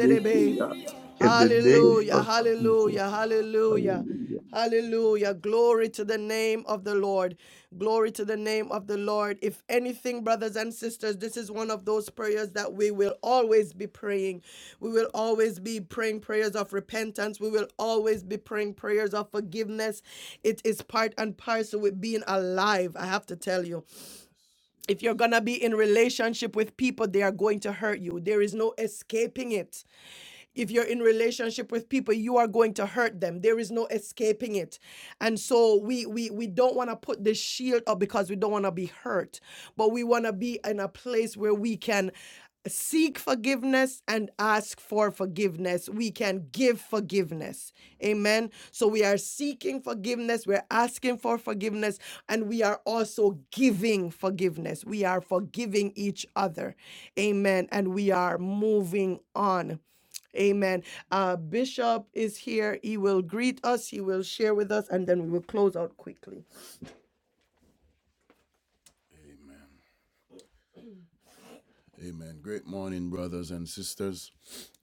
S11: ya. In the name
S1: Hallelujah,
S11: of Jesus.
S1: hallelujah, hallelujah.
S11: Hallelujah.
S1: Hallelujah. Glory to the name of the Lord. Glory to the name of the Lord. If anything, brothers and sisters, this is one of those prayers that we will always be praying. We will always be praying prayers of repentance. We will always be praying prayers of forgiveness. It is part and parcel with being alive, I have to tell you if you're going to be in relationship with people they are going to hurt you there is no escaping it if you're in relationship with people you are going to hurt them there is no escaping it and so we we we don't want to put this shield up because we don't want to be hurt but we want to be in a place where we can seek forgiveness and ask for forgiveness. We can give forgiveness. Amen. So we are seeking forgiveness, we're asking for forgiveness, and we are also giving forgiveness. We are forgiving each other. Amen. And we are moving on. Amen. Uh, Bishop is here. He will greet us, he will share with us, and then we will close out quickly. Amen. Amen. Great morning, brothers and sisters.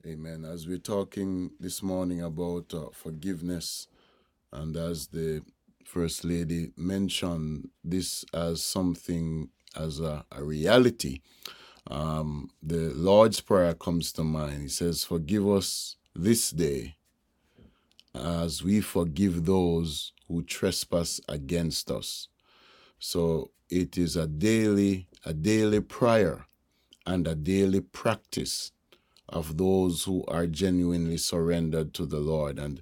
S1: Amen. As we're talking this morning about uh, forgiveness, and as the First Lady mentioned this as something, as a, a reality, the Lord's Prayer comes to mind. He says, Forgive us this day as we forgive those who trespass against us So it is a daily, a daily prayer and a daily practice of those who are genuinely surrendered to the Lord. And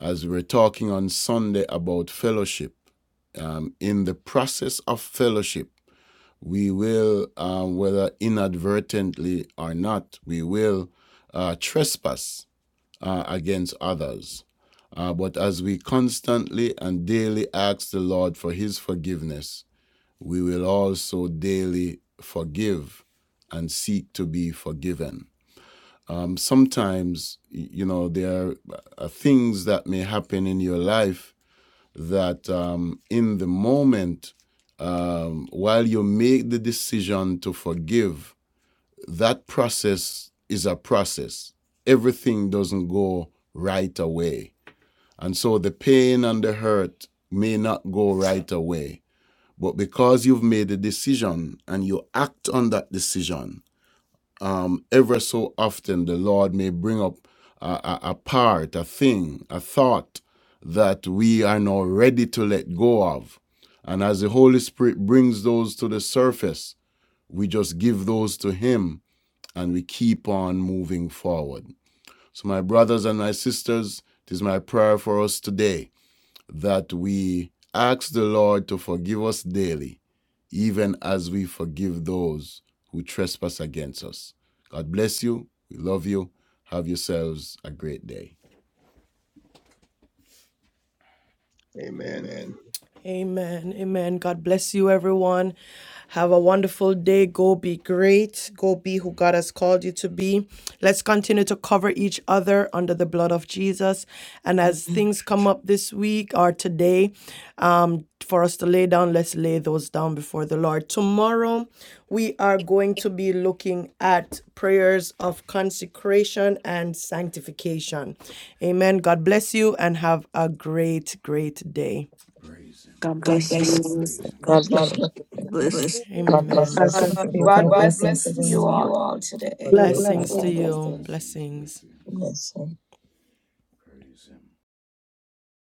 S1: as we were talking on Sunday about fellowship, um, in the process of fellowship, we will, um, whether inadvertently or not, we will uh, trespass uh, against others. Uh, but as we constantly and daily ask the Lord for His forgiveness, we will also daily forgive and seek to be forgiven. Um, sometimes, you know, there are uh, things that may happen in your life that um, in the moment, um, while you make the decision to forgive, that process is a process. Everything doesn't go right away. And so the pain and the hurt may not go right away. But because you've made a decision and you act on that decision, um, ever so often the Lord may bring up a, a, a part, a thing, a thought that we are now ready to let go of. And as the Holy Spirit brings those to the surface, we just give those to Him and we keep on moving forward. So, my brothers and my sisters, it is my prayer for us today that we ask the Lord to forgive us daily, even as we forgive those who trespass against us. God bless you. We love you. Have yourselves a great day.
S11: Amen.
S1: Amen. Amen. God bless you, everyone. Have a wonderful day. Go be great. Go be who God has called you to be. Let's continue to cover each other under the blood of Jesus. And as things come up this week or today, um, for us to lay down, let's lay those down before the Lord. Tomorrow, we are going to be looking at prayers of consecration and sanctification. Amen. God bless you and have a great, great day.
S14: God
S20: God
S1: God
S14: bless
S20: bless
S1: bless
S14: you.
S1: you. God
S21: God bless,
S1: God
S18: Bless
S1: bless you. bless you.
S21: God
S1: God Amen.
S21: bless you.
S15: God
S1: bless
S12: God,
S15: bless
S1: God
S15: you.
S21: God
S1: you.
S15: God
S1: God
S12: God
S1: God
S15: bless
S1: bless
S12: blessings to
S1: blesses
S12: you
S1: everyone. you
S12: all.
S1: you all today.
S21: bless you.
S5: God
S1: Blessings to God
S5: bless
S1: you.
S5: you.
S1: blesses. Blessings. Blessing.